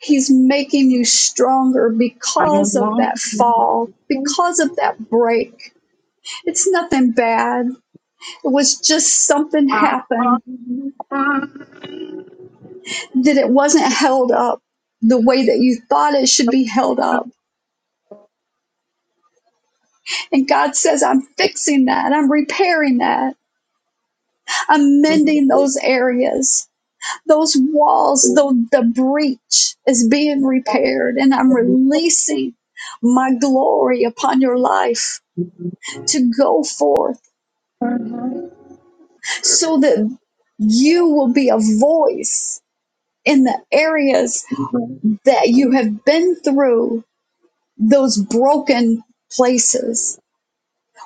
[SPEAKER 9] He's making you stronger because of that fall, because of that break. It's nothing bad. It was just something happened that it wasn't held up the way that you thought it should be held up. And God says, I'm fixing that. I'm repairing that. I'm mending those areas. Those walls, the, the breach is being repaired, and I'm releasing my glory upon your life to go forth so that you will be a voice in the areas that you have been through, those broken places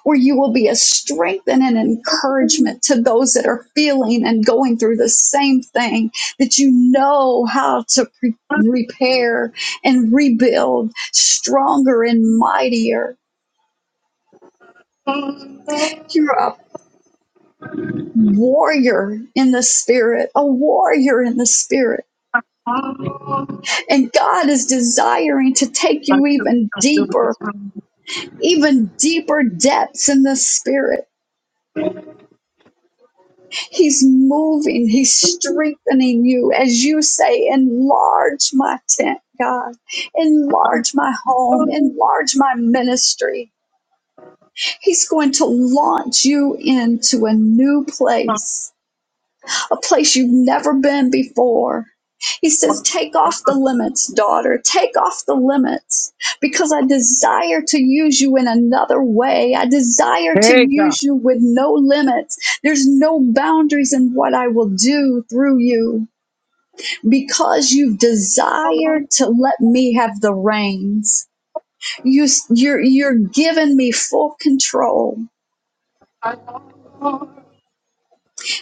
[SPEAKER 9] where you will be a strength and an encouragement to those that are feeling and going through the same thing, that you know how to pre- repair and rebuild stronger and mightier. You're a warrior in the spirit, a warrior in the spirit. And God is desiring to take you even deeper, even deeper depths in the spirit He's moving, He's strengthening you. As you say, enlarge my tent, God, enlarge my home, enlarge my ministry. He's going to launch you into a new place a place you've never been before. He says, Take off the limits, daughter. Take off the limits because I desire to use you in another way. I desire to
[SPEAKER 1] Hey, God.
[SPEAKER 9] use you with no limits. There's no boundaries in what I will do through you because you've desired to let me have the reins. You, you're, you're giving me full control.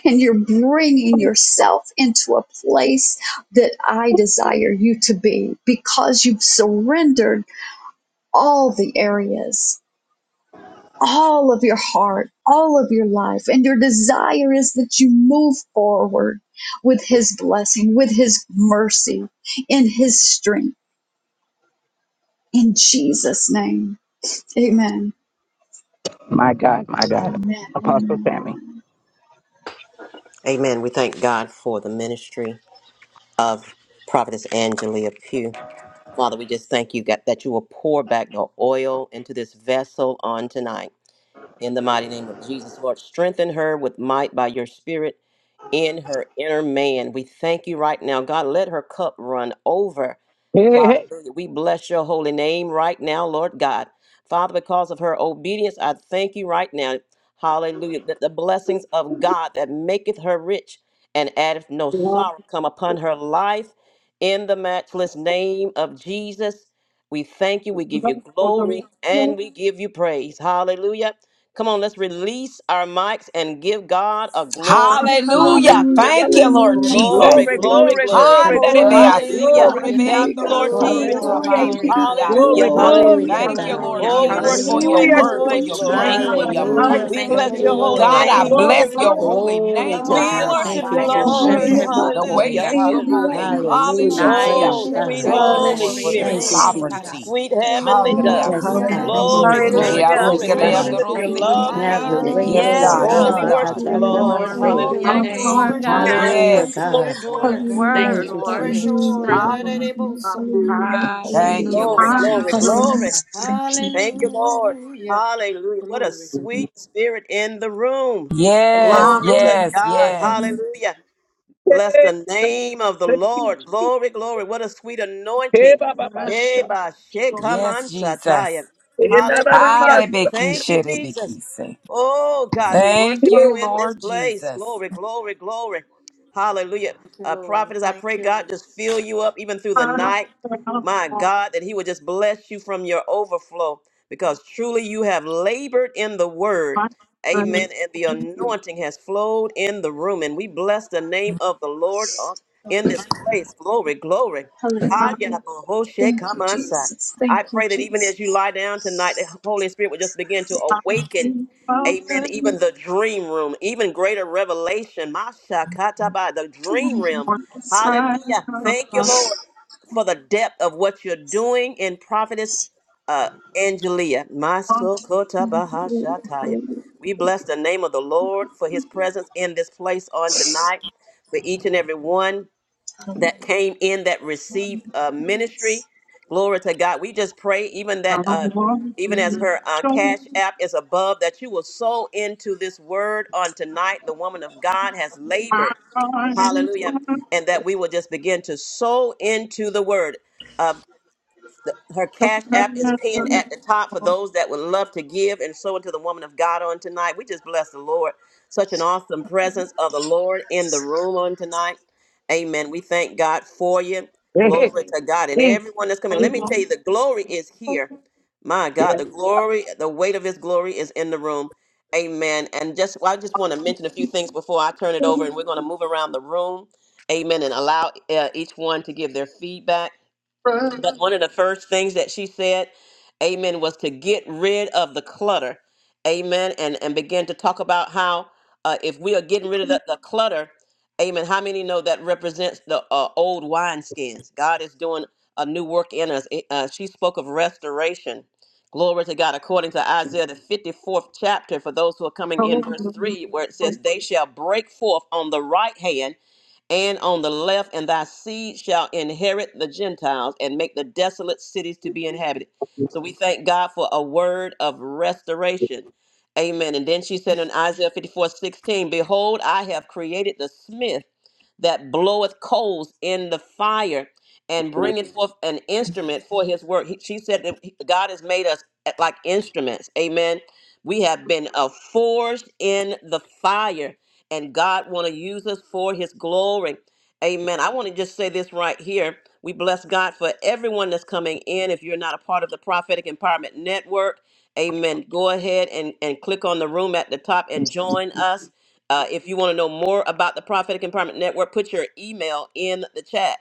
[SPEAKER 9] and you're bringing yourself into a place that I desire you to be because you've surrendered all the areas, all of your heart, all of your life. And your desire is that you move forward with His blessing, with His mercy, in His strength. In Jesus' name, amen.
[SPEAKER 1] My God. My God.
[SPEAKER 9] Amen. amen.
[SPEAKER 1] Apostle Tammy.
[SPEAKER 3] Amen. We thank God for the ministry of Prophetess Angelia Pugh. Father, we just thank you God, that you will pour back your oil into this vessel on tonight. In the mighty name of Jesus, Lord, strengthen her with might by your spirit in her inner man. We thank you right now. God, let her cup run over.
[SPEAKER 1] Hey, hey.
[SPEAKER 3] Hallelujah. We bless your holy name right now, Lord God. Father, because of her obedience, I thank you right now. Hallelujah. That the blessings of God that maketh her rich and addeth no sorrow come upon her life in the matchless name of Jesus. We thank you. We give you
[SPEAKER 1] hey.
[SPEAKER 3] glory and we give you praise. Hallelujah. Come on, let's release our mics and give God a glory.
[SPEAKER 11] Hallelujah.
[SPEAKER 9] Hallelujah,
[SPEAKER 3] Hallelujah.
[SPEAKER 11] Thank you, Lord
[SPEAKER 9] hallelujah,
[SPEAKER 4] Glory to
[SPEAKER 11] Jesus.
[SPEAKER 3] Glory,
[SPEAKER 4] God. Thank
[SPEAKER 9] hallelujah.
[SPEAKER 3] glory,
[SPEAKER 4] you,
[SPEAKER 3] glory.
[SPEAKER 4] Jesus.
[SPEAKER 9] Oh my
[SPEAKER 11] Handerebeasi,
[SPEAKER 3] Hallelujah.
[SPEAKER 9] God,
[SPEAKER 12] Hallelujah.
[SPEAKER 3] Thank
[SPEAKER 9] my
[SPEAKER 3] you,
[SPEAKER 9] God,
[SPEAKER 3] Lord
[SPEAKER 11] korebeandoroso,
[SPEAKER 9] my
[SPEAKER 4] Glory,
[SPEAKER 12] Glory
[SPEAKER 3] Jesus.
[SPEAKER 12] to
[SPEAKER 9] God,
[SPEAKER 12] your
[SPEAKER 4] glory,
[SPEAKER 9] I
[SPEAKER 12] name, O
[SPEAKER 9] give
[SPEAKER 4] glory
[SPEAKER 9] you
[SPEAKER 4] to
[SPEAKER 12] God.
[SPEAKER 4] God.
[SPEAKER 3] Hallelujah,
[SPEAKER 11] korabanderebeasi.
[SPEAKER 9] glory,
[SPEAKER 13] Glory
[SPEAKER 3] hallelujah.
[SPEAKER 13] to
[SPEAKER 9] Lord.
[SPEAKER 11] Thank you,
[SPEAKER 13] God.
[SPEAKER 11] Lord
[SPEAKER 4] Hallelujah.
[SPEAKER 3] Oh,
[SPEAKER 12] Hallelujah.
[SPEAKER 3] we
[SPEAKER 11] Jesus,
[SPEAKER 3] worship
[SPEAKER 11] for
[SPEAKER 13] Hallelujah.
[SPEAKER 3] you
[SPEAKER 4] Hallelujah.
[SPEAKER 11] your
[SPEAKER 3] in
[SPEAKER 1] Hallelujah.
[SPEAKER 3] this
[SPEAKER 11] word, for
[SPEAKER 12] Glory
[SPEAKER 3] place,
[SPEAKER 9] Hallelujah,
[SPEAKER 11] your
[SPEAKER 12] to
[SPEAKER 9] hallelujah,
[SPEAKER 12] your
[SPEAKER 4] Thank
[SPEAKER 11] grace,
[SPEAKER 3] Lord.
[SPEAKER 12] name,
[SPEAKER 4] you,
[SPEAKER 11] for
[SPEAKER 12] O
[SPEAKER 11] your
[SPEAKER 9] hallelujah,
[SPEAKER 12] God.
[SPEAKER 4] Jesus.
[SPEAKER 13] Hallelujah.
[SPEAKER 3] We
[SPEAKER 4] Thank
[SPEAKER 11] mercy.
[SPEAKER 4] you,
[SPEAKER 12] For
[SPEAKER 13] Thank
[SPEAKER 3] bless
[SPEAKER 13] you,
[SPEAKER 3] your
[SPEAKER 12] you
[SPEAKER 10] Hallelujah.
[SPEAKER 4] Jesus.
[SPEAKER 3] holy
[SPEAKER 13] Lord.
[SPEAKER 11] God,
[SPEAKER 12] alone
[SPEAKER 4] Thank
[SPEAKER 11] I
[SPEAKER 12] are
[SPEAKER 4] you,
[SPEAKER 9] hallelujah,
[SPEAKER 3] name,
[SPEAKER 11] bless
[SPEAKER 10] Hallelujah.
[SPEAKER 4] Jesus.
[SPEAKER 12] worthy,
[SPEAKER 11] your
[SPEAKER 9] hallelujah,
[SPEAKER 3] Jesus.
[SPEAKER 12] God,
[SPEAKER 11] holy
[SPEAKER 13] Glory
[SPEAKER 12] of
[SPEAKER 11] name
[SPEAKER 9] hallelujah.
[SPEAKER 13] to
[SPEAKER 12] the
[SPEAKER 11] on
[SPEAKER 10] Hallelujah.
[SPEAKER 3] We
[SPEAKER 13] God.
[SPEAKER 12] honor,
[SPEAKER 3] worship
[SPEAKER 11] tonight
[SPEAKER 12] the
[SPEAKER 13] Thank you,
[SPEAKER 3] you,
[SPEAKER 11] for
[SPEAKER 10] Hallelujah.
[SPEAKER 4] Atabaya
[SPEAKER 1] Hey,
[SPEAKER 12] glory,
[SPEAKER 3] Lord.
[SPEAKER 11] moving
[SPEAKER 9] Hallelujah,
[SPEAKER 13] Jesus.
[SPEAKER 12] and the
[SPEAKER 4] Shetebo
[SPEAKER 11] the
[SPEAKER 9] Maria,
[SPEAKER 11] way
[SPEAKER 12] praise.
[SPEAKER 3] Hallelujah,
[SPEAKER 11] that
[SPEAKER 9] see
[SPEAKER 4] Koreaba.
[SPEAKER 11] you're
[SPEAKER 9] me,
[SPEAKER 3] hallelujah.
[SPEAKER 11] moving.
[SPEAKER 9] Maria, see
[SPEAKER 10] Hallelujah.
[SPEAKER 12] Hallelujah,
[SPEAKER 13] Hallelujah.
[SPEAKER 9] me,
[SPEAKER 12] Jesus.
[SPEAKER 4] Naya
[SPEAKER 11] Hallelujah.
[SPEAKER 3] Oh,
[SPEAKER 13] Praise
[SPEAKER 9] Maria,
[SPEAKER 3] sweet
[SPEAKER 13] God.
[SPEAKER 9] see
[SPEAKER 12] Oh,
[SPEAKER 11] Thank you,
[SPEAKER 4] Shetebo
[SPEAKER 10] Hallelujah.
[SPEAKER 9] me.
[SPEAKER 3] Holy
[SPEAKER 8] Hallelujah.
[SPEAKER 11] Lord,
[SPEAKER 10] Thank
[SPEAKER 11] for
[SPEAKER 12] bless
[SPEAKER 10] you,
[SPEAKER 12] your
[SPEAKER 8] Jesus.
[SPEAKER 11] this
[SPEAKER 4] Korea
[SPEAKER 3] Spirit,
[SPEAKER 13] Thank you,
[SPEAKER 10] Lord.
[SPEAKER 12] name, O God.
[SPEAKER 4] Shetara.
[SPEAKER 13] Jesus.
[SPEAKER 11] sovereignty.
[SPEAKER 3] sweet
[SPEAKER 10] Thank you,
[SPEAKER 3] heavenly
[SPEAKER 12] Oh,
[SPEAKER 3] dove.
[SPEAKER 10] Lord.
[SPEAKER 12] we
[SPEAKER 11] Handriaso,
[SPEAKER 13] Yes,
[SPEAKER 10] Thank
[SPEAKER 9] Hallelujah,
[SPEAKER 10] you,
[SPEAKER 13] God.
[SPEAKER 12] honor you,
[SPEAKER 3] Glory,
[SPEAKER 9] see
[SPEAKER 13] Yes,
[SPEAKER 10] Jesus.
[SPEAKER 9] me,
[SPEAKER 3] glory,
[SPEAKER 4] Thank
[SPEAKER 12] worship
[SPEAKER 13] God.
[SPEAKER 4] you,
[SPEAKER 12] you,
[SPEAKER 8] Hallelujah.
[SPEAKER 11] korabanderebeasi,
[SPEAKER 9] see
[SPEAKER 3] glory.
[SPEAKER 13] Yes,
[SPEAKER 9] me,
[SPEAKER 3] Fill us
[SPEAKER 12] worship
[SPEAKER 13] God.
[SPEAKER 4] Jesus.
[SPEAKER 3] with
[SPEAKER 10] Thank you,
[SPEAKER 12] you.
[SPEAKER 3] your
[SPEAKER 4] Thank you,
[SPEAKER 9] hallelujah,
[SPEAKER 3] love,
[SPEAKER 11] kereandorosike.
[SPEAKER 10] Jesus.
[SPEAKER 12] I
[SPEAKER 13] Have your
[SPEAKER 4] Jesus.
[SPEAKER 12] honor
[SPEAKER 3] Jesus.
[SPEAKER 13] way,
[SPEAKER 12] you,
[SPEAKER 9] hallelujah,
[SPEAKER 11] Yes,
[SPEAKER 12] I
[SPEAKER 8] Yes,
[SPEAKER 9] see
[SPEAKER 13] Lord.
[SPEAKER 11] God.
[SPEAKER 3] Oh,
[SPEAKER 12] worship
[SPEAKER 9] me,
[SPEAKER 11] Yes,
[SPEAKER 3] we
[SPEAKER 10] Hallelujah.
[SPEAKER 13] Abba,
[SPEAKER 9] hallelujah,
[SPEAKER 12] you.
[SPEAKER 8] God.
[SPEAKER 11] God.
[SPEAKER 3] worship you, Lord.
[SPEAKER 4] Glory
[SPEAKER 9] hallelujah,
[SPEAKER 10] Thank
[SPEAKER 13] Kachanagabasoa.
[SPEAKER 8] Oh,
[SPEAKER 4] to
[SPEAKER 9] see
[SPEAKER 10] you,
[SPEAKER 4] your
[SPEAKER 3] Hallelujah.
[SPEAKER 8] thank
[SPEAKER 9] me,
[SPEAKER 10] Lord.
[SPEAKER 8] you,
[SPEAKER 12] Pour
[SPEAKER 4] name,
[SPEAKER 8] Lord
[SPEAKER 12] fresh oil
[SPEAKER 8] God,
[SPEAKER 3] Glory,
[SPEAKER 9] hallelujah,
[SPEAKER 12] back
[SPEAKER 13] Hallelujah,
[SPEAKER 11] Yes,
[SPEAKER 4] Jesus.
[SPEAKER 9] see.
[SPEAKER 12] into
[SPEAKER 3] glory.
[SPEAKER 12] your
[SPEAKER 13] God.
[SPEAKER 11] yes,
[SPEAKER 8] for
[SPEAKER 12] daughter,
[SPEAKER 8] this
[SPEAKER 11] yes.
[SPEAKER 12] God.
[SPEAKER 4] Thank
[SPEAKER 8] word,
[SPEAKER 13] Thank
[SPEAKER 9] Hallelujah,
[SPEAKER 4] you
[SPEAKER 13] you,
[SPEAKER 8] Lord.
[SPEAKER 4] for
[SPEAKER 12] Fresh
[SPEAKER 4] your
[SPEAKER 13] Jesus.
[SPEAKER 12] oil,
[SPEAKER 9] hallelujah,
[SPEAKER 12] da
[SPEAKER 4] strength,
[SPEAKER 12] da da
[SPEAKER 4] Lord.
[SPEAKER 12] da,
[SPEAKER 3] Hallelujah,
[SPEAKER 12] both
[SPEAKER 9] hallelujah,
[SPEAKER 12] some mama.
[SPEAKER 3] hallelujah.
[SPEAKER 9] hallelujah,
[SPEAKER 12] In
[SPEAKER 11] Thank you,
[SPEAKER 9] hallelujah.
[SPEAKER 3] Glory,
[SPEAKER 12] Jesus'
[SPEAKER 11] Lord
[SPEAKER 4] Hallelujah.
[SPEAKER 12] name.
[SPEAKER 3] glory,
[SPEAKER 11] Jesus.
[SPEAKER 9] Hallelujah.
[SPEAKER 3] glory.
[SPEAKER 4] Hallelujah.
[SPEAKER 9] Thank you,
[SPEAKER 3] Thank you,
[SPEAKER 9] Jesus.
[SPEAKER 3] Lord.
[SPEAKER 12] Hallelujah.
[SPEAKER 3] Hallelujah. What a
[SPEAKER 12] Glory.
[SPEAKER 3] sweet spirit in the room.
[SPEAKER 11] Yes,
[SPEAKER 12] Yes.
[SPEAKER 3] Glory to
[SPEAKER 11] yes,
[SPEAKER 3] God.
[SPEAKER 11] yes.
[SPEAKER 3] Hallelujah. Bless the name of the Lord. Glory, glory. What a sweet anointing.
[SPEAKER 1] Baba
[SPEAKER 3] Hey,
[SPEAKER 1] Basha.
[SPEAKER 3] ba, sheka,
[SPEAKER 11] Yes,
[SPEAKER 3] man,
[SPEAKER 11] Jesus.
[SPEAKER 3] sataya.
[SPEAKER 1] Hey, na, na, na, ma,
[SPEAKER 3] Hallelujah. Thank you, Jesus.
[SPEAKER 11] Harebekisherebekise.
[SPEAKER 3] Oh, God, we
[SPEAKER 1] si.
[SPEAKER 11] Thank
[SPEAKER 3] worship you
[SPEAKER 11] you,
[SPEAKER 3] in this
[SPEAKER 11] Lord
[SPEAKER 3] place.
[SPEAKER 11] Jesus.
[SPEAKER 3] Glory, glory, glory. Hallelujah.
[SPEAKER 12] Thank you,
[SPEAKER 3] Uh,
[SPEAKER 12] Lord.
[SPEAKER 3] prophetess, I
[SPEAKER 12] Thank
[SPEAKER 3] pray
[SPEAKER 12] you,
[SPEAKER 3] God
[SPEAKER 12] Lord.
[SPEAKER 3] just fill you up even through the night. My God, that He would just bless you from your overflow because truly you have labored in the word. Amen. And the anointing has flowed in the room. And we bless the name of the Lord on- in
[SPEAKER 9] Hallelujah.
[SPEAKER 3] this place. Glory, glory.
[SPEAKER 9] Hallelujah.
[SPEAKER 3] Haya bohoshe
[SPEAKER 9] Thank you,
[SPEAKER 3] kamasa.
[SPEAKER 9] Jesus. Thank
[SPEAKER 3] I
[SPEAKER 9] you,
[SPEAKER 3] pray that even
[SPEAKER 9] Jesus.
[SPEAKER 3] as you lie down tonight, the Holy Spirit will just begin to awaken. Amen. Even the dream room, even greater revelation. Masha kataba, the dream
[SPEAKER 9] Hallelujah.
[SPEAKER 3] realm. Hallelujah. Thank you, Lord, for the depth of what you're doing in prophetess uh, Angelia. Maso
[SPEAKER 9] Hallelujah.
[SPEAKER 3] kota
[SPEAKER 9] Hallelujah.
[SPEAKER 3] we bless the name of the Lord for his presence in this place on tonight, for each and every one that came in that received uh,
[SPEAKER 9] Hallelujah.
[SPEAKER 3] ministry. Glory to God. We just pray, even that, uh, even as her uh, cash app is above, that you will sow into this word on tonight. The woman of God has labored. Hallelujah. And that we will just begin to sow into the word her cash app is pinned at the top for those that would love to give and sow into the woman of God on tonight. We just bless the Lord. Such an awesome presence of the Lord in the room on tonight. Amen. We thank God for you.
[SPEAKER 1] Hey, hey,
[SPEAKER 3] Glory to God. And
[SPEAKER 1] hey. Hey,
[SPEAKER 3] everyone that's coming, let me tell you, the glory is here. My God, the glory, the weight of his glory is in the room. Amen. And just well, I just want to mention a few things before I turn it over and we're going to move around the room. Amen. And allow uh, each one to give their feedback but one of the first things that she said, amen, was to get rid of the clutter, amen, and, and begin to talk about how uh, if we are getting rid of the, the clutter, amen, how many know that represents the uh, old wineskins? God is doing a new work in us. It- Uh, she spoke of restoration. Glory to God, according to Isaiah, the 54th chapter, for those who are coming in, verse 3, where it says, They shall break forth on the right hand and on the left, and thy seed shall inherit the Gentiles and make the desolate cities to be inhabited. So we thank God for a word of restoration. Amen. And then she said in Isaiah 54 16, Behold, I have created the smith that bloweth coals in the fire and bringeth forth an instrument for his work. He- She said that he- God has made us eh, like instruments. Amen. We have been uh, forged in the fire and God want to use us for his glory. Amen. I want to just say this right here. We bless God for everyone that's coming in. If you're not a part of the Prophetic Empowerment Network, amen. Go ahead and, and click on the room at the top and join us. Uh, if you want to know more about the Prophetic Empowerment Network, put your email in the chat.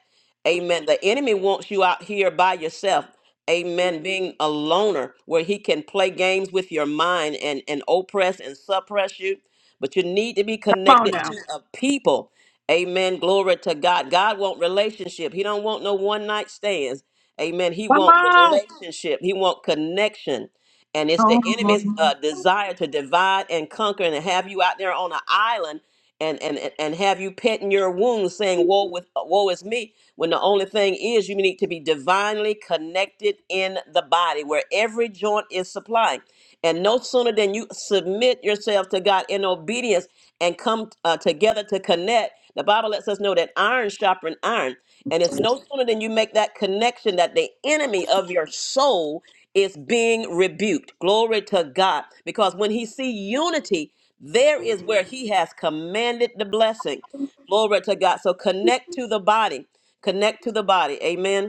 [SPEAKER 3] Amen. The enemy wants you out here by yourself. Amen. Being a loner where he can play games with your mind and, and oppress and suppress you but you need to be connected to a people. Amen. Glory to God. God want relationship. He don't want no one night stands. Amen. He want relationship. He want connection. And it's the enemy's uh, desire to divide and conquer and have you out there on an island and and and and have you petting your wounds, saying "Woe with woe is me," when the only thing is you need to be divinely connected in the body, where every joint is supplied. And no sooner than you submit yourself to God in obedience and come uh, together to connect, the Bible lets us know that iron sharpens iron. And it's no sooner than you make that connection that the enemy of your soul is being rebuked. Glory to God. Because when he see unity, there is where he has commanded the blessing. Glory to God. So connect to the body. Connect to the body. Amen.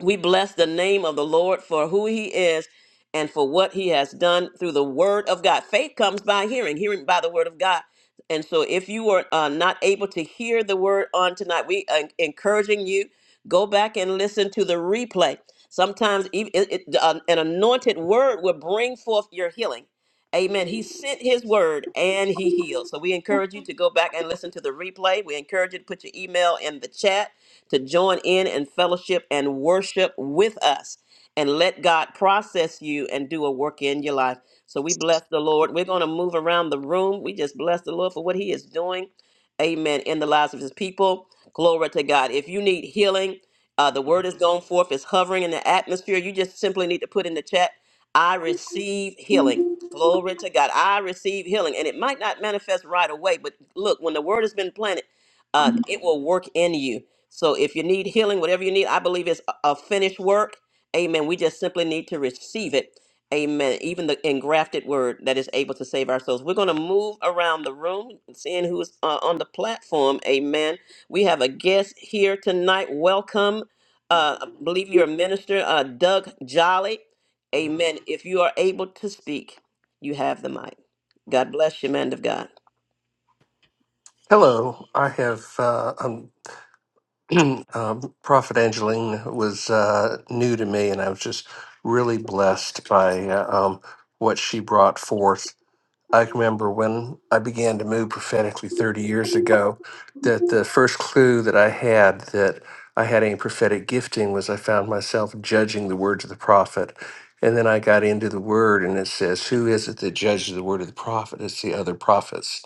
[SPEAKER 3] We bless the name of the Lord for who he is and for what he has done through the word of God. Faith comes by hearing, hearing by the word of God. And so if you are uh, not able to hear the word on tonight, we are encouraging you go back and listen to the replay. Sometimes ev- it, it, uh, an anointed word will bring forth your healing. Amen. He sent his word and he healed. So we encourage you to go back and listen to the replay. We encourage you to put your email in the chat to join in and fellowship and worship with us and let God process you and do a work in your life. So we bless the Lord. We're going to move around the room. We just bless the Lord for what he is doing. Amen. In the lives of his people. Glory to God. If you need healing, uh, the word is going forth. It's hovering in the atmosphere. You just simply need to put in the chat, I receive healing. Glory to God. I receive healing. And it might not manifest right away, but look, when the word has been planted, uh, it will work in you. So if you need healing, whatever you need, I believe it's a a finished work. Amen. We just simply need to receive it. Amen. Even the engrafted word that is able to save our souls. We're going to move around the room, seeing who's uh, on the platform. Amen. We have a guest here tonight. Welcome. Uh, I believe you're a minister, uh, Doug Jolly. Amen. If you are able to speak, you have the mic. God bless you, man of God.
[SPEAKER 14] Hello, I have uh, um, um, Prophet Angeline was uh, new to me, and I was just really blessed by uh, um, what she brought forth. I can remember when I began to move prophetically 30 years ago, that the first clue that I had that I had any prophetic gifting was I found myself judging the words of the prophet. And then I got into the word, and it says, Who is it that judges the word of the prophet? It's the other prophets.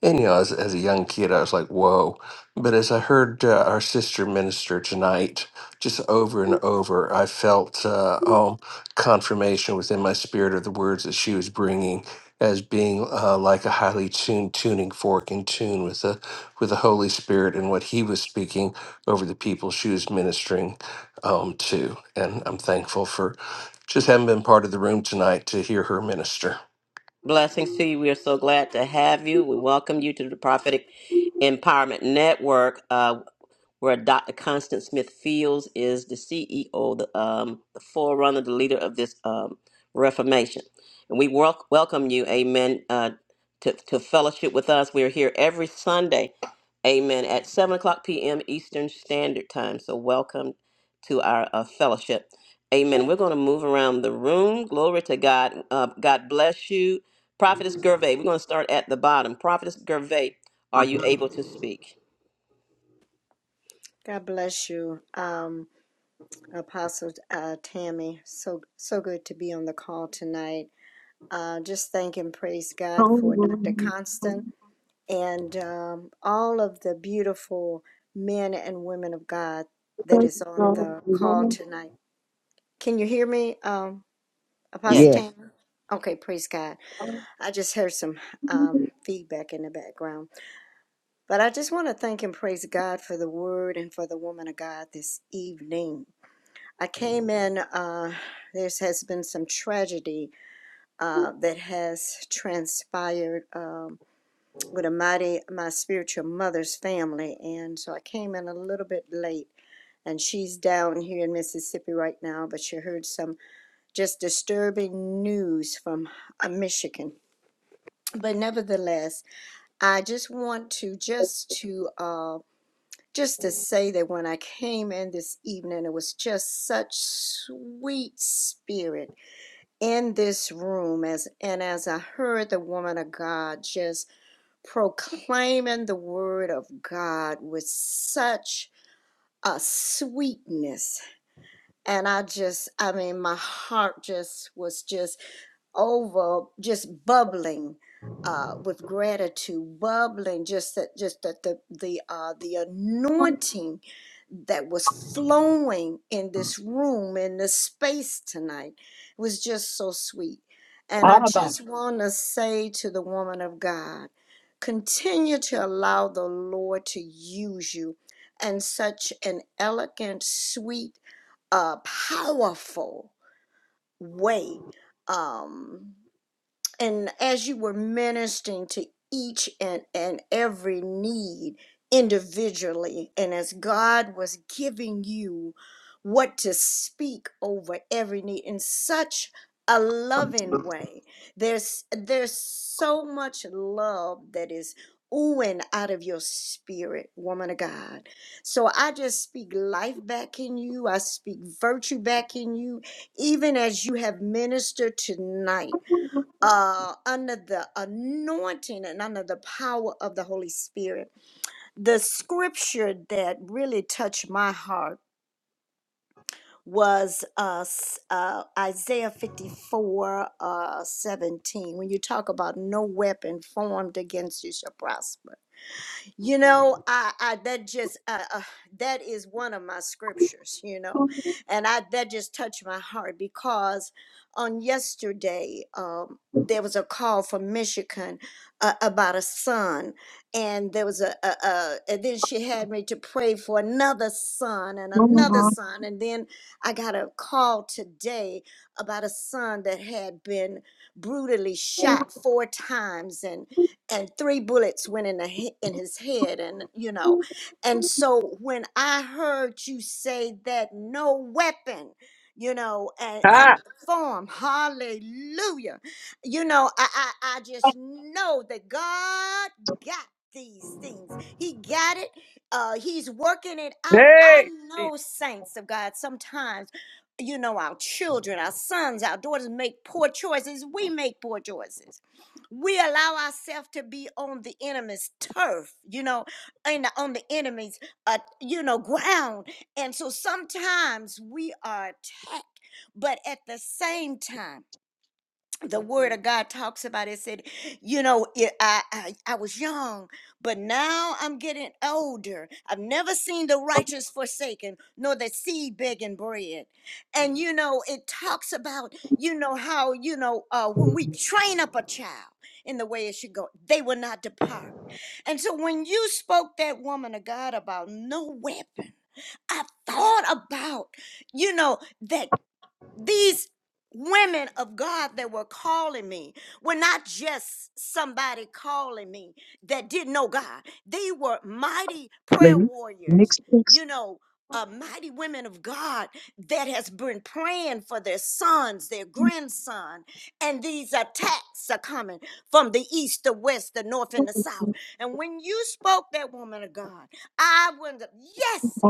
[SPEAKER 14] And you know, as as a young kid, I was like, "Whoa!" But as I heard uh, our sister minister tonight, just over and over, I felt uh, um, confirmation within my spirit of the words that she was bringing as being uh, like a highly tuned tuning fork in tune with the with the Holy Spirit and what He was speaking over the people she was ministering um, to. And I'm thankful for just having been part of the room tonight to hear her minister.
[SPEAKER 3] Blessings to you. We are so glad to have you. We welcome you to the Prophetic Empowerment Network. Uh, where Dr. Constance Smith Fields is the CEO, the, um, the forerunner, the leader of this um, Reformation. And we wel- welcome you, amen, uh, to, to fellowship with us. We're here every Sunday, amen, at 7 o'clock p.m. Eastern Standard Time. So welcome to our uh, fellowship. Amen. We're going to move around the room. Glory to God. Uh, God bless you. Prophetess Gervais, we're going to start at the bottom. Prophetess Gervais, are you able to speak?
[SPEAKER 12] God bless you, um, Apostle uh, Tammy. So so good to be on the call tonight. Uh, just thank and praise God for Dr. Constant and um, all of the beautiful men and women of God that is on the call tonight. Can you hear me? Um,
[SPEAKER 1] Yeah.
[SPEAKER 12] Apostle
[SPEAKER 1] Yeah.
[SPEAKER 3] Yes.
[SPEAKER 12] Tammy? Okay, praise God. I just heard some um, feedback in the background. But I just want to thank and praise God for the word and for the woman of God this evening. I came in, uh, there has been some tragedy uh, that has transpired um, with a mighty, my spiritual mother's family. And so I came in a little bit late. And she's down here in Mississippi right now, but she heard some just disturbing news from uh, Michigan but nevertheless, I just want to just to uh just to say that when I came in this evening, it was just such sweet spirit in this room as and as I heard the woman of God just proclaiming the word of God with such a sweetness and I just I mean my heart just was just over just bubbling uh, with gratitude, bubbling just that just that the the uh, the anointing that was flowing in this room in this space tonight was just so sweet. And I just want to say to the woman of God, continue to allow the Lord to use you in such an elegant, sweet, uh, powerful way. Um, and as you were ministering to each and, and every need individually, and as God was giving you what to speak over every need in such a loving way, there's there's so much love that is oohing out of your spirit, woman of God. So I just speak life back in you. I speak virtue back in you, even as you have ministered tonight uh, under the anointing and under the power of the Holy Spirit. The scripture that really touched my heart was uh, s- uh, Isaiah 54 uh, 17. When you talk about no weapon formed against you shall prosper you know, I, I that just uh, uh, that is one of my scriptures. You know, and I that just touched my heart because on yesterday um, there was a call from Michigan uh, about a son, and there was a, a, a and then she had me to pray for another son and another son, and then I got a call today about a son that had been brutally shot four times, and and three bullets went in the he- in his head and you know and so when i heard you say that no weapon you know and, and
[SPEAKER 1] Ha.
[SPEAKER 12] form hallelujah you know I, I i just know that god got these things he got it uh he's working it out i
[SPEAKER 1] Hey. Jesus.
[SPEAKER 12] know saints of god sometimes you know our children our sons our daughters make poor choices we make poor choices we allow ourselves to be on the enemy's turf, you know, and on the enemy's, uh, you know, ground. And so sometimes we are attacked, but at the same time, the word of God talks about it said, you know, it, I, I I was young, but now I'm getting older. I've never seen the righteous forsaken, nor the seed begging bread. And you know, it talks about you know how you know uh, when we train up a child in the way it should go, they will not depart. And so when you spoke that woman of God about no weapon. I thought about, you know, that these women of God that were calling me were not just somebody calling me that didn't know God. They were mighty prayer warriors, you know, uh, mighty women of God that has been praying for their sons, their grandson, and these attacks are coming from the east, the west, the north, and the south. And when you spoke that woman of God, I went, yes,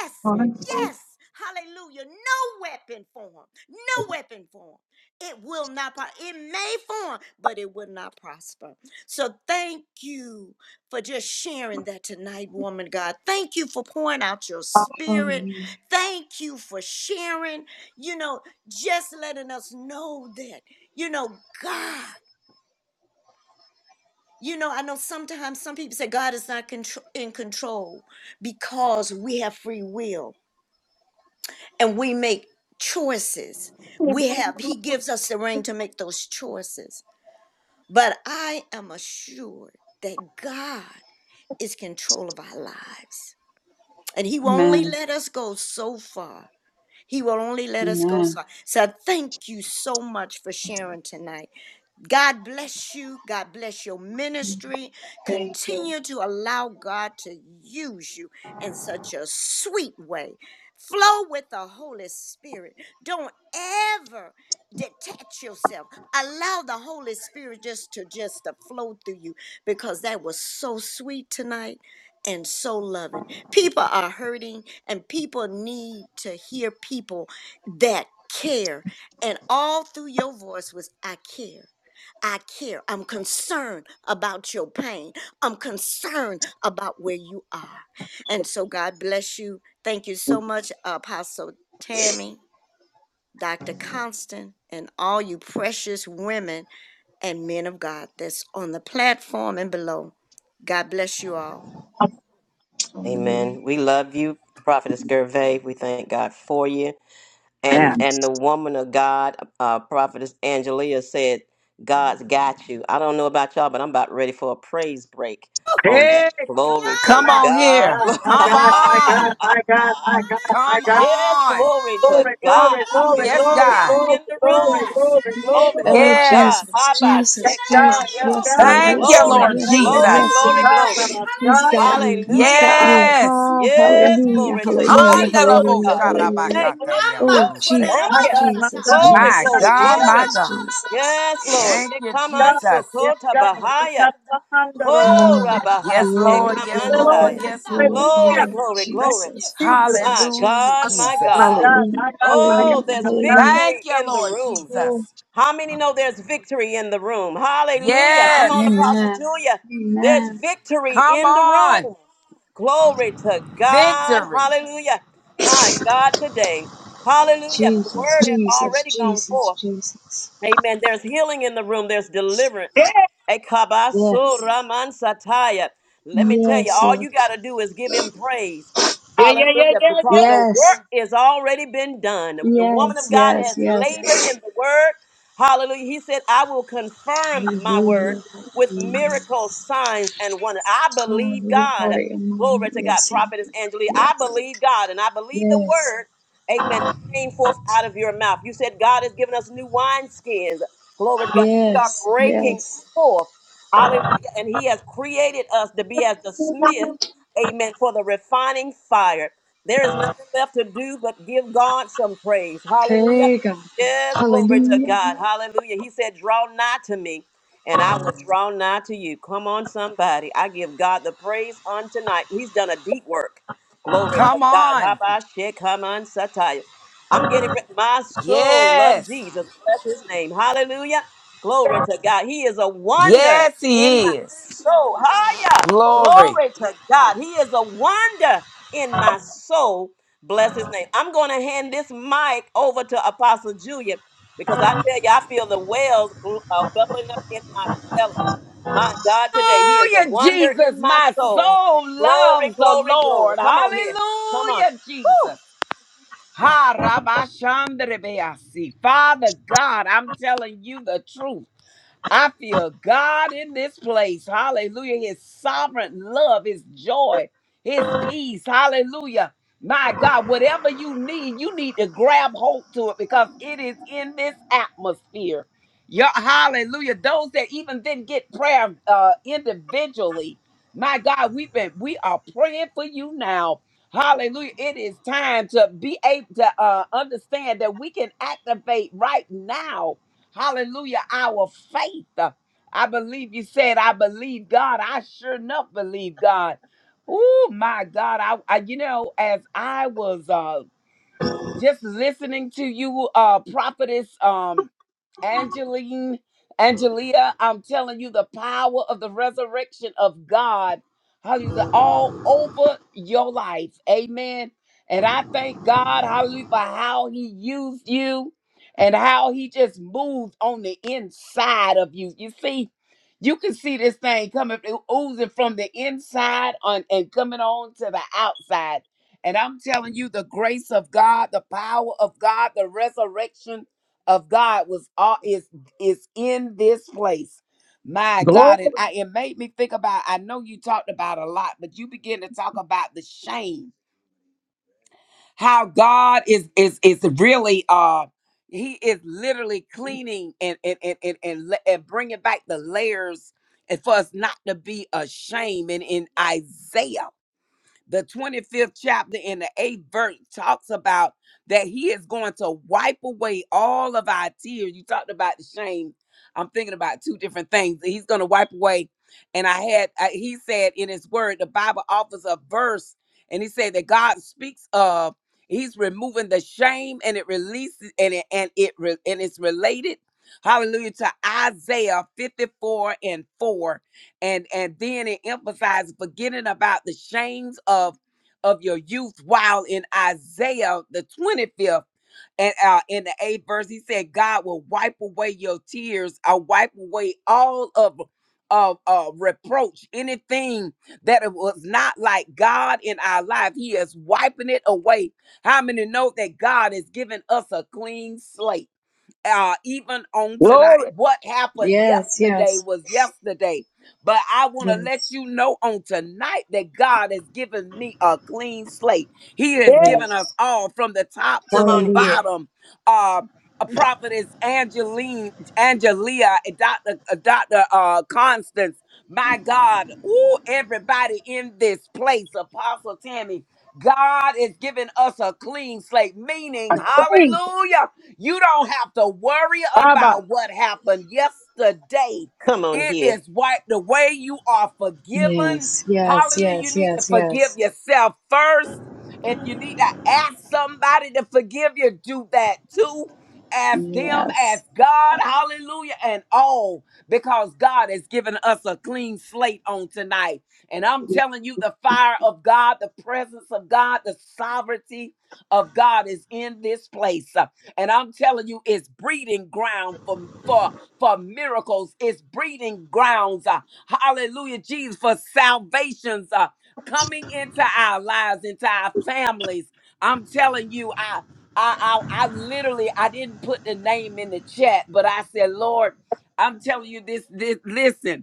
[SPEAKER 12] yes. Yes, hallelujah. No weapon form, no weapon form. It will not, pro- it may form, but it will not prosper. So thank you for just sharing that tonight, woman of God. Thank you for pouring out your spirit.
[SPEAKER 9] Hallelujah.
[SPEAKER 12] Thank you for sharing, you know, just letting us know that, you know, God. You know, I know sometimes some people say God is not contr- in control because we have free will. and we make choices. We have, He gives us the ring to make those choices. But I am assured that God is control of our lives. And He will only let us go so far. He will only let us go so far. So I thank you so much for sharing tonight. God bless you. God bless your ministry. Continue to allow God to use you in such a sweet way. Flow with the Holy Spirit. Don't ever detach yourself. Allow the Holy Spirit just to just to flow through you because that was so sweet tonight and so loving. People are hurting and people need to hear people that care. And all through your voice was I care. I care. I'm concerned about your pain. I'm concerned about where you are. And so, God bless you. Thank you so much, Apostle Tammy, Dr. Constant, and all you precious women and men of God that's on the platform and below. God bless you all.
[SPEAKER 3] Amen. We love you, Prophetess Gervais. We thank God for you. And and the woman of God, uh, Prophetess Angelia said, God's got you. I don't know about y'all, but I'm about ready for a praise break on that.
[SPEAKER 1] My
[SPEAKER 3] Glory to
[SPEAKER 11] Come
[SPEAKER 12] Glory!
[SPEAKER 11] on
[SPEAKER 3] God.
[SPEAKER 11] here.
[SPEAKER 1] God, my
[SPEAKER 11] Come
[SPEAKER 1] God, my God,
[SPEAKER 11] on.
[SPEAKER 12] Hallelujah!
[SPEAKER 1] my God, my God, my
[SPEAKER 11] Come
[SPEAKER 1] God.
[SPEAKER 3] yes,
[SPEAKER 11] on.
[SPEAKER 12] Hallelujah!
[SPEAKER 3] glory to
[SPEAKER 1] Glory,
[SPEAKER 3] God.
[SPEAKER 1] glory,
[SPEAKER 3] I
[SPEAKER 1] glory,
[SPEAKER 3] feel a
[SPEAKER 11] Yes,
[SPEAKER 1] glory,
[SPEAKER 3] shift
[SPEAKER 11] God.
[SPEAKER 1] glory,
[SPEAKER 12] Glory!
[SPEAKER 3] in the
[SPEAKER 1] glory,
[SPEAKER 3] room.
[SPEAKER 12] Bless your
[SPEAKER 1] glory,
[SPEAKER 12] name,
[SPEAKER 3] Glory
[SPEAKER 12] oh
[SPEAKER 1] glory.
[SPEAKER 3] to
[SPEAKER 9] Oh,
[SPEAKER 12] God!
[SPEAKER 11] Yes.
[SPEAKER 3] God.
[SPEAKER 9] Jesus,
[SPEAKER 3] Haba
[SPEAKER 12] Bless your
[SPEAKER 1] Yes,
[SPEAKER 9] Jesus,
[SPEAKER 1] God,
[SPEAKER 9] Jesus.
[SPEAKER 12] name,
[SPEAKER 1] yes,
[SPEAKER 3] Shekamasa.
[SPEAKER 12] oh
[SPEAKER 9] Yes,
[SPEAKER 1] God,
[SPEAKER 9] Lord.
[SPEAKER 1] yes,
[SPEAKER 12] God!
[SPEAKER 11] Thank
[SPEAKER 9] Yes,
[SPEAKER 11] you,
[SPEAKER 9] Lord.
[SPEAKER 3] Glory,
[SPEAKER 1] God.
[SPEAKER 11] Lord
[SPEAKER 12] You
[SPEAKER 9] Yes,
[SPEAKER 1] Thank
[SPEAKER 12] are
[SPEAKER 1] you,
[SPEAKER 9] Lord.
[SPEAKER 3] glory,
[SPEAKER 11] Jesus.
[SPEAKER 9] Yes,
[SPEAKER 1] Jesus.
[SPEAKER 9] Lord.
[SPEAKER 3] glory,
[SPEAKER 1] God, that
[SPEAKER 3] glory.
[SPEAKER 12] worthy!
[SPEAKER 1] I'm
[SPEAKER 9] He's got
[SPEAKER 1] dying.
[SPEAKER 12] Hallelujah!
[SPEAKER 9] you. He's got
[SPEAKER 3] Hallelujah.
[SPEAKER 1] I'm
[SPEAKER 9] you.
[SPEAKER 12] Oh,
[SPEAKER 11] Yes.
[SPEAKER 9] Ha,
[SPEAKER 3] Yes,
[SPEAKER 1] dying.
[SPEAKER 12] thank
[SPEAKER 9] hallelujah,
[SPEAKER 3] glory
[SPEAKER 12] you,
[SPEAKER 3] to God,
[SPEAKER 9] hallelujah,
[SPEAKER 1] Glory,
[SPEAKER 3] my
[SPEAKER 12] Jesus!
[SPEAKER 1] glory, glory,
[SPEAKER 9] hallelujah,
[SPEAKER 3] God,
[SPEAKER 1] glory,
[SPEAKER 9] hallelujah.
[SPEAKER 3] today.
[SPEAKER 1] glory.
[SPEAKER 9] Oh,
[SPEAKER 12] Mama
[SPEAKER 11] Handalabosharabakatriandoruse.
[SPEAKER 9] Jesus,
[SPEAKER 3] Thank
[SPEAKER 1] My
[SPEAKER 3] you.
[SPEAKER 1] God, my
[SPEAKER 12] Kunerabasata!
[SPEAKER 9] Jesus,
[SPEAKER 1] God, my
[SPEAKER 3] Glory,
[SPEAKER 11] My
[SPEAKER 1] God.
[SPEAKER 3] glory,
[SPEAKER 9] Jesus,
[SPEAKER 11] God,
[SPEAKER 1] Yes,
[SPEAKER 11] my
[SPEAKER 3] glory.
[SPEAKER 9] Jesus,
[SPEAKER 11] God.
[SPEAKER 9] Jesus.
[SPEAKER 3] Yes, Lord.
[SPEAKER 11] Thank
[SPEAKER 3] Ye
[SPEAKER 11] you,
[SPEAKER 3] come on,
[SPEAKER 1] God,
[SPEAKER 11] Jesus.
[SPEAKER 1] yes,
[SPEAKER 3] Sokota
[SPEAKER 1] God. It's
[SPEAKER 3] Bahaya.
[SPEAKER 1] not under
[SPEAKER 3] Oh, Rabaha,
[SPEAKER 11] Yes,
[SPEAKER 3] she
[SPEAKER 11] Lord.
[SPEAKER 9] Glory,
[SPEAKER 3] come
[SPEAKER 11] Yes,
[SPEAKER 3] on,
[SPEAKER 9] glory,
[SPEAKER 1] Hello,
[SPEAKER 11] Lord.
[SPEAKER 3] Saya.
[SPEAKER 9] glory,
[SPEAKER 11] Yes,
[SPEAKER 9] glory,
[SPEAKER 11] Lord.
[SPEAKER 3] Glory,
[SPEAKER 12] Yes,
[SPEAKER 1] hallelujah.
[SPEAKER 9] glory.
[SPEAKER 3] glory,
[SPEAKER 12] Lord.
[SPEAKER 1] Thank
[SPEAKER 3] glory.
[SPEAKER 9] Jesus,
[SPEAKER 12] Yes,
[SPEAKER 1] you,
[SPEAKER 12] Lord.
[SPEAKER 1] Jesus.
[SPEAKER 9] Jesus,
[SPEAKER 3] My
[SPEAKER 11] Hallelujah,
[SPEAKER 3] God,
[SPEAKER 1] My
[SPEAKER 9] Jesus.
[SPEAKER 3] my
[SPEAKER 1] God,
[SPEAKER 11] Jesus.
[SPEAKER 3] God.
[SPEAKER 12] Oh,
[SPEAKER 1] my
[SPEAKER 9] Hallelujah,
[SPEAKER 1] God, my
[SPEAKER 3] Oh,
[SPEAKER 9] hallelujah,
[SPEAKER 1] God, my
[SPEAKER 3] there's
[SPEAKER 9] hallelujah.
[SPEAKER 1] God.
[SPEAKER 11] Thank
[SPEAKER 3] victory
[SPEAKER 11] you,
[SPEAKER 3] in the
[SPEAKER 11] Lord
[SPEAKER 3] room.
[SPEAKER 9] Oh,
[SPEAKER 11] Jesus.
[SPEAKER 3] How many know there's victory in the room? Hallelujah. Come on,
[SPEAKER 11] Yes.
[SPEAKER 3] Apostle
[SPEAKER 12] hallelujah.
[SPEAKER 3] Julia. There's victory
[SPEAKER 11] Come
[SPEAKER 3] in the
[SPEAKER 11] on.
[SPEAKER 3] room. Glory to God.
[SPEAKER 11] Victory.
[SPEAKER 3] Hallelujah. My God, today. Hallelujah. The
[SPEAKER 9] Jesus,
[SPEAKER 3] word has
[SPEAKER 9] Jesus,
[SPEAKER 3] already gone
[SPEAKER 9] Jesus,
[SPEAKER 3] forth.
[SPEAKER 9] Jesus.
[SPEAKER 3] Amen. There's healing in the room, there's deliverance. Ekabaso
[SPEAKER 9] Yes,
[SPEAKER 3] Raman Sataya. Let me tell you,
[SPEAKER 9] yes,
[SPEAKER 3] all
[SPEAKER 9] Lord.
[SPEAKER 3] you got to do is give him praise.
[SPEAKER 1] Yeah, yeah, yeah,
[SPEAKER 3] Hallelujah.
[SPEAKER 1] yeah,
[SPEAKER 3] Because
[SPEAKER 1] yeah.
[SPEAKER 3] the
[SPEAKER 9] Yes,
[SPEAKER 3] work is already been done. The woman
[SPEAKER 9] yes,
[SPEAKER 3] of God
[SPEAKER 9] yes,
[SPEAKER 3] has
[SPEAKER 9] yes.
[SPEAKER 3] labored in the word. Hallelujah. He said, I will confirm my
[SPEAKER 9] Hallelujah,
[SPEAKER 3] word with
[SPEAKER 9] hallelujah.
[SPEAKER 3] miracles, signs, and wonders. I
[SPEAKER 9] Oh,
[SPEAKER 3] believe
[SPEAKER 9] You've
[SPEAKER 3] God.
[SPEAKER 9] got it in my
[SPEAKER 3] Glory to God.
[SPEAKER 9] yes.
[SPEAKER 3] Prophetess Angelique, I
[SPEAKER 9] Yes.
[SPEAKER 3] believe God and I believe the
[SPEAKER 9] Yes.
[SPEAKER 3] word. Amen. That came forth out of your mouth. You said God has given us new wineskins. Glory to God. We are
[SPEAKER 9] Yes.
[SPEAKER 3] breaking
[SPEAKER 9] Yes.
[SPEAKER 3] forth. Hallelujah. And He has created us to be as the smith, amen, for the refining fire. There is nothing left to do but give God some praise. Hallelujah.
[SPEAKER 9] Hey God.
[SPEAKER 3] Yes, glory to
[SPEAKER 9] Hallelujah.
[SPEAKER 3] God. Hallelujah. He said, Draw nigh to me, and I will draw nigh to you. Come on, somebody. I give God the praise on tonight. He's done a deep work. Glory to
[SPEAKER 11] Come
[SPEAKER 3] God.
[SPEAKER 11] on.
[SPEAKER 3] Habashekaman I'm getting re- my soul love
[SPEAKER 11] Yes.
[SPEAKER 3] Jesus. Bless his name. Hallelujah. Glory to God. He is a wonder
[SPEAKER 11] Yes,
[SPEAKER 3] in my
[SPEAKER 11] He is.
[SPEAKER 3] soul. Hallelujah.
[SPEAKER 11] Glory.
[SPEAKER 3] Glory to God. He is a wonder in my soul. Bless his name. I'm going to hand this mic over to Apostle Julia because I tell you, I feel the wells uh, bubbling up in my belly. My God, today, he is a
[SPEAKER 11] Hallelujah,
[SPEAKER 3] wonder in
[SPEAKER 11] Jesus.
[SPEAKER 3] my
[SPEAKER 11] My
[SPEAKER 3] soul.
[SPEAKER 11] soul
[SPEAKER 3] Glory,
[SPEAKER 11] loves the
[SPEAKER 3] glory, glory.
[SPEAKER 11] Lord.
[SPEAKER 3] Come on here. Come on.
[SPEAKER 11] Hallelujah,
[SPEAKER 3] Woo!
[SPEAKER 11] Jesus. Ha, Rabba Shandra Beasi. Father God, I'm telling you the truth. I feel God in this place. Hallelujah. His sovereign love, His joy, His peace. Hallelujah. My God, whatever you need, you need to grab hold to it because it is in this atmosphere. Your hallelujah. Those that even didn't get prayer uh, individually, my God, we've been we are praying for you now. Hallelujah. It is time to be able to uh, understand that we can activate right now Hallelujah. Our faith. Uh, I believe you said, I believe God. I sure enough believe God. Oh my God. I, I you know, as I was uh just listening to you, uh prophetess. um, Angeline, Angelia, I'm telling you the power of the resurrection of God. Hallelujah. All over your life. Amen. And I thank God, hallelujah, for how he used you and how he just moved on the inside of you. You see, you can see this thing coming, oozing from the inside on and coming on to the outside. And I'm telling you, the grace of God, the power of God, the resurrection of God was all is is in this place. My God, and
[SPEAKER 1] Glory,
[SPEAKER 11] I it made me think about. I know you talked about a lot, but you begin to talk about the shame. How God is is is really uh he is literally cleaning and and and and and, le- and bringing back the layers and for us not to be ashamed. And in Isaiah the 25th chapter in the 8th verse talks about that he is going to wipe away all of our tears. You talked about the shame. I'm thinking about two different things. He's going to wipe away. And I had, I, he said in his word, the Bible offers a verse, and he said that God speaks of, he's removing the shame and it releases, and it, and it, re- and it's related hallelujah, to Isaiah 54 and 4 and and then it emphasizes forgetting about the shames of of your youth while in isaiah the 25th and uh, in the eighth verse he said god will wipe away your tears i'll wipe away all of of uh, reproach anything that it was not like god in our life he is wiping it away how many know that god has given us a clean slate uh, even on tonight.
[SPEAKER 1] glory.
[SPEAKER 11] What happened
[SPEAKER 9] Yes.
[SPEAKER 11] yesterday
[SPEAKER 9] Yes.
[SPEAKER 11] was yesterday. But I want to let
[SPEAKER 9] Yes.
[SPEAKER 11] you know on tonight that God has given me a clean slate. He has
[SPEAKER 1] Yeah,
[SPEAKER 11] given us
[SPEAKER 9] Yes.
[SPEAKER 11] all from the top to
[SPEAKER 3] Come
[SPEAKER 11] the
[SPEAKER 3] on
[SPEAKER 9] Hallelujah.
[SPEAKER 3] here.
[SPEAKER 11] bottom. Uh, a prophetess Angeline, Angelia, and Dr. uh, Dr. Uh, Constance, my God, ooh, everybody in this place, Apostle Tammy, God is giving us a clean slate,
[SPEAKER 1] I
[SPEAKER 11] meaning,
[SPEAKER 1] praise.
[SPEAKER 11] hallelujah. You don't have to worry
[SPEAKER 1] Abba,
[SPEAKER 11] about what happened yesterday.
[SPEAKER 3] Come on
[SPEAKER 11] It
[SPEAKER 3] here.
[SPEAKER 11] is wiped away. You are forgiven.
[SPEAKER 9] Yes. Yes.
[SPEAKER 11] Hallelujah. You
[SPEAKER 9] Yes.
[SPEAKER 11] need to
[SPEAKER 9] Yes.
[SPEAKER 11] forgive
[SPEAKER 9] Yes.
[SPEAKER 11] yourself first. If you need to ask somebody to forgive you, do that too. Ask them,
[SPEAKER 9] Yes.
[SPEAKER 11] ask God, hallelujah, and all, because God has given us a clean slate on tonight. And I'm telling you, the fire of God, the presence of God, the sovereignty of God is in this place. And I'm telling you, it's breeding ground for for for miracles. It's breeding grounds. uh, hallelujah, Jesus, for salvations uh, coming into our lives, into our families. I'm telling you, I, I I I literally I didn't put the name in the chat, but I said, Lord, I'm telling you this. This listen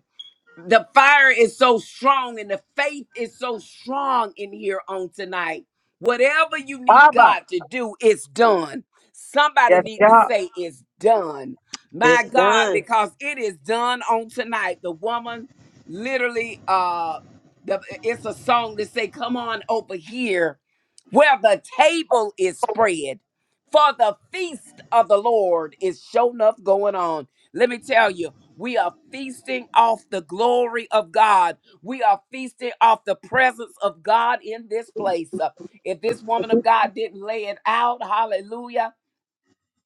[SPEAKER 11] the fire is so strong and the faith is so strong in here on tonight. Whatever you need
[SPEAKER 1] Abba.
[SPEAKER 11] God to do, it's done. Somebody
[SPEAKER 1] Yes,
[SPEAKER 11] need to
[SPEAKER 1] God.
[SPEAKER 11] say it's done.
[SPEAKER 3] It's
[SPEAKER 11] My God,
[SPEAKER 3] done,
[SPEAKER 11] because it is done on tonight. The woman literally uh the it's a song that say, Come on over here, where the table is spread. For the feast of the Lord is shown up going on. Let me tell you. We are feasting off the glory of God. We are feasting off the presence of God in this place. Uh, If this woman of God didn't lay it out, hallelujah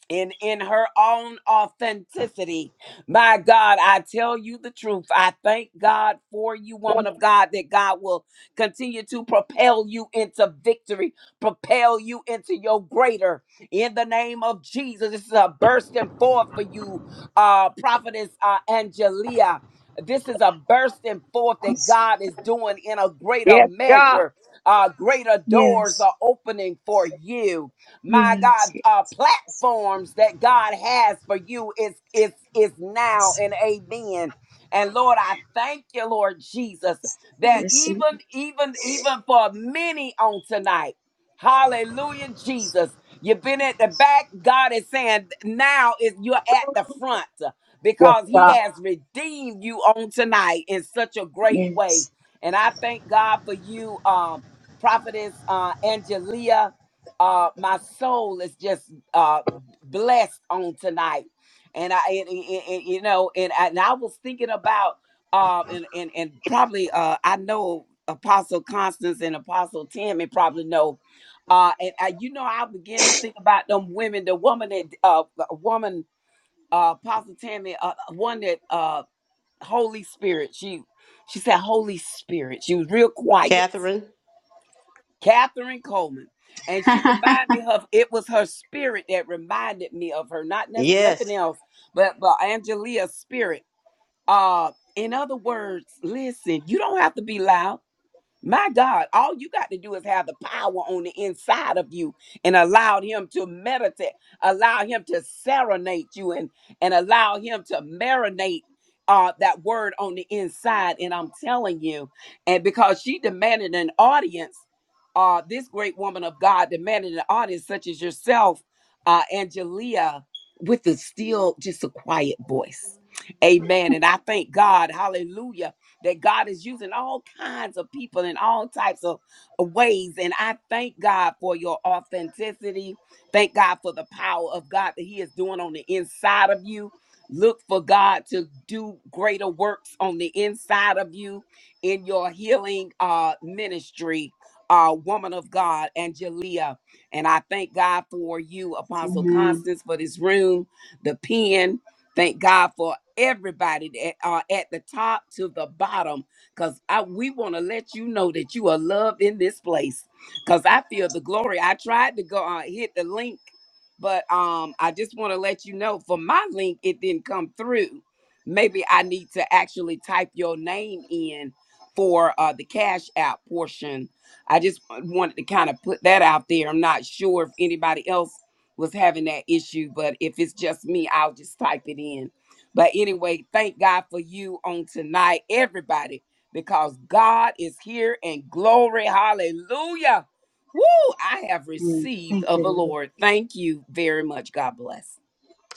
[SPEAKER 11] and in her own authenticity. My God, I tell you the truth. I thank God for you, woman of God, that God will continue to propel you into victory, propel you into your greater. In the name of Jesus, this is a bursting forth for you, uh, prophetess uh, Angelia. This is a bursting forth that God is doing in a greater
[SPEAKER 1] Yes, God.
[SPEAKER 11] measure. Uh, greater doors
[SPEAKER 9] Yes.
[SPEAKER 11] are opening for you my
[SPEAKER 9] Yes.
[SPEAKER 11] God,
[SPEAKER 9] Yes.
[SPEAKER 11] uh, platforms that God has for you is is is now and amen. And Lord, I thank you, Lord Jesus,
[SPEAKER 9] I
[SPEAKER 11] that
[SPEAKER 9] receive
[SPEAKER 11] even even even for many on tonight. Hallelujah,
[SPEAKER 9] it.
[SPEAKER 11] Jesus. You've been at the back. God is saying now is you're at the front
[SPEAKER 1] Yes,
[SPEAKER 11] because He
[SPEAKER 1] God.
[SPEAKER 11] has redeemed you on tonight in such a great way.
[SPEAKER 9] Yes.
[SPEAKER 11] And I thank God for you, um, prophetess uh, Angelia uh my soul is just uh blessed on tonight and i and, and- and, you know and I, and I was thinking about uh and and, and probably uh i know apostle constance and apostle tim and probably know uh and I, you know i began to think about them women the woman that uh a woman uh apostle tammy uh one that uh holy spirit she she said holy spirit she was real quiet
[SPEAKER 3] Catherine.
[SPEAKER 11] Catherine Coleman. And she reminded me of it was her spirit that reminded me of her, not nes- nothing
[SPEAKER 3] Yes.
[SPEAKER 11] else, but but Angelia's spirit. Uh in other words, listen, you don't have to be loud. My God, all you got to do is have the power on the inside of you and allow him to meditate, allow him to serenade you and and allow him to marinate uh that word on the inside. And I'm telling you, and because she demanded an audience, uh, this great woman of God demanded an audience such as yourself, uh, Angelia, with the still just a quiet voice. Amen. And I thank God, hallelujah that God is using all kinds of people in all types of of ways. And I thank God for your authenticity. Thank God for the power of God that He is doing on the inside of you. Look for God to do greater works on the inside of you in your healing uh, ministry, uh, woman of God, Angelia. And I thank God for you, Apostle Constance, for this room, the pen. Thank God for everybody that are at the top to the bottom because i we want to let you know that you are loved in this place because i feel the glory i tried to go uh, hit the link but um i just want to let you know for my link it didn't come through maybe i need to actually type your name in for uh the cash app portion i just wanted to kind of put that out there i'm not sure if anybody else was having that issue but if it's just me i'll just type it in but anyway, thank God for you on tonight, everybody, because God is here in glory. Hallelujah. Woo! I have received of the Lord. Thank you very much. God bless.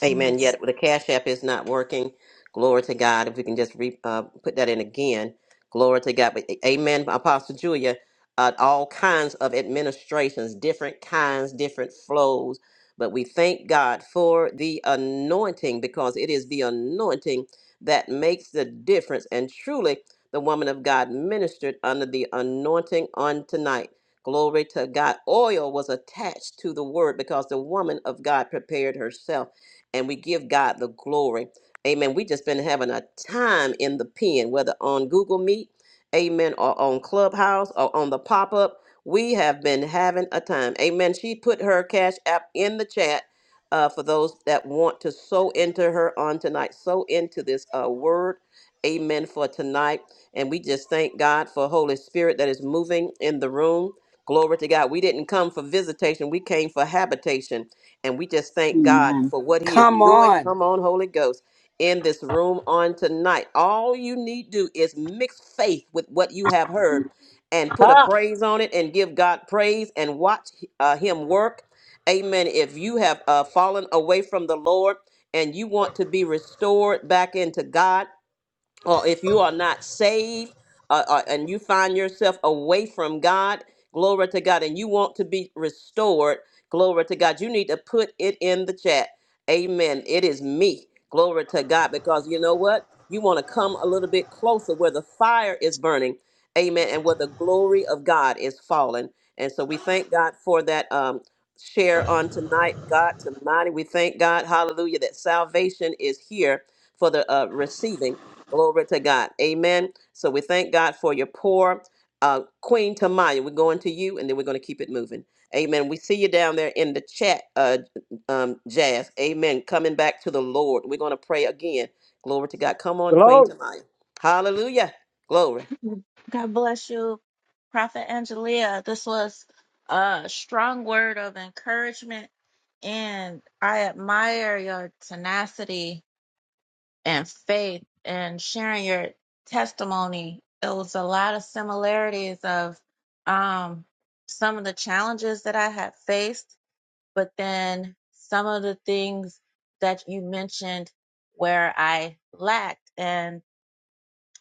[SPEAKER 3] Amen.
[SPEAKER 9] Yes.
[SPEAKER 3] Yet the Cash App is not working. Glory to God. If we can just re, uh, put that in again. Glory to God. But, amen. Apostle Julia, uh, all kinds of administrations, different kinds, different flows. But we thank God for the anointing because it is the anointing that makes the difference. And truly, the woman of God ministered under the anointing on tonight. Glory to God. Oil was attached to the word because the woman of God prepared herself and we give God the glory. Amen. We just been having a time in the pen, whether on Google Meet, Amen, or on Clubhouse or on the pop up. We have been having a time. Amen. She put her cash app in the chat uh, for those that want to sow into her on tonight, sow into this uh, word. Amen for tonight. And we just thank God for Holy Spirit that is moving in the room. Glory to God. We didn't come for visitation, we came for habitation. And we just thank God for what He is
[SPEAKER 11] Come
[SPEAKER 3] doing.
[SPEAKER 11] on.
[SPEAKER 3] Come on, Holy Ghost, in this room on tonight. All you need do is mix faith with what you have heard and put a
[SPEAKER 1] Ha.
[SPEAKER 3] praise on it and give God praise and watch uh, Him work. Amen. If you have uh, fallen away from the Lord and you want to be restored back into God, or if you are not saved uh, uh, and you find yourself away from God, glory to God, and you want to be restored, glory to God, you need to put it in the chat. Amen. It is me. Glory to God, because you know what? You want to come a little bit closer where the fire is burning. Amen. And where the glory of God is falling. And so we thank God for that um, share on tonight. God to mighty. We thank God, hallelujah, that salvation is here for the uh, receiving. Glory to God. Amen. So we thank God for your poor uh, Queen Tamaya. We're going to you and then we're going to keep it moving. Amen. We see you down there in the chat, uh, um, Jazz. Amen. Coming back to the Lord. We're going to pray again. Glory to God. Come on, Queen
[SPEAKER 1] Glory,
[SPEAKER 3] Tamaya. Hallelujah. Glory.
[SPEAKER 4] God bless you, Prophet Angelia. This was a strong word of encouragement, and I admire your tenacity and faith and sharing your testimony. It was a lot of similarities of um, some of the challenges that I had faced, but then some of the things that you mentioned where I lacked. And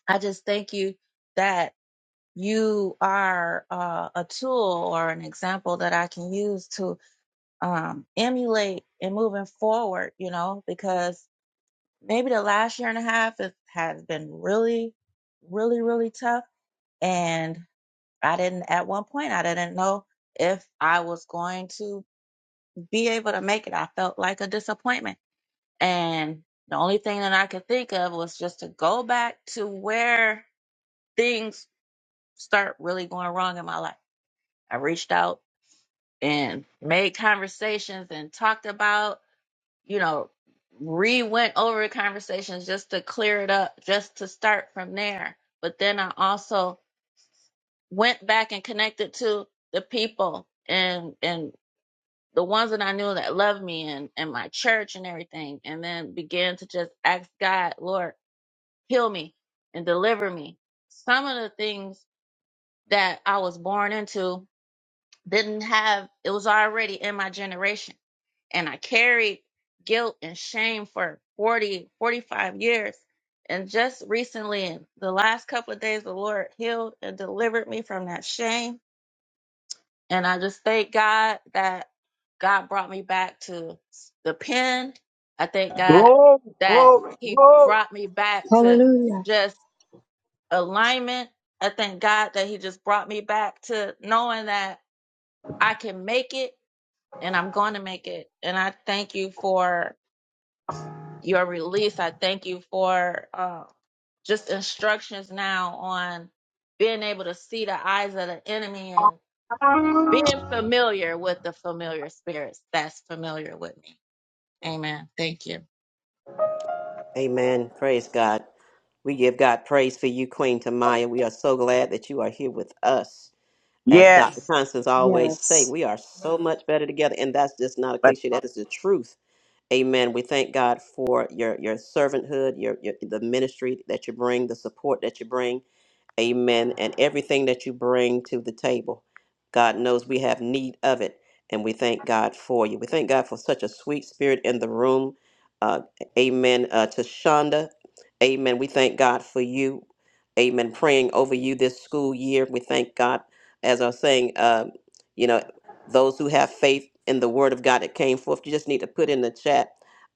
[SPEAKER 4] I just thank you that you are uh, a tool or an example that I can use to um, emulate and moving forward, you know, because maybe the last year and a half it has been really really really tough and i didn't at one point i didn't know if i was going to be able to make it i felt like a disappointment and the only thing that i could think of was just to go back to where things start really going wrong in my life i reached out and made conversations and talked about you know, re went over conversations just to clear it up, just to start from there. But then I also went back and connected to the people and and the ones that I knew that loved me and, and my church and everything, and then began to just ask God, Lord, heal me and deliver me. Some of the things that I was born into didn't have it was already in my generation and i carried guilt and shame for 40, 45 years and just recently in the last couple of days the lord healed and delivered me from that shame and i just thank god that god brought me back to the pen i thank god
[SPEAKER 1] glory,
[SPEAKER 4] that
[SPEAKER 1] glory,
[SPEAKER 4] he
[SPEAKER 1] glory.
[SPEAKER 4] brought me back to
[SPEAKER 9] Hallelujah.
[SPEAKER 4] just alignment i thank god that he just brought me back to knowing that i can make it and I'm going to make it. And I thank you for your release. I thank you for uh, just instructions now on being able to see the eyes of the enemy and being familiar with the familiar spirits that's familiar with me. Amen. Thank you.
[SPEAKER 3] Amen. Praise God. We give God praise for you, Queen Tamaya. We are so glad that you are here with us. As Dr.
[SPEAKER 1] Yes.
[SPEAKER 3] Constance always say,
[SPEAKER 9] Yes.
[SPEAKER 3] we are so much better together. And that's just not a
[SPEAKER 1] But
[SPEAKER 3] cliche. That is the truth. Amen. We thank God for your your servanthood, your, your the ministry that you bring, the support that you bring. Amen. And everything that you bring to the table, God knows we have need of it. And we thank God for you. We thank God for such a sweet spirit in the room. Uh, amen. Uh, to Shonda, amen. We thank God for you. Amen. Praying over you this school year. We thank God, as I was saying, uh, you know, those who have faith in the word of God that came forth, you just need to put in the chat,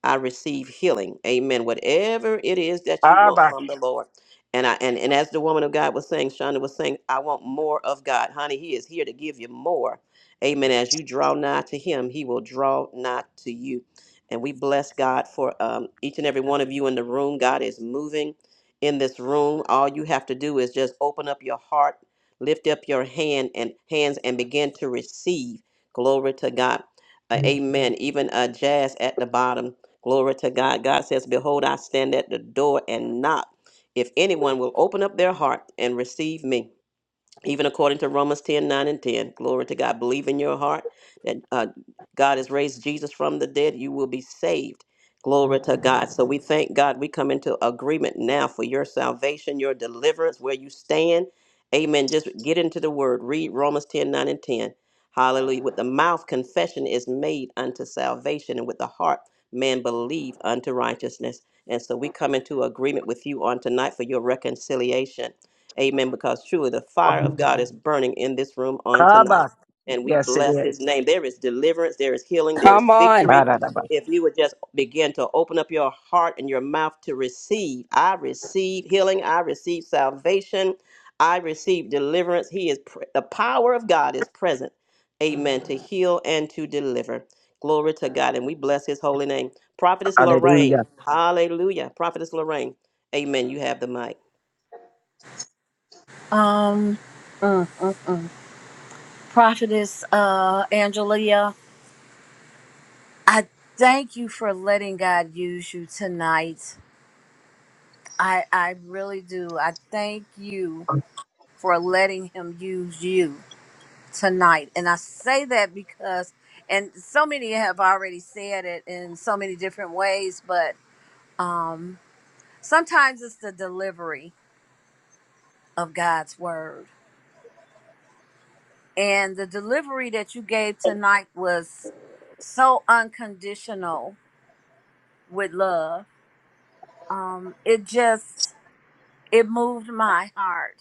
[SPEAKER 3] I receive healing. Amen. Whatever it is that you want
[SPEAKER 1] Abba,
[SPEAKER 3] from the Lord. And I and, and as the woman of God was saying, Shonda was saying, I want more of God. Honey, he is here to give you more. Amen. As you draw nigh to him, he will draw nigh to you. And we bless God for um, each and every one of you in the room. God is moving in this room. All you have to do is just open up your heart, lift up your hand and hands and begin to receive. Glory to God. Uh, amen. Even uh, jazz at the bottom. Glory to God. God says, Behold, I stand at the door and knock if anyone will open up their heart and receive me even according to Romans 10 9 and 10. Glory to God. Believe in your heart that uh, God has raised Jesus from the dead, you will be saved. Glory to God. So we thank God. We come into agreement now for your salvation, your deliverance, where you stand. Amen. Just get into the word. Read Romans 10 9 and 10. Hallelujah. With the mouth, confession is made unto salvation, and with the heart, man believe unto righteousness. And so we come into agreement with you on tonight for your reconciliation. Amen. Because truly the fire of God is burning in this room on tonight.
[SPEAKER 1] Abba.
[SPEAKER 3] And we
[SPEAKER 1] Yes, it
[SPEAKER 3] bless his
[SPEAKER 1] is.
[SPEAKER 3] name. There is deliverance, there is healing, there is
[SPEAKER 11] Come on.
[SPEAKER 3] victory.
[SPEAKER 1] Ba-da-da-ba.
[SPEAKER 3] If you would just begin to open up your heart and your mouth to receive, I receive healing, I receive salvation, I receive deliverance. He is pr- the power of God is present. Amen. To heal and to deliver. Glory to God. And we bless his holy name. Prophetess
[SPEAKER 1] Hallelujah.
[SPEAKER 3] Lorraine. Hallelujah. Prophetess Lorraine. Amen. You have the mic.
[SPEAKER 8] Um, mm, mm. prophetess uh Angelia. I thank you for letting God use you tonight. I I really do. I thank you for letting him use you tonight. And I say that because and so many have already said it in so many different ways, but um sometimes it's the delivery of God's word. And the delivery that you gave tonight was so unconditional with love. Um it just it moved my heart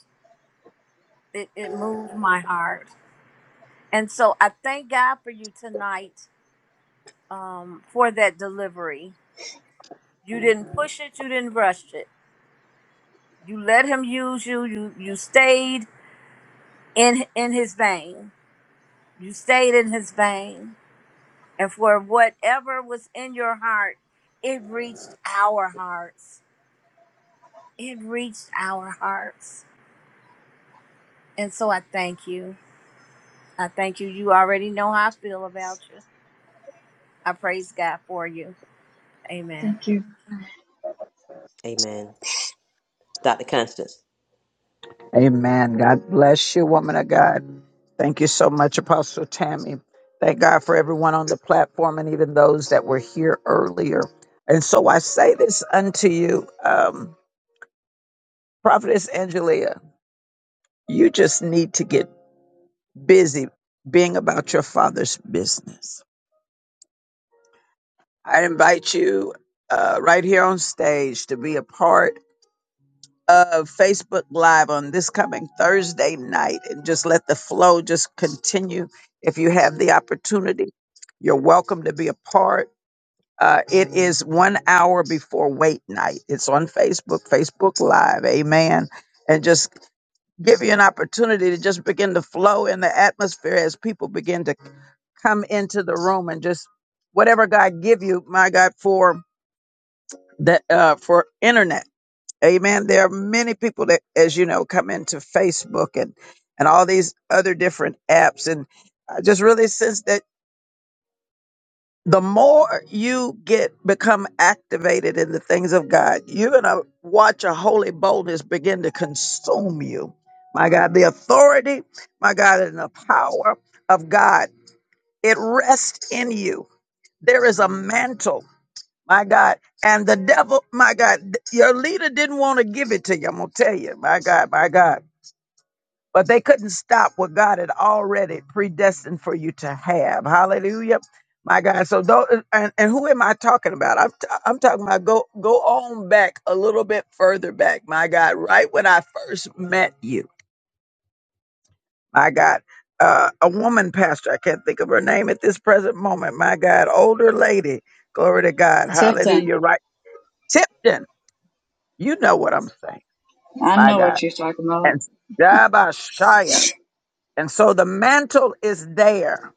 [SPEAKER 8] it, it moved my heart. And so I thank God for you tonight um, for that delivery. You didn't push it, you didn't rush it. You let him use you. You you stayed in in his vein. You stayed in his vein. And for whatever was in your heart, it reached our hearts. It reached our hearts. And so I thank you. I thank you. You already know how I feel about you. I praise God for you. Amen.
[SPEAKER 9] Thank you.
[SPEAKER 3] Amen. Dr. Constance.
[SPEAKER 1] Amen. God bless you, woman of God. Thank you so much, Apostle Tammy. Thank God for everyone on the platform and even those that were here earlier. And so I say this unto you, um, Prophetess Angelia, you just need to get busy being about your father's business. I invite you uh, right here on stage to be a part. of Facebook Live on this coming Thursday night and just let the flow just continue. If you have the opportunity, you're welcome to be a part. Uh, it is one hour before wait night. It's on Facebook, Facebook Live. Amen. And just give you an opportunity to just begin to flow in the atmosphere as people begin to come into the room and just whatever God give you, my God, for that uh, for internet. Amen. There are many people that, as you know, come into Facebook and and all these other different apps, and I just really sense that the more you get become activated in the things of God, you're gonna watch a holy boldness begin to consume you. My God, the authority, my God, and the power of God, it rests in you. There is a mantle my God. And the devil, my God, th- your leader didn't want to give it to you. I'm going to tell you. My God, my God. But they couldn't stop what God had already predestined for you to have. Hallelujah. My God. So, though, and, and who am I talking about? I'm, t- I'm talking about go, go on back a little bit further back. My God. Right when I first met you. My God. Uh, a woman pastor. I can't think of her name at this present moment. My God. Older lady. Glory to God. Hallelujah. Right. Tipton. You know what I'm saying. My God. And Shaya. And so the mantle is there.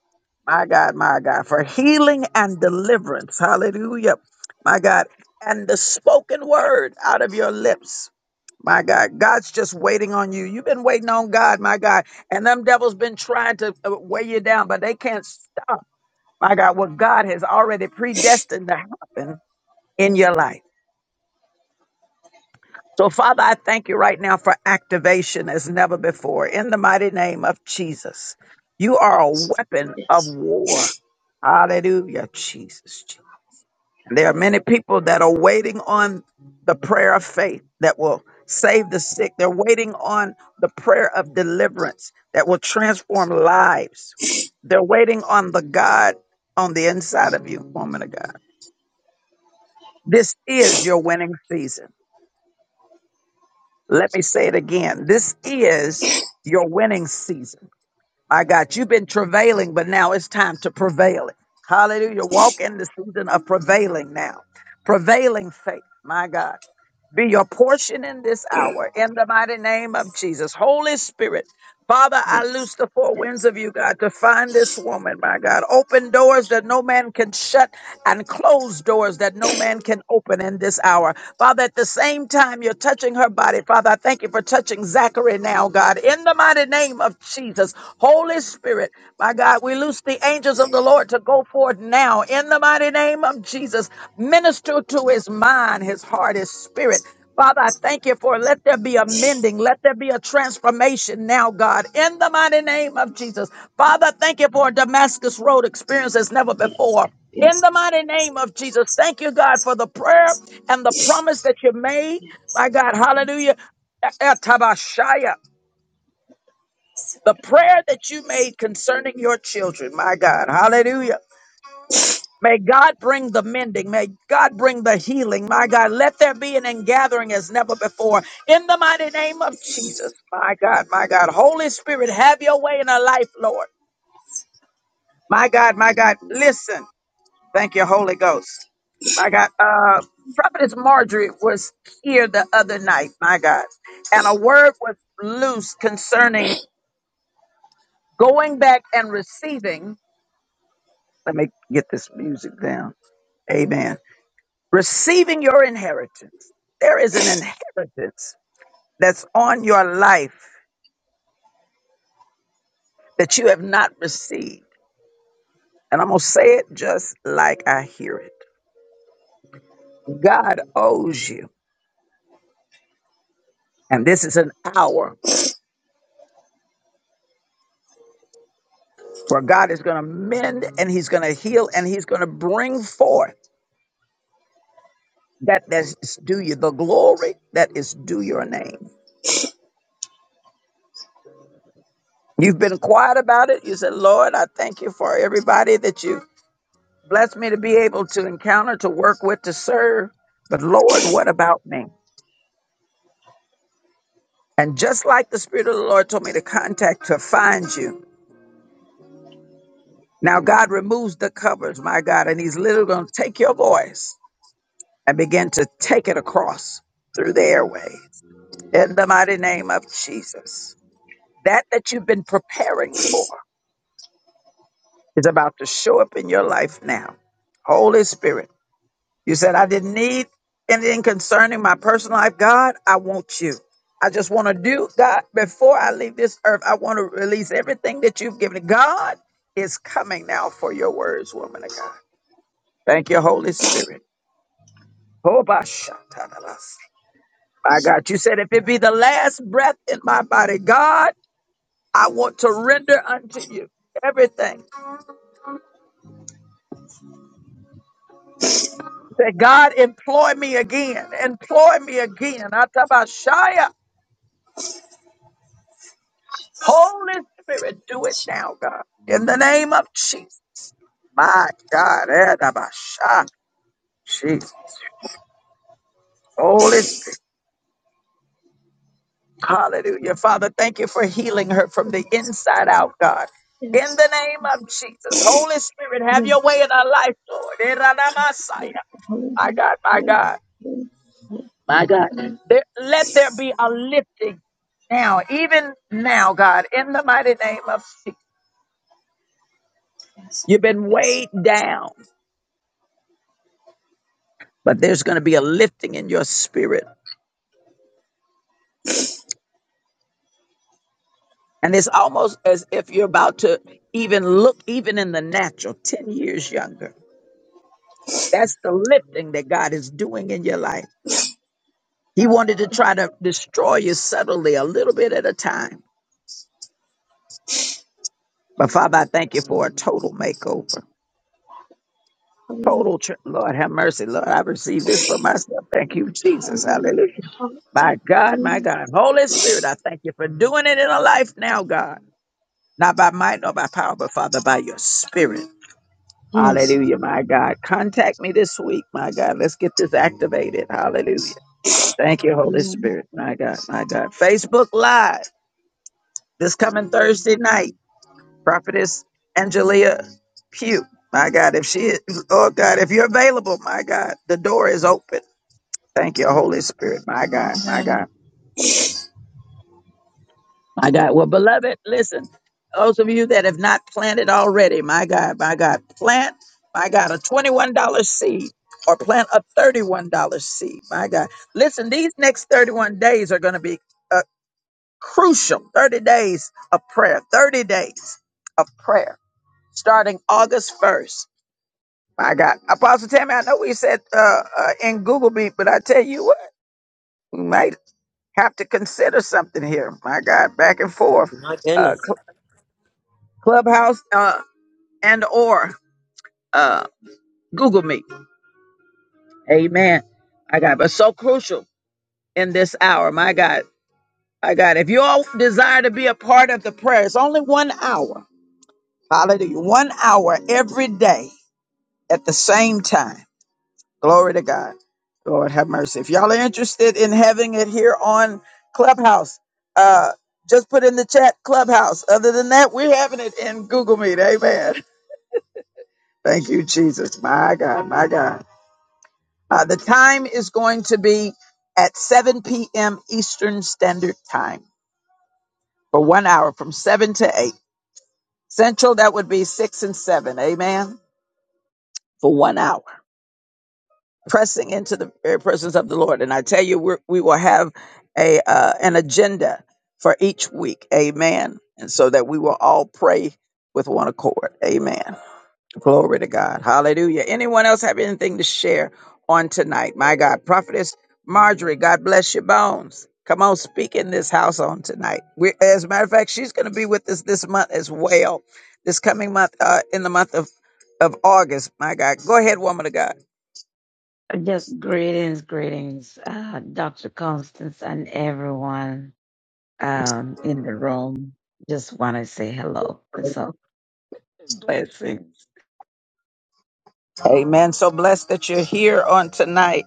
[SPEAKER 1] My God, my God, for healing and deliverance. Hallelujah. My God. And the spoken word out of your lips. My God, God's just waiting on you. You've been waiting on God, my God. And them devils been trying to uh, weigh you down, but they can't stop, my God, what God has already predestined to happen in your life. So, Father, I thank you right now for activation as never before in the mighty name of Jesus. You are a
[SPEAKER 9] Yes.
[SPEAKER 1] weapon of
[SPEAKER 9] Yes.
[SPEAKER 1] war. Hallelujah, Jesus. And there are many people that are waiting on the prayer of faith that will save the sick. They're waiting on the prayer of deliverance that will transform lives. They're waiting on the God on the inside of you, woman of God. This is your winning season. Let me say it again. This is your winning season. My God, you've been travailing, but now it's time to prevail. Hallelujah. Walk in the season of prevailing now. Prevailing faith. My God be your portion in this hour in the mighty name of Jesus. Holy Spirit, Father, I
[SPEAKER 9] Yes.
[SPEAKER 1] loose the four winds
[SPEAKER 9] Yes.
[SPEAKER 1] of you, God, to find this woman, my God. Open doors that no man can shut and close doors that no man can open in this hour. Father, at the same time, you're touching her body. Father, I thank you for touching Zachary now, God, in the mighty name of Jesus. Holy Spirit, my God, we loose the angels angels of the Lord to go forth now in the mighty name of Jesus. Minister to his mind, his heart, his spirit. Father, I
[SPEAKER 9] Yes.
[SPEAKER 1] thank you for let there be a mending, let there be a transformation now, God, in the mighty name of Jesus. Father, I thank you for a Damascus Road experience as never
[SPEAKER 9] Yes.
[SPEAKER 1] before. In the mighty
[SPEAKER 9] Yes.
[SPEAKER 1] name of Jesus,
[SPEAKER 9] Yes,
[SPEAKER 1] thank you, God, for the prayer and the promise that you made.
[SPEAKER 9] yes,
[SPEAKER 1] My God,
[SPEAKER 9] yes,
[SPEAKER 1] hallelujah. Etabashaya,
[SPEAKER 9] yes,
[SPEAKER 1] The prayer that you made concerning your children, my God, hallelujah. May God bring the mending. May God bring the healing. My God, let there be an ingathering as never before. In the mighty name of Jesus. My God, my God. Holy Spirit, have your way in our life, Lord. My God, my God. Listen. Thank you, Holy Ghost. My God. Uh, Prophetess Marjorie was here the other night, my God. And a word was loose concerning going back and receiving. Let me get this music down. Amen receiving your inheritance. There is an inheritance that's on your life that you have not received. And I'm going to say it just like I hear it. God owes you. And this is an hour where God is going to mend and he's going to heal and he's going to bring forth that that's due you, the glory that is due your name. You've been quiet about it. You said, Lord, I thank you for everybody that you Bless me to be able to encounter, to work with, to serve. But Lord, what about me? And just like the Spirit of the Lord told me to contact, to find you. Now God removes the covers, my God, and He's literally going to take your voice and begin to take it across through the airways in the mighty name of Jesus. That that you've been preparing for is about to show up in your life now. Holy Spirit. You said, I didn't need anything concerning my personal life. God, I want you. I just want to do, God, before I leave this earth, I want to release everything that you've given. God is coming now for your words, woman of God. Thank you, Holy Spirit. Hobashatanabasi. My God, you said, if it be the last breath in my body, God, I want to render unto you everything. Say, God, employ me again. Employ me again. Atabashaya.
[SPEAKER 9] yes,
[SPEAKER 1] Holy Spirit, do it now, God. In the name of Jesus. My God. Edabasha. Jesus. Holy Spirit. Hallelujah. Father, thank you for healing her from the inside out, God. In
[SPEAKER 9] yes,
[SPEAKER 1] the name of Jesus. Holy Spirit,
[SPEAKER 9] yes,
[SPEAKER 1] have your
[SPEAKER 9] yes.
[SPEAKER 1] way in our life, Lord. Eradabasaya.
[SPEAKER 9] Hallelujah,
[SPEAKER 1] My
[SPEAKER 9] hallelujah,
[SPEAKER 1] God, my God.
[SPEAKER 9] hallelujah, hallelujah.
[SPEAKER 1] There- let there be a lifting now, even now, God, in the mighty name of Jesus.
[SPEAKER 9] Yes,
[SPEAKER 1] You've been
[SPEAKER 9] yes,
[SPEAKER 1] weighed down, but there's going to be a lifting in your spirit And it's almost as if you're about to even look, even in the natural, 10 years younger. That's the lifting that God is doing in your life. He wanted to try to destroy you subtly, a little bit at a time. But Father, I thank you for a total makeover.
[SPEAKER 9] hallelujah,
[SPEAKER 1] Total, tr- Lord, have mercy. Lord, I received this for myself. Thank you, Jesus.
[SPEAKER 9] hallelujah,
[SPEAKER 1] Hallelujah.
[SPEAKER 9] hall-
[SPEAKER 1] My God, my
[SPEAKER 9] hallelujah.
[SPEAKER 1] God. Holy Spirit, I thank you for doing it in a life now, God. Not by might nor by power, but Father, by your spirit.
[SPEAKER 9] Yes,
[SPEAKER 1] Hallelujah, my God. Contact me this week, my God. Let's get this activated. Hallelujah. Thank you, Holy Spirit, my God, my God. Facebook Live this coming Thursday night. Prophetess Angelia Pugh, my God. If she is, oh God, if you're available, my God, the door is open. Thank you, Holy Spirit, my God, my
[SPEAKER 9] amen.
[SPEAKER 1] God. My God. Well, beloved, listen, those of you that have not planted already, my God, my God, plant, my God, a $21 seed or plant a $31 seed. My God. Listen, these next 31 days are going to be uh, crucial 30 days of prayer, 30 days of prayer starting August 1st. My God. Apostle Tammy, I know we said uh, uh, in Google Meet, but I tell you what, we might have to consider something here. My God, back and forth
[SPEAKER 3] My
[SPEAKER 1] uh,
[SPEAKER 3] goodness.
[SPEAKER 1] Clubhouse uh, and or uh, Google Meet. Amen. I got but so crucial in this hour. My God, my God. If you all desire to be a part of the prayer, it's only one hour. Hallelujah. One hour every day at the same time. Glory to God. Lord have mercy. If y'all are interested in having it here on Clubhouse, uh, just put in the chat Clubhouse. Other than that, we're having it in Google Meet. Amen. Thank you, Jesus. My God, my God. Uh, the time is going to be at 7 p.m. Eastern Standard Time for one hour from 7 to 8. Central, that would be 6 and 7. Amen. For one hour, pressing into the very presence of the Lord. And I tell you, we're, we will have a uh, an agenda for each week. Amen. And so that we will all pray with one accord. Amen. Glory to God. Hallelujah. Anyone else have anything to share on tonight? My God. Prophetess Marjorie, God bless your bones. Come on, speak in this house on tonight. We're, as a matter of fact, she's going to be with us this month as well. This coming month, uh, in the month of, of August. My God. Go ahead, woman of God.
[SPEAKER 15] Just greetings, greetings, uh, Dr. Constance and everyone um, in the room. Just want to say hello. It's all blessings.
[SPEAKER 1] Amen. So blessed that you're here on tonight.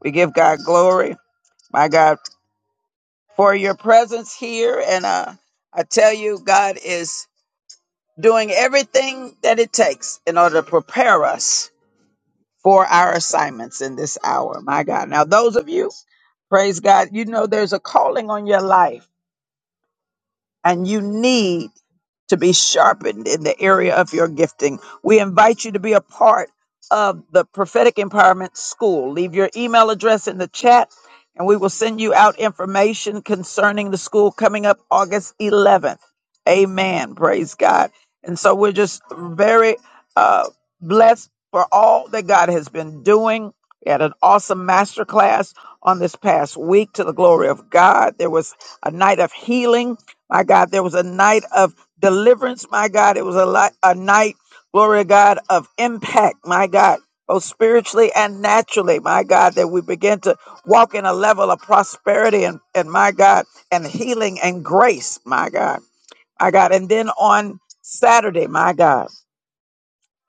[SPEAKER 1] We give God glory. My God, for your presence here. And uh, I tell you, God is. doing everything that it takes in order to prepare us for our assignments in this hour. My God. Now, those of you, praise God, you know there's a calling on your life and you need to be sharpened in the area of your gifting. We invite you to be a part of the Prophetic Empowerment School. Leave your email address in the chat and we will send you out information concerning the school coming up August 11th. Amen. Praise God. And so we're just very uh, blessed for all that God has been doing. We had an awesome master class on this past week to the glory of God. There was a night of healing. My God, there was a night of deliverance, my God. It was a, li- a night, glory to God, of impact, my God, both spiritually and naturally, my God, that we begin to walk in a level of prosperity and, and my God, and healing and grace, my God, my God. And then on Saturday, my God,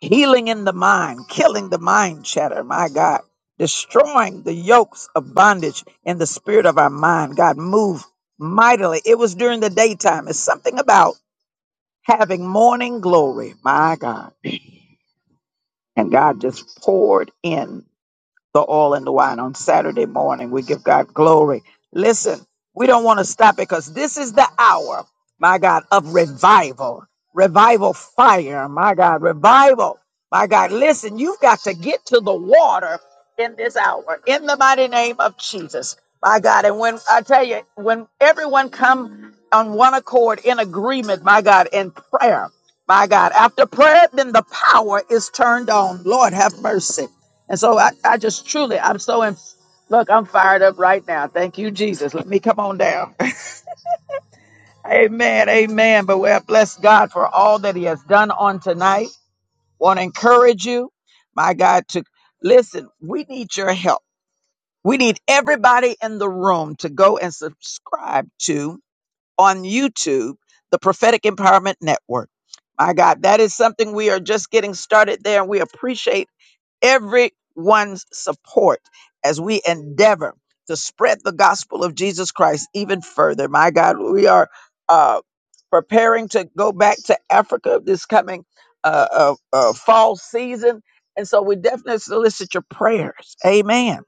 [SPEAKER 1] healing in the mind, killing the mind chatter, my God. Destroying the yokes of bondage in the spirit of our mind. God moved mightily. It was during the daytime. It's something about having morning glory. My God. And God just poured in the oil and the wine on Saturday morning. We give God glory. Listen, we don't want to stop it because this is the hour, my God, of revival. Revival fire, my God, revival. My God, listen, you've got to get to the water in this hour in the mighty name of Jesus. My God, and when I tell you, when everyone come on one accord in agreement, my God, in prayer, my God, after prayer, then the power is turned on. Lord, have mercy. And so I, I just truly, I'm so, in, look, I'm fired up right now. Thank you, Jesus. Let me come on down. amen. Amen. But we bless God for all that he has done on tonight. Want to encourage you, my God, to listen. We need your help. We need everybody in the room to go and subscribe to on YouTube, the Prophetic Empowerment Network. My God, that is something we are just getting started there. And we appreciate everyone's support as we endeavor to spread the gospel of Jesus Christ even further. My God, we are uh, preparing to go back to Africa this coming uh, uh, uh, fall season. And so we definitely solicit your prayers. Amen.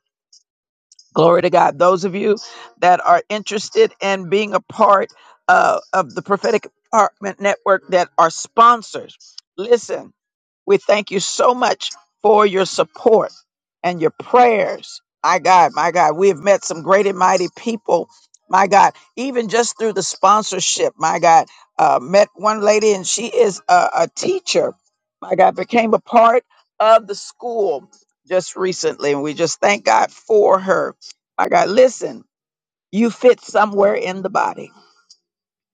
[SPEAKER 1] Glory to God. Those of you that are interested in being a part uh, of the Prophetic Apartment Network that are sponsors, listen. We thank you so much for your support and your prayers. My God, my God, we have met some great and mighty people. My God, even just through the sponsorship, my God, uh, met one lady and she is a, a teacher. My God, became a part of the school just recently. And we just thank God for her. My God, listen, you fit somewhere in the body.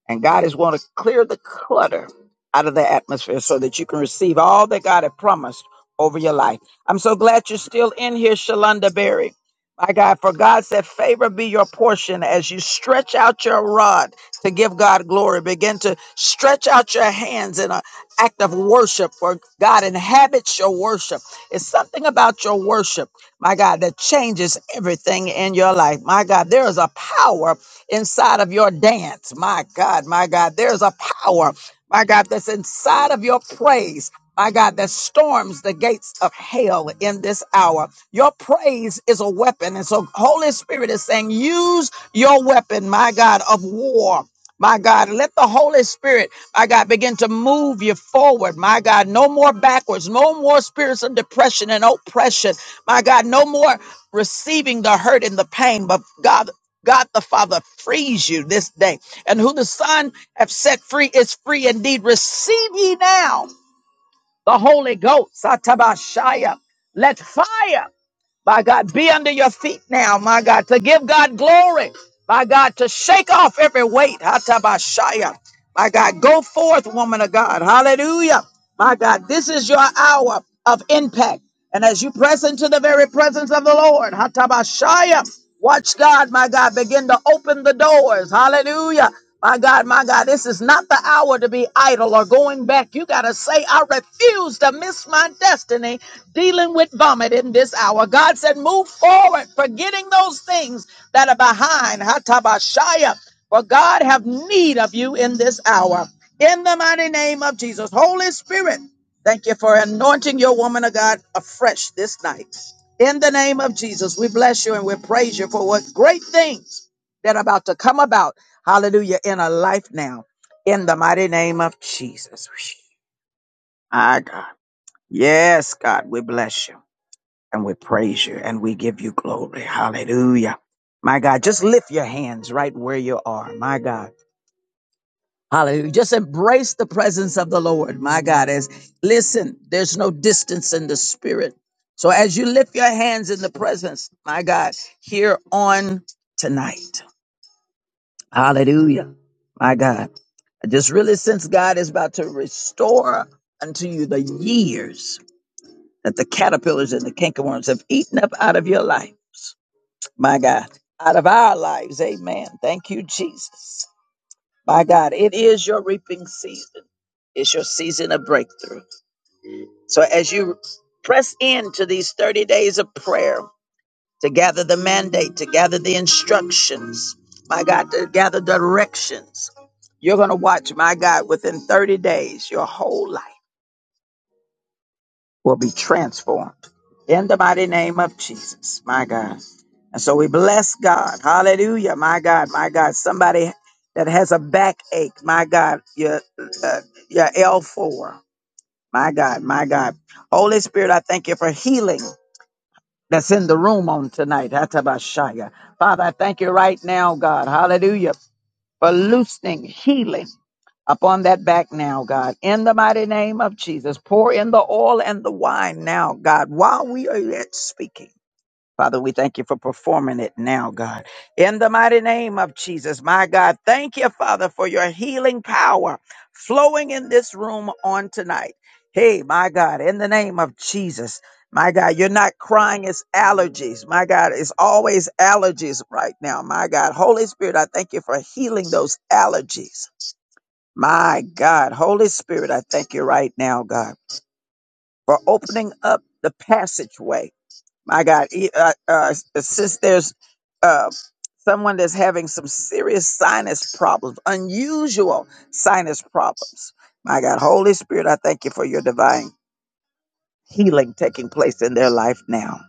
[SPEAKER 1] And God is want to clear the clutter out of the atmosphere so that you can receive all that God had promised over your life. I'm so glad you're still in here, Shalonda Berry. My God, for God said, favor be your portion as you stretch out your rod to give God glory. Begin to stretch out your hands in an act of worship, for God inhabits your worship. It's something about your worship, my God, that changes everything in your life. My God, there is a power inside of your dance. My God, my God, there's a power, my God, that's inside of your praise. My God, that storms the gates of hell in this hour. Your praise is a weapon. And so Holy Spirit is saying, use your weapon, my God, of war. My God, let the Holy Spirit, my God, begin to move you forward. My God, no more backwards, no more spirits of depression and oppression. My God, no more receiving the hurt and the pain. But God, God the Father frees you this day. And who the Son have set free is free indeed. Receive ye now the Holy Ghost. Satabashaya. Let fire. By God, be under your feet now, my God, to give God glory. My God, to shake off every weight. Hatabashaya. My God, go forth, woman of God. Hallelujah. My God, this is your hour of impact. And as you press into the very presence of the Lord, Hatabashaya, watch God, my God, begin to open the doors. Hallelujah. My God, my God, this is not the hour to be idle or going back. You got to say, I refuse to miss my destiny dealing with vomit in this hour. God said, move forward, forgetting those things that are behind. Hatabashaya. For God have need of you in this hour. In the mighty name of Jesus. Holy Spirit, thank you for anointing your woman of God afresh this night. In the name of Jesus, we bless you and we praise you for what great things that are about to come about. Hallelujah. In a life now. In the mighty name of Jesus. Ah, God. Yes, God, we bless you and we praise you and we give you glory. Hallelujah. My God, just lift your hands right where you are. My God. Hallelujah. Just embrace the presence of the Lord. My God, as listen, there's no distance in the spirit. So as you lift your hands in the presence, my God, here on tonight. Hallelujah. My God. I just really sense God is about to restore unto you the years that the caterpillars and the cankerworms have eaten up out of your life. my God, out of our lives. Amen. Thank you, Jesus. My God, it is your reaping season. It's your season of breakthrough. So as you press into these 30 days of prayer to gather the mandate, to gather the instructions, my God, to gather directions, you're going to watch, my God, within 30 days, your whole life will be transformed. In the mighty name of Jesus, my God. And so we bless God. Hallelujah. My God, my God. Somebody that has a backache, my God, your, uh, your L4. My God, my God. Holy Spirit, I thank you for healing that's in the room on tonight. Hatabashaya. Father, I thank you right now, God. Hallelujah. For loosening healing upon that back now, God. In the mighty name of Jesus, pour in the oil and the wine now, God, while we are yet speaking. Father, we thank you for performing it now, God. In the mighty name of Jesus, my God, thank you, Father, for your healing power flowing in this room on tonight. Hey, my God, in the name of Jesus, my God, you're not crying, it's allergies. My God, it's always allergies right now. My God, Holy Spirit, I thank you for healing those allergies. My God, Holy Spirit, I thank you right now, God, for opening up the passageway my God, e- uh, uh, since there's uh, someone that's having some serious sinus problems, unusual sinus problems, my God, Holy Spirit, I thank you for your divine healing taking place in their life now.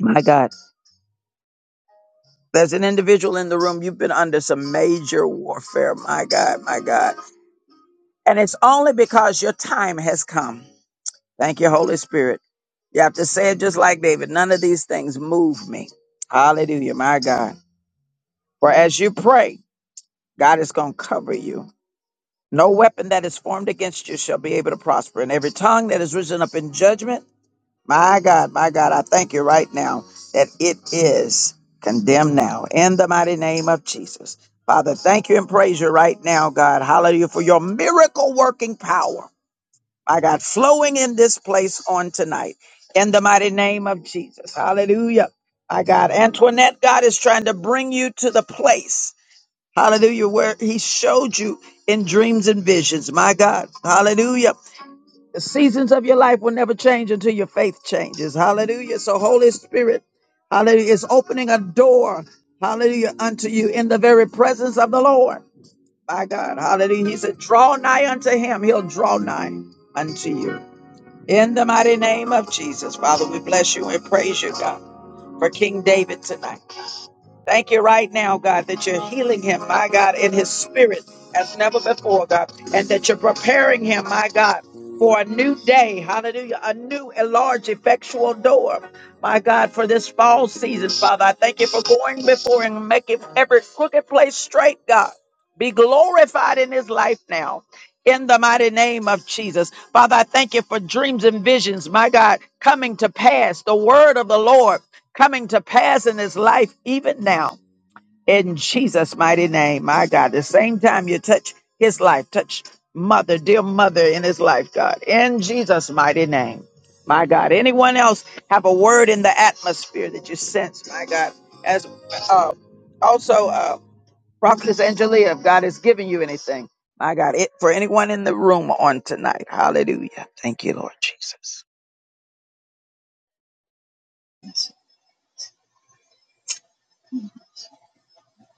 [SPEAKER 1] My God, there's an individual in the room, you've been under some major warfare, my God, my God. And it's only because your time has come. Thank you, Holy Spirit. You have to say it just like David. None of these things move me. Hallelujah, my God. For as you pray, God is going to cover you. No weapon that is formed against you shall be able to prosper. And every tongue that is risen up in judgment, my God, my God, I thank you right now that it is condemned now in the mighty name of Jesus. Father, thank you and praise you right now, God. Hallelujah for your miracle working power. My God, flowing in this place on tonight in the mighty name of Jesus. Hallelujah. My God, Antoinette, God is trying to bring you to the place. Hallelujah. Where he showed you in dreams and visions. My God. Hallelujah. The seasons of your life will never change until your faith changes. Hallelujah. So Holy Spirit, hallelujah, is opening a door. Hallelujah. Unto you in the very presence of the Lord. My God. Hallelujah. He said, draw nigh unto him. He'll draw nigh unto you. In the mighty name of Jesus, Father, we bless you and praise you, God, for King David tonight. Thank you right now, God, that you're healing him, my God, in his spirit as never before, God, and that you're preparing him, my God, for a new day. Hallelujah. A new and large effectual door, my God, for this fall season, Father. I thank you for going before and making every crooked place straight, God. Be glorified in his life now. In the mighty name of Jesus. Father, I thank you for dreams and visions, my God, coming to pass. The word of the Lord coming to pass in his life even now in Jesus' mighty name. My God, the same time you touch his life, touch mother, dear mother in his life, God, in Jesus' mighty name. My God, anyone else have a word in the atmosphere that you sense, my God, as uh, also uh, Prophetess Angelia, if God has given you anything, my God, it for anyone in the room on tonight. Hallelujah. Thank you, Lord Jesus.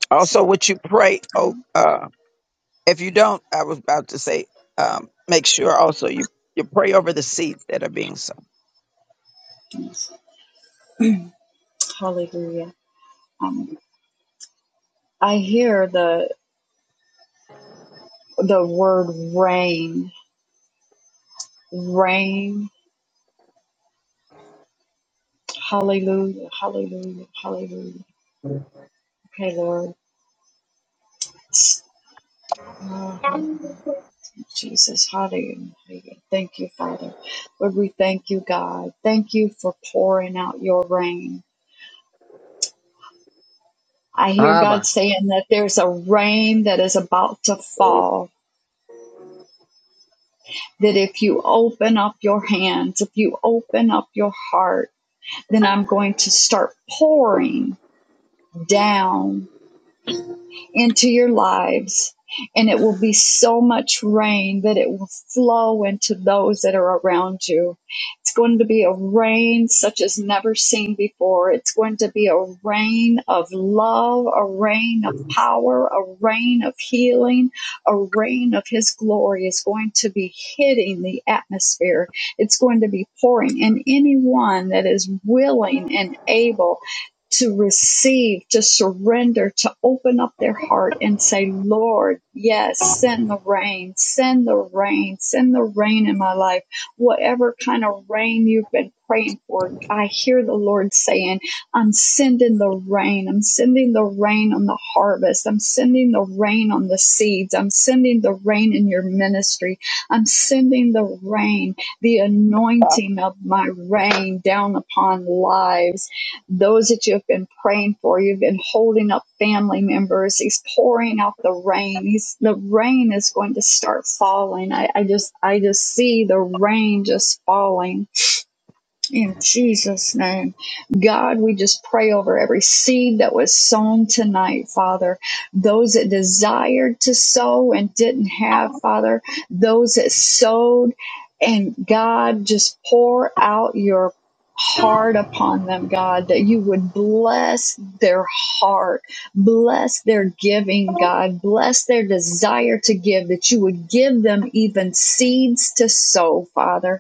[SPEAKER 1] Also, would you pray? Oh, uh, If you don't, I was about to say, um, make sure also you, you pray over the seeds that are being sown.
[SPEAKER 9] Yes, hallelujah. Um, I hear the the word rain, rain. Hallelujah, hallelujah, hallelujah. Okay, Lord. Oh, hallelujah. Jesus, hallelujah. Thank you, Father. Lord, we thank you, God. Thank you for pouring out your rain. I hear God saying that there's a rain that is about to fall. That if you open up your hands, if you open up your heart, then I'm going to start pouring down into your lives, and it will be so much rain that it will flow into those that are around you. It's going to be a rain such as never seen before. It's going to be a rain of love, a rain of power, a rain of healing, a rain of His glory is going to be hitting the atmosphere. It's going to be pouring, and anyone that is willing and able to receive, to surrender, to open up their heart and say, Lord, yes, send the rain, send the rain, send the rain in my life. Whatever kind of rain you've been praying for, I hear the Lord saying, I'm sending the rain. I'm sending the rain on the harvest. I'm sending the rain on the seeds. I'm sending the rain in your ministry. I'm sending the rain, the anointing of my rain down upon lives those that you've been praying for. You've been holding up family members. He's pouring out the rain. He's the rain is going to start falling. I, I just I just see the rain just falling in Jesus' name, God, we just pray over every seed that was sown tonight, Father. Those that desired to sow and didn't have, Father. Those that sowed and God, just pour out your heart upon them, God, that you would bless their heart, bless their giving, God, bless their desire to give, that you would give them even seeds to sow, Father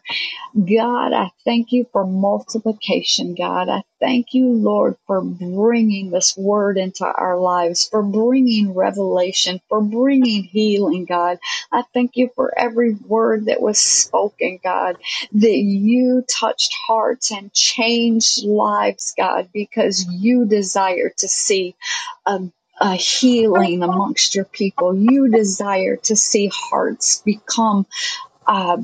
[SPEAKER 9] God, I thank you for multiplication, God. I thank you, Lord, for bringing this word into our lives, for bringing revelation, for bringing healing, God. I thank you for every word that was spoken, God, that you touched hearts and changed lives, God, because you desire to see a a healing amongst your people. You desire to see hearts become uh,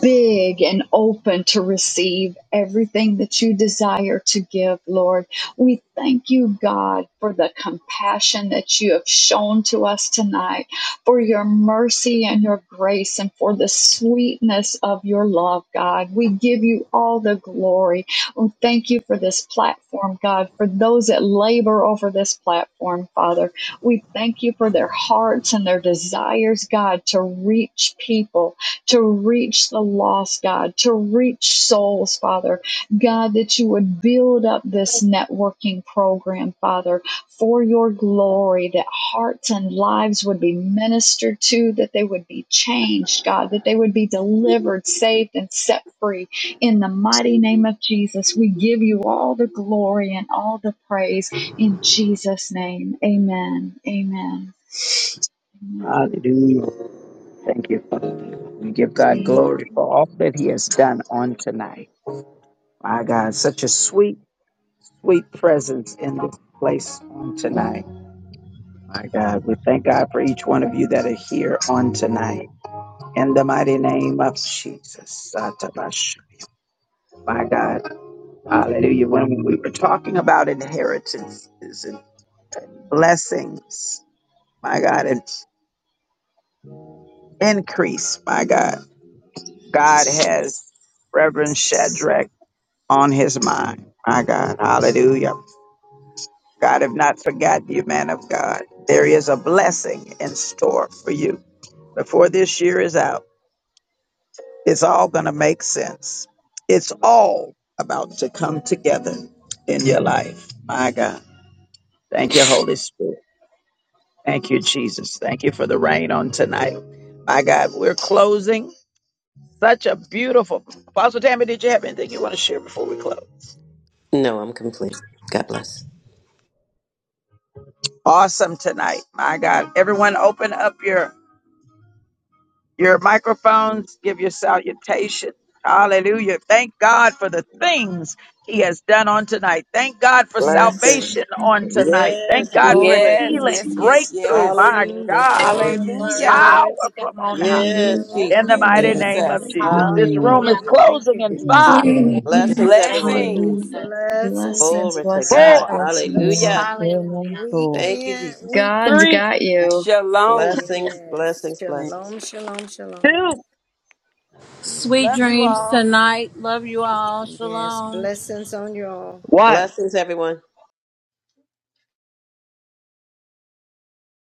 [SPEAKER 9] big and open to receive everything that you desire to give, Lord. We thank you, God, for the compassion that you have shown to us tonight, for your mercy and your grace, and for the sweetness of your love, God. We give you all the glory. We thank you for this platform, God, for those that labor over this platform, Father. We thank you for their hearts and their desires, God, to reach people to reach the lost, God, to reach souls, Father. God, that you would build up this networking program, Father, for your glory, that hearts and lives would be ministered to, that they would be changed, God, that they would be delivered, saved, and set free. In the mighty name of Jesus, we give you all the glory and all the praise in Jesus' name. Amen. Amen. Amen. Amen.
[SPEAKER 1] Glory for all that He has done on tonight. My God, such a sweet, sweet presence in this place on tonight. My God, we thank God for each one of you that are here on tonight. In the mighty name of Jesus. Satabash. My God. Hallelujah. When we were talking about inheritances blessings, my God, and increase, my God. God has Reverend Shadrach on his mind, my God. Hallelujah. God have not forgotten you, man of God. There is a blessing in store for you. Before this year is out, it's all going to make sense. It's all about to come together in your life, my God. Thank you, Holy Spirit. Thank you, Jesus. Thank you for the rain on tonight. My God, we're closing Such a beautiful. Apostle Tammy, did you have anything you want to share before we close?
[SPEAKER 3] No, I'm complete. God bless.
[SPEAKER 1] Awesome tonight. My God. Everyone open up your your microphones, give your salutation. Hallelujah. Thank God for the things he has done on tonight. Thank God for
[SPEAKER 9] Yes,
[SPEAKER 3] Blessings.
[SPEAKER 1] salvation
[SPEAKER 9] Lord. Thank
[SPEAKER 1] on
[SPEAKER 9] you, Lord.
[SPEAKER 1] tonight. Thank
[SPEAKER 9] Thank
[SPEAKER 3] Yes,
[SPEAKER 16] Thank
[SPEAKER 9] you,
[SPEAKER 1] God
[SPEAKER 9] Lord.
[SPEAKER 1] for
[SPEAKER 3] glory.
[SPEAKER 11] Yes,
[SPEAKER 1] healing,
[SPEAKER 11] yes, yes,
[SPEAKER 9] Blessings.
[SPEAKER 1] breakthrough.
[SPEAKER 11] yes.
[SPEAKER 1] My
[SPEAKER 3] Hallelujah.
[SPEAKER 1] God.
[SPEAKER 12] Glory,
[SPEAKER 4] Glory,
[SPEAKER 16] you.
[SPEAKER 9] Yes,
[SPEAKER 4] glory,
[SPEAKER 9] God.
[SPEAKER 11] Hallelujah.
[SPEAKER 12] glory,
[SPEAKER 1] Power
[SPEAKER 4] glory
[SPEAKER 9] Yes,
[SPEAKER 4] to
[SPEAKER 9] God.
[SPEAKER 1] from
[SPEAKER 4] God.
[SPEAKER 1] on high.
[SPEAKER 3] Yes,
[SPEAKER 9] Hallelujah.
[SPEAKER 11] Thank
[SPEAKER 1] In
[SPEAKER 12] glory,
[SPEAKER 3] Jesus.
[SPEAKER 1] the
[SPEAKER 11] you,
[SPEAKER 1] mighty
[SPEAKER 9] Hallelujah.
[SPEAKER 1] name of
[SPEAKER 11] Jesus.
[SPEAKER 9] Hallelujah.
[SPEAKER 1] Jesus. This
[SPEAKER 15] Mm,
[SPEAKER 1] room
[SPEAKER 4] Hallelujah.
[SPEAKER 1] is
[SPEAKER 12] glory.
[SPEAKER 3] Hallelujah.
[SPEAKER 12] Thank
[SPEAKER 1] closing
[SPEAKER 12] you,
[SPEAKER 1] in
[SPEAKER 15] yes,
[SPEAKER 12] Jesus.
[SPEAKER 1] five,
[SPEAKER 15] Lord.
[SPEAKER 3] Blessings,
[SPEAKER 4] Thank you,
[SPEAKER 3] everyone.
[SPEAKER 11] Blessings.
[SPEAKER 9] Hallelujah.
[SPEAKER 4] Jesus.
[SPEAKER 12] Blessings,
[SPEAKER 9] Blessings,
[SPEAKER 3] Glory to
[SPEAKER 12] everybody.
[SPEAKER 9] blessings,
[SPEAKER 3] God.
[SPEAKER 1] four,
[SPEAKER 12] Have a
[SPEAKER 9] blessings.
[SPEAKER 15] Thank
[SPEAKER 12] wonderful
[SPEAKER 3] Hallelujah.
[SPEAKER 4] Hallelujah.
[SPEAKER 15] you, Lord.
[SPEAKER 3] Thank you,
[SPEAKER 12] weekend,
[SPEAKER 3] Jesus.
[SPEAKER 12] week.
[SPEAKER 9] God's
[SPEAKER 1] three,
[SPEAKER 9] got you.
[SPEAKER 11] Shalom.
[SPEAKER 3] Blessings,
[SPEAKER 12] Yes.
[SPEAKER 3] blessings,
[SPEAKER 16] Yeah.
[SPEAKER 3] blessings.
[SPEAKER 12] Shalom, shalom, shalom.
[SPEAKER 1] two,
[SPEAKER 12] Mm.
[SPEAKER 8] Sweet
[SPEAKER 11] Love you
[SPEAKER 8] dreams
[SPEAKER 11] all.
[SPEAKER 8] tonight. Love you all.
[SPEAKER 12] Yes.
[SPEAKER 8] Shalom.
[SPEAKER 12] Blessings on you all.
[SPEAKER 1] one.
[SPEAKER 3] Blessings, everyone.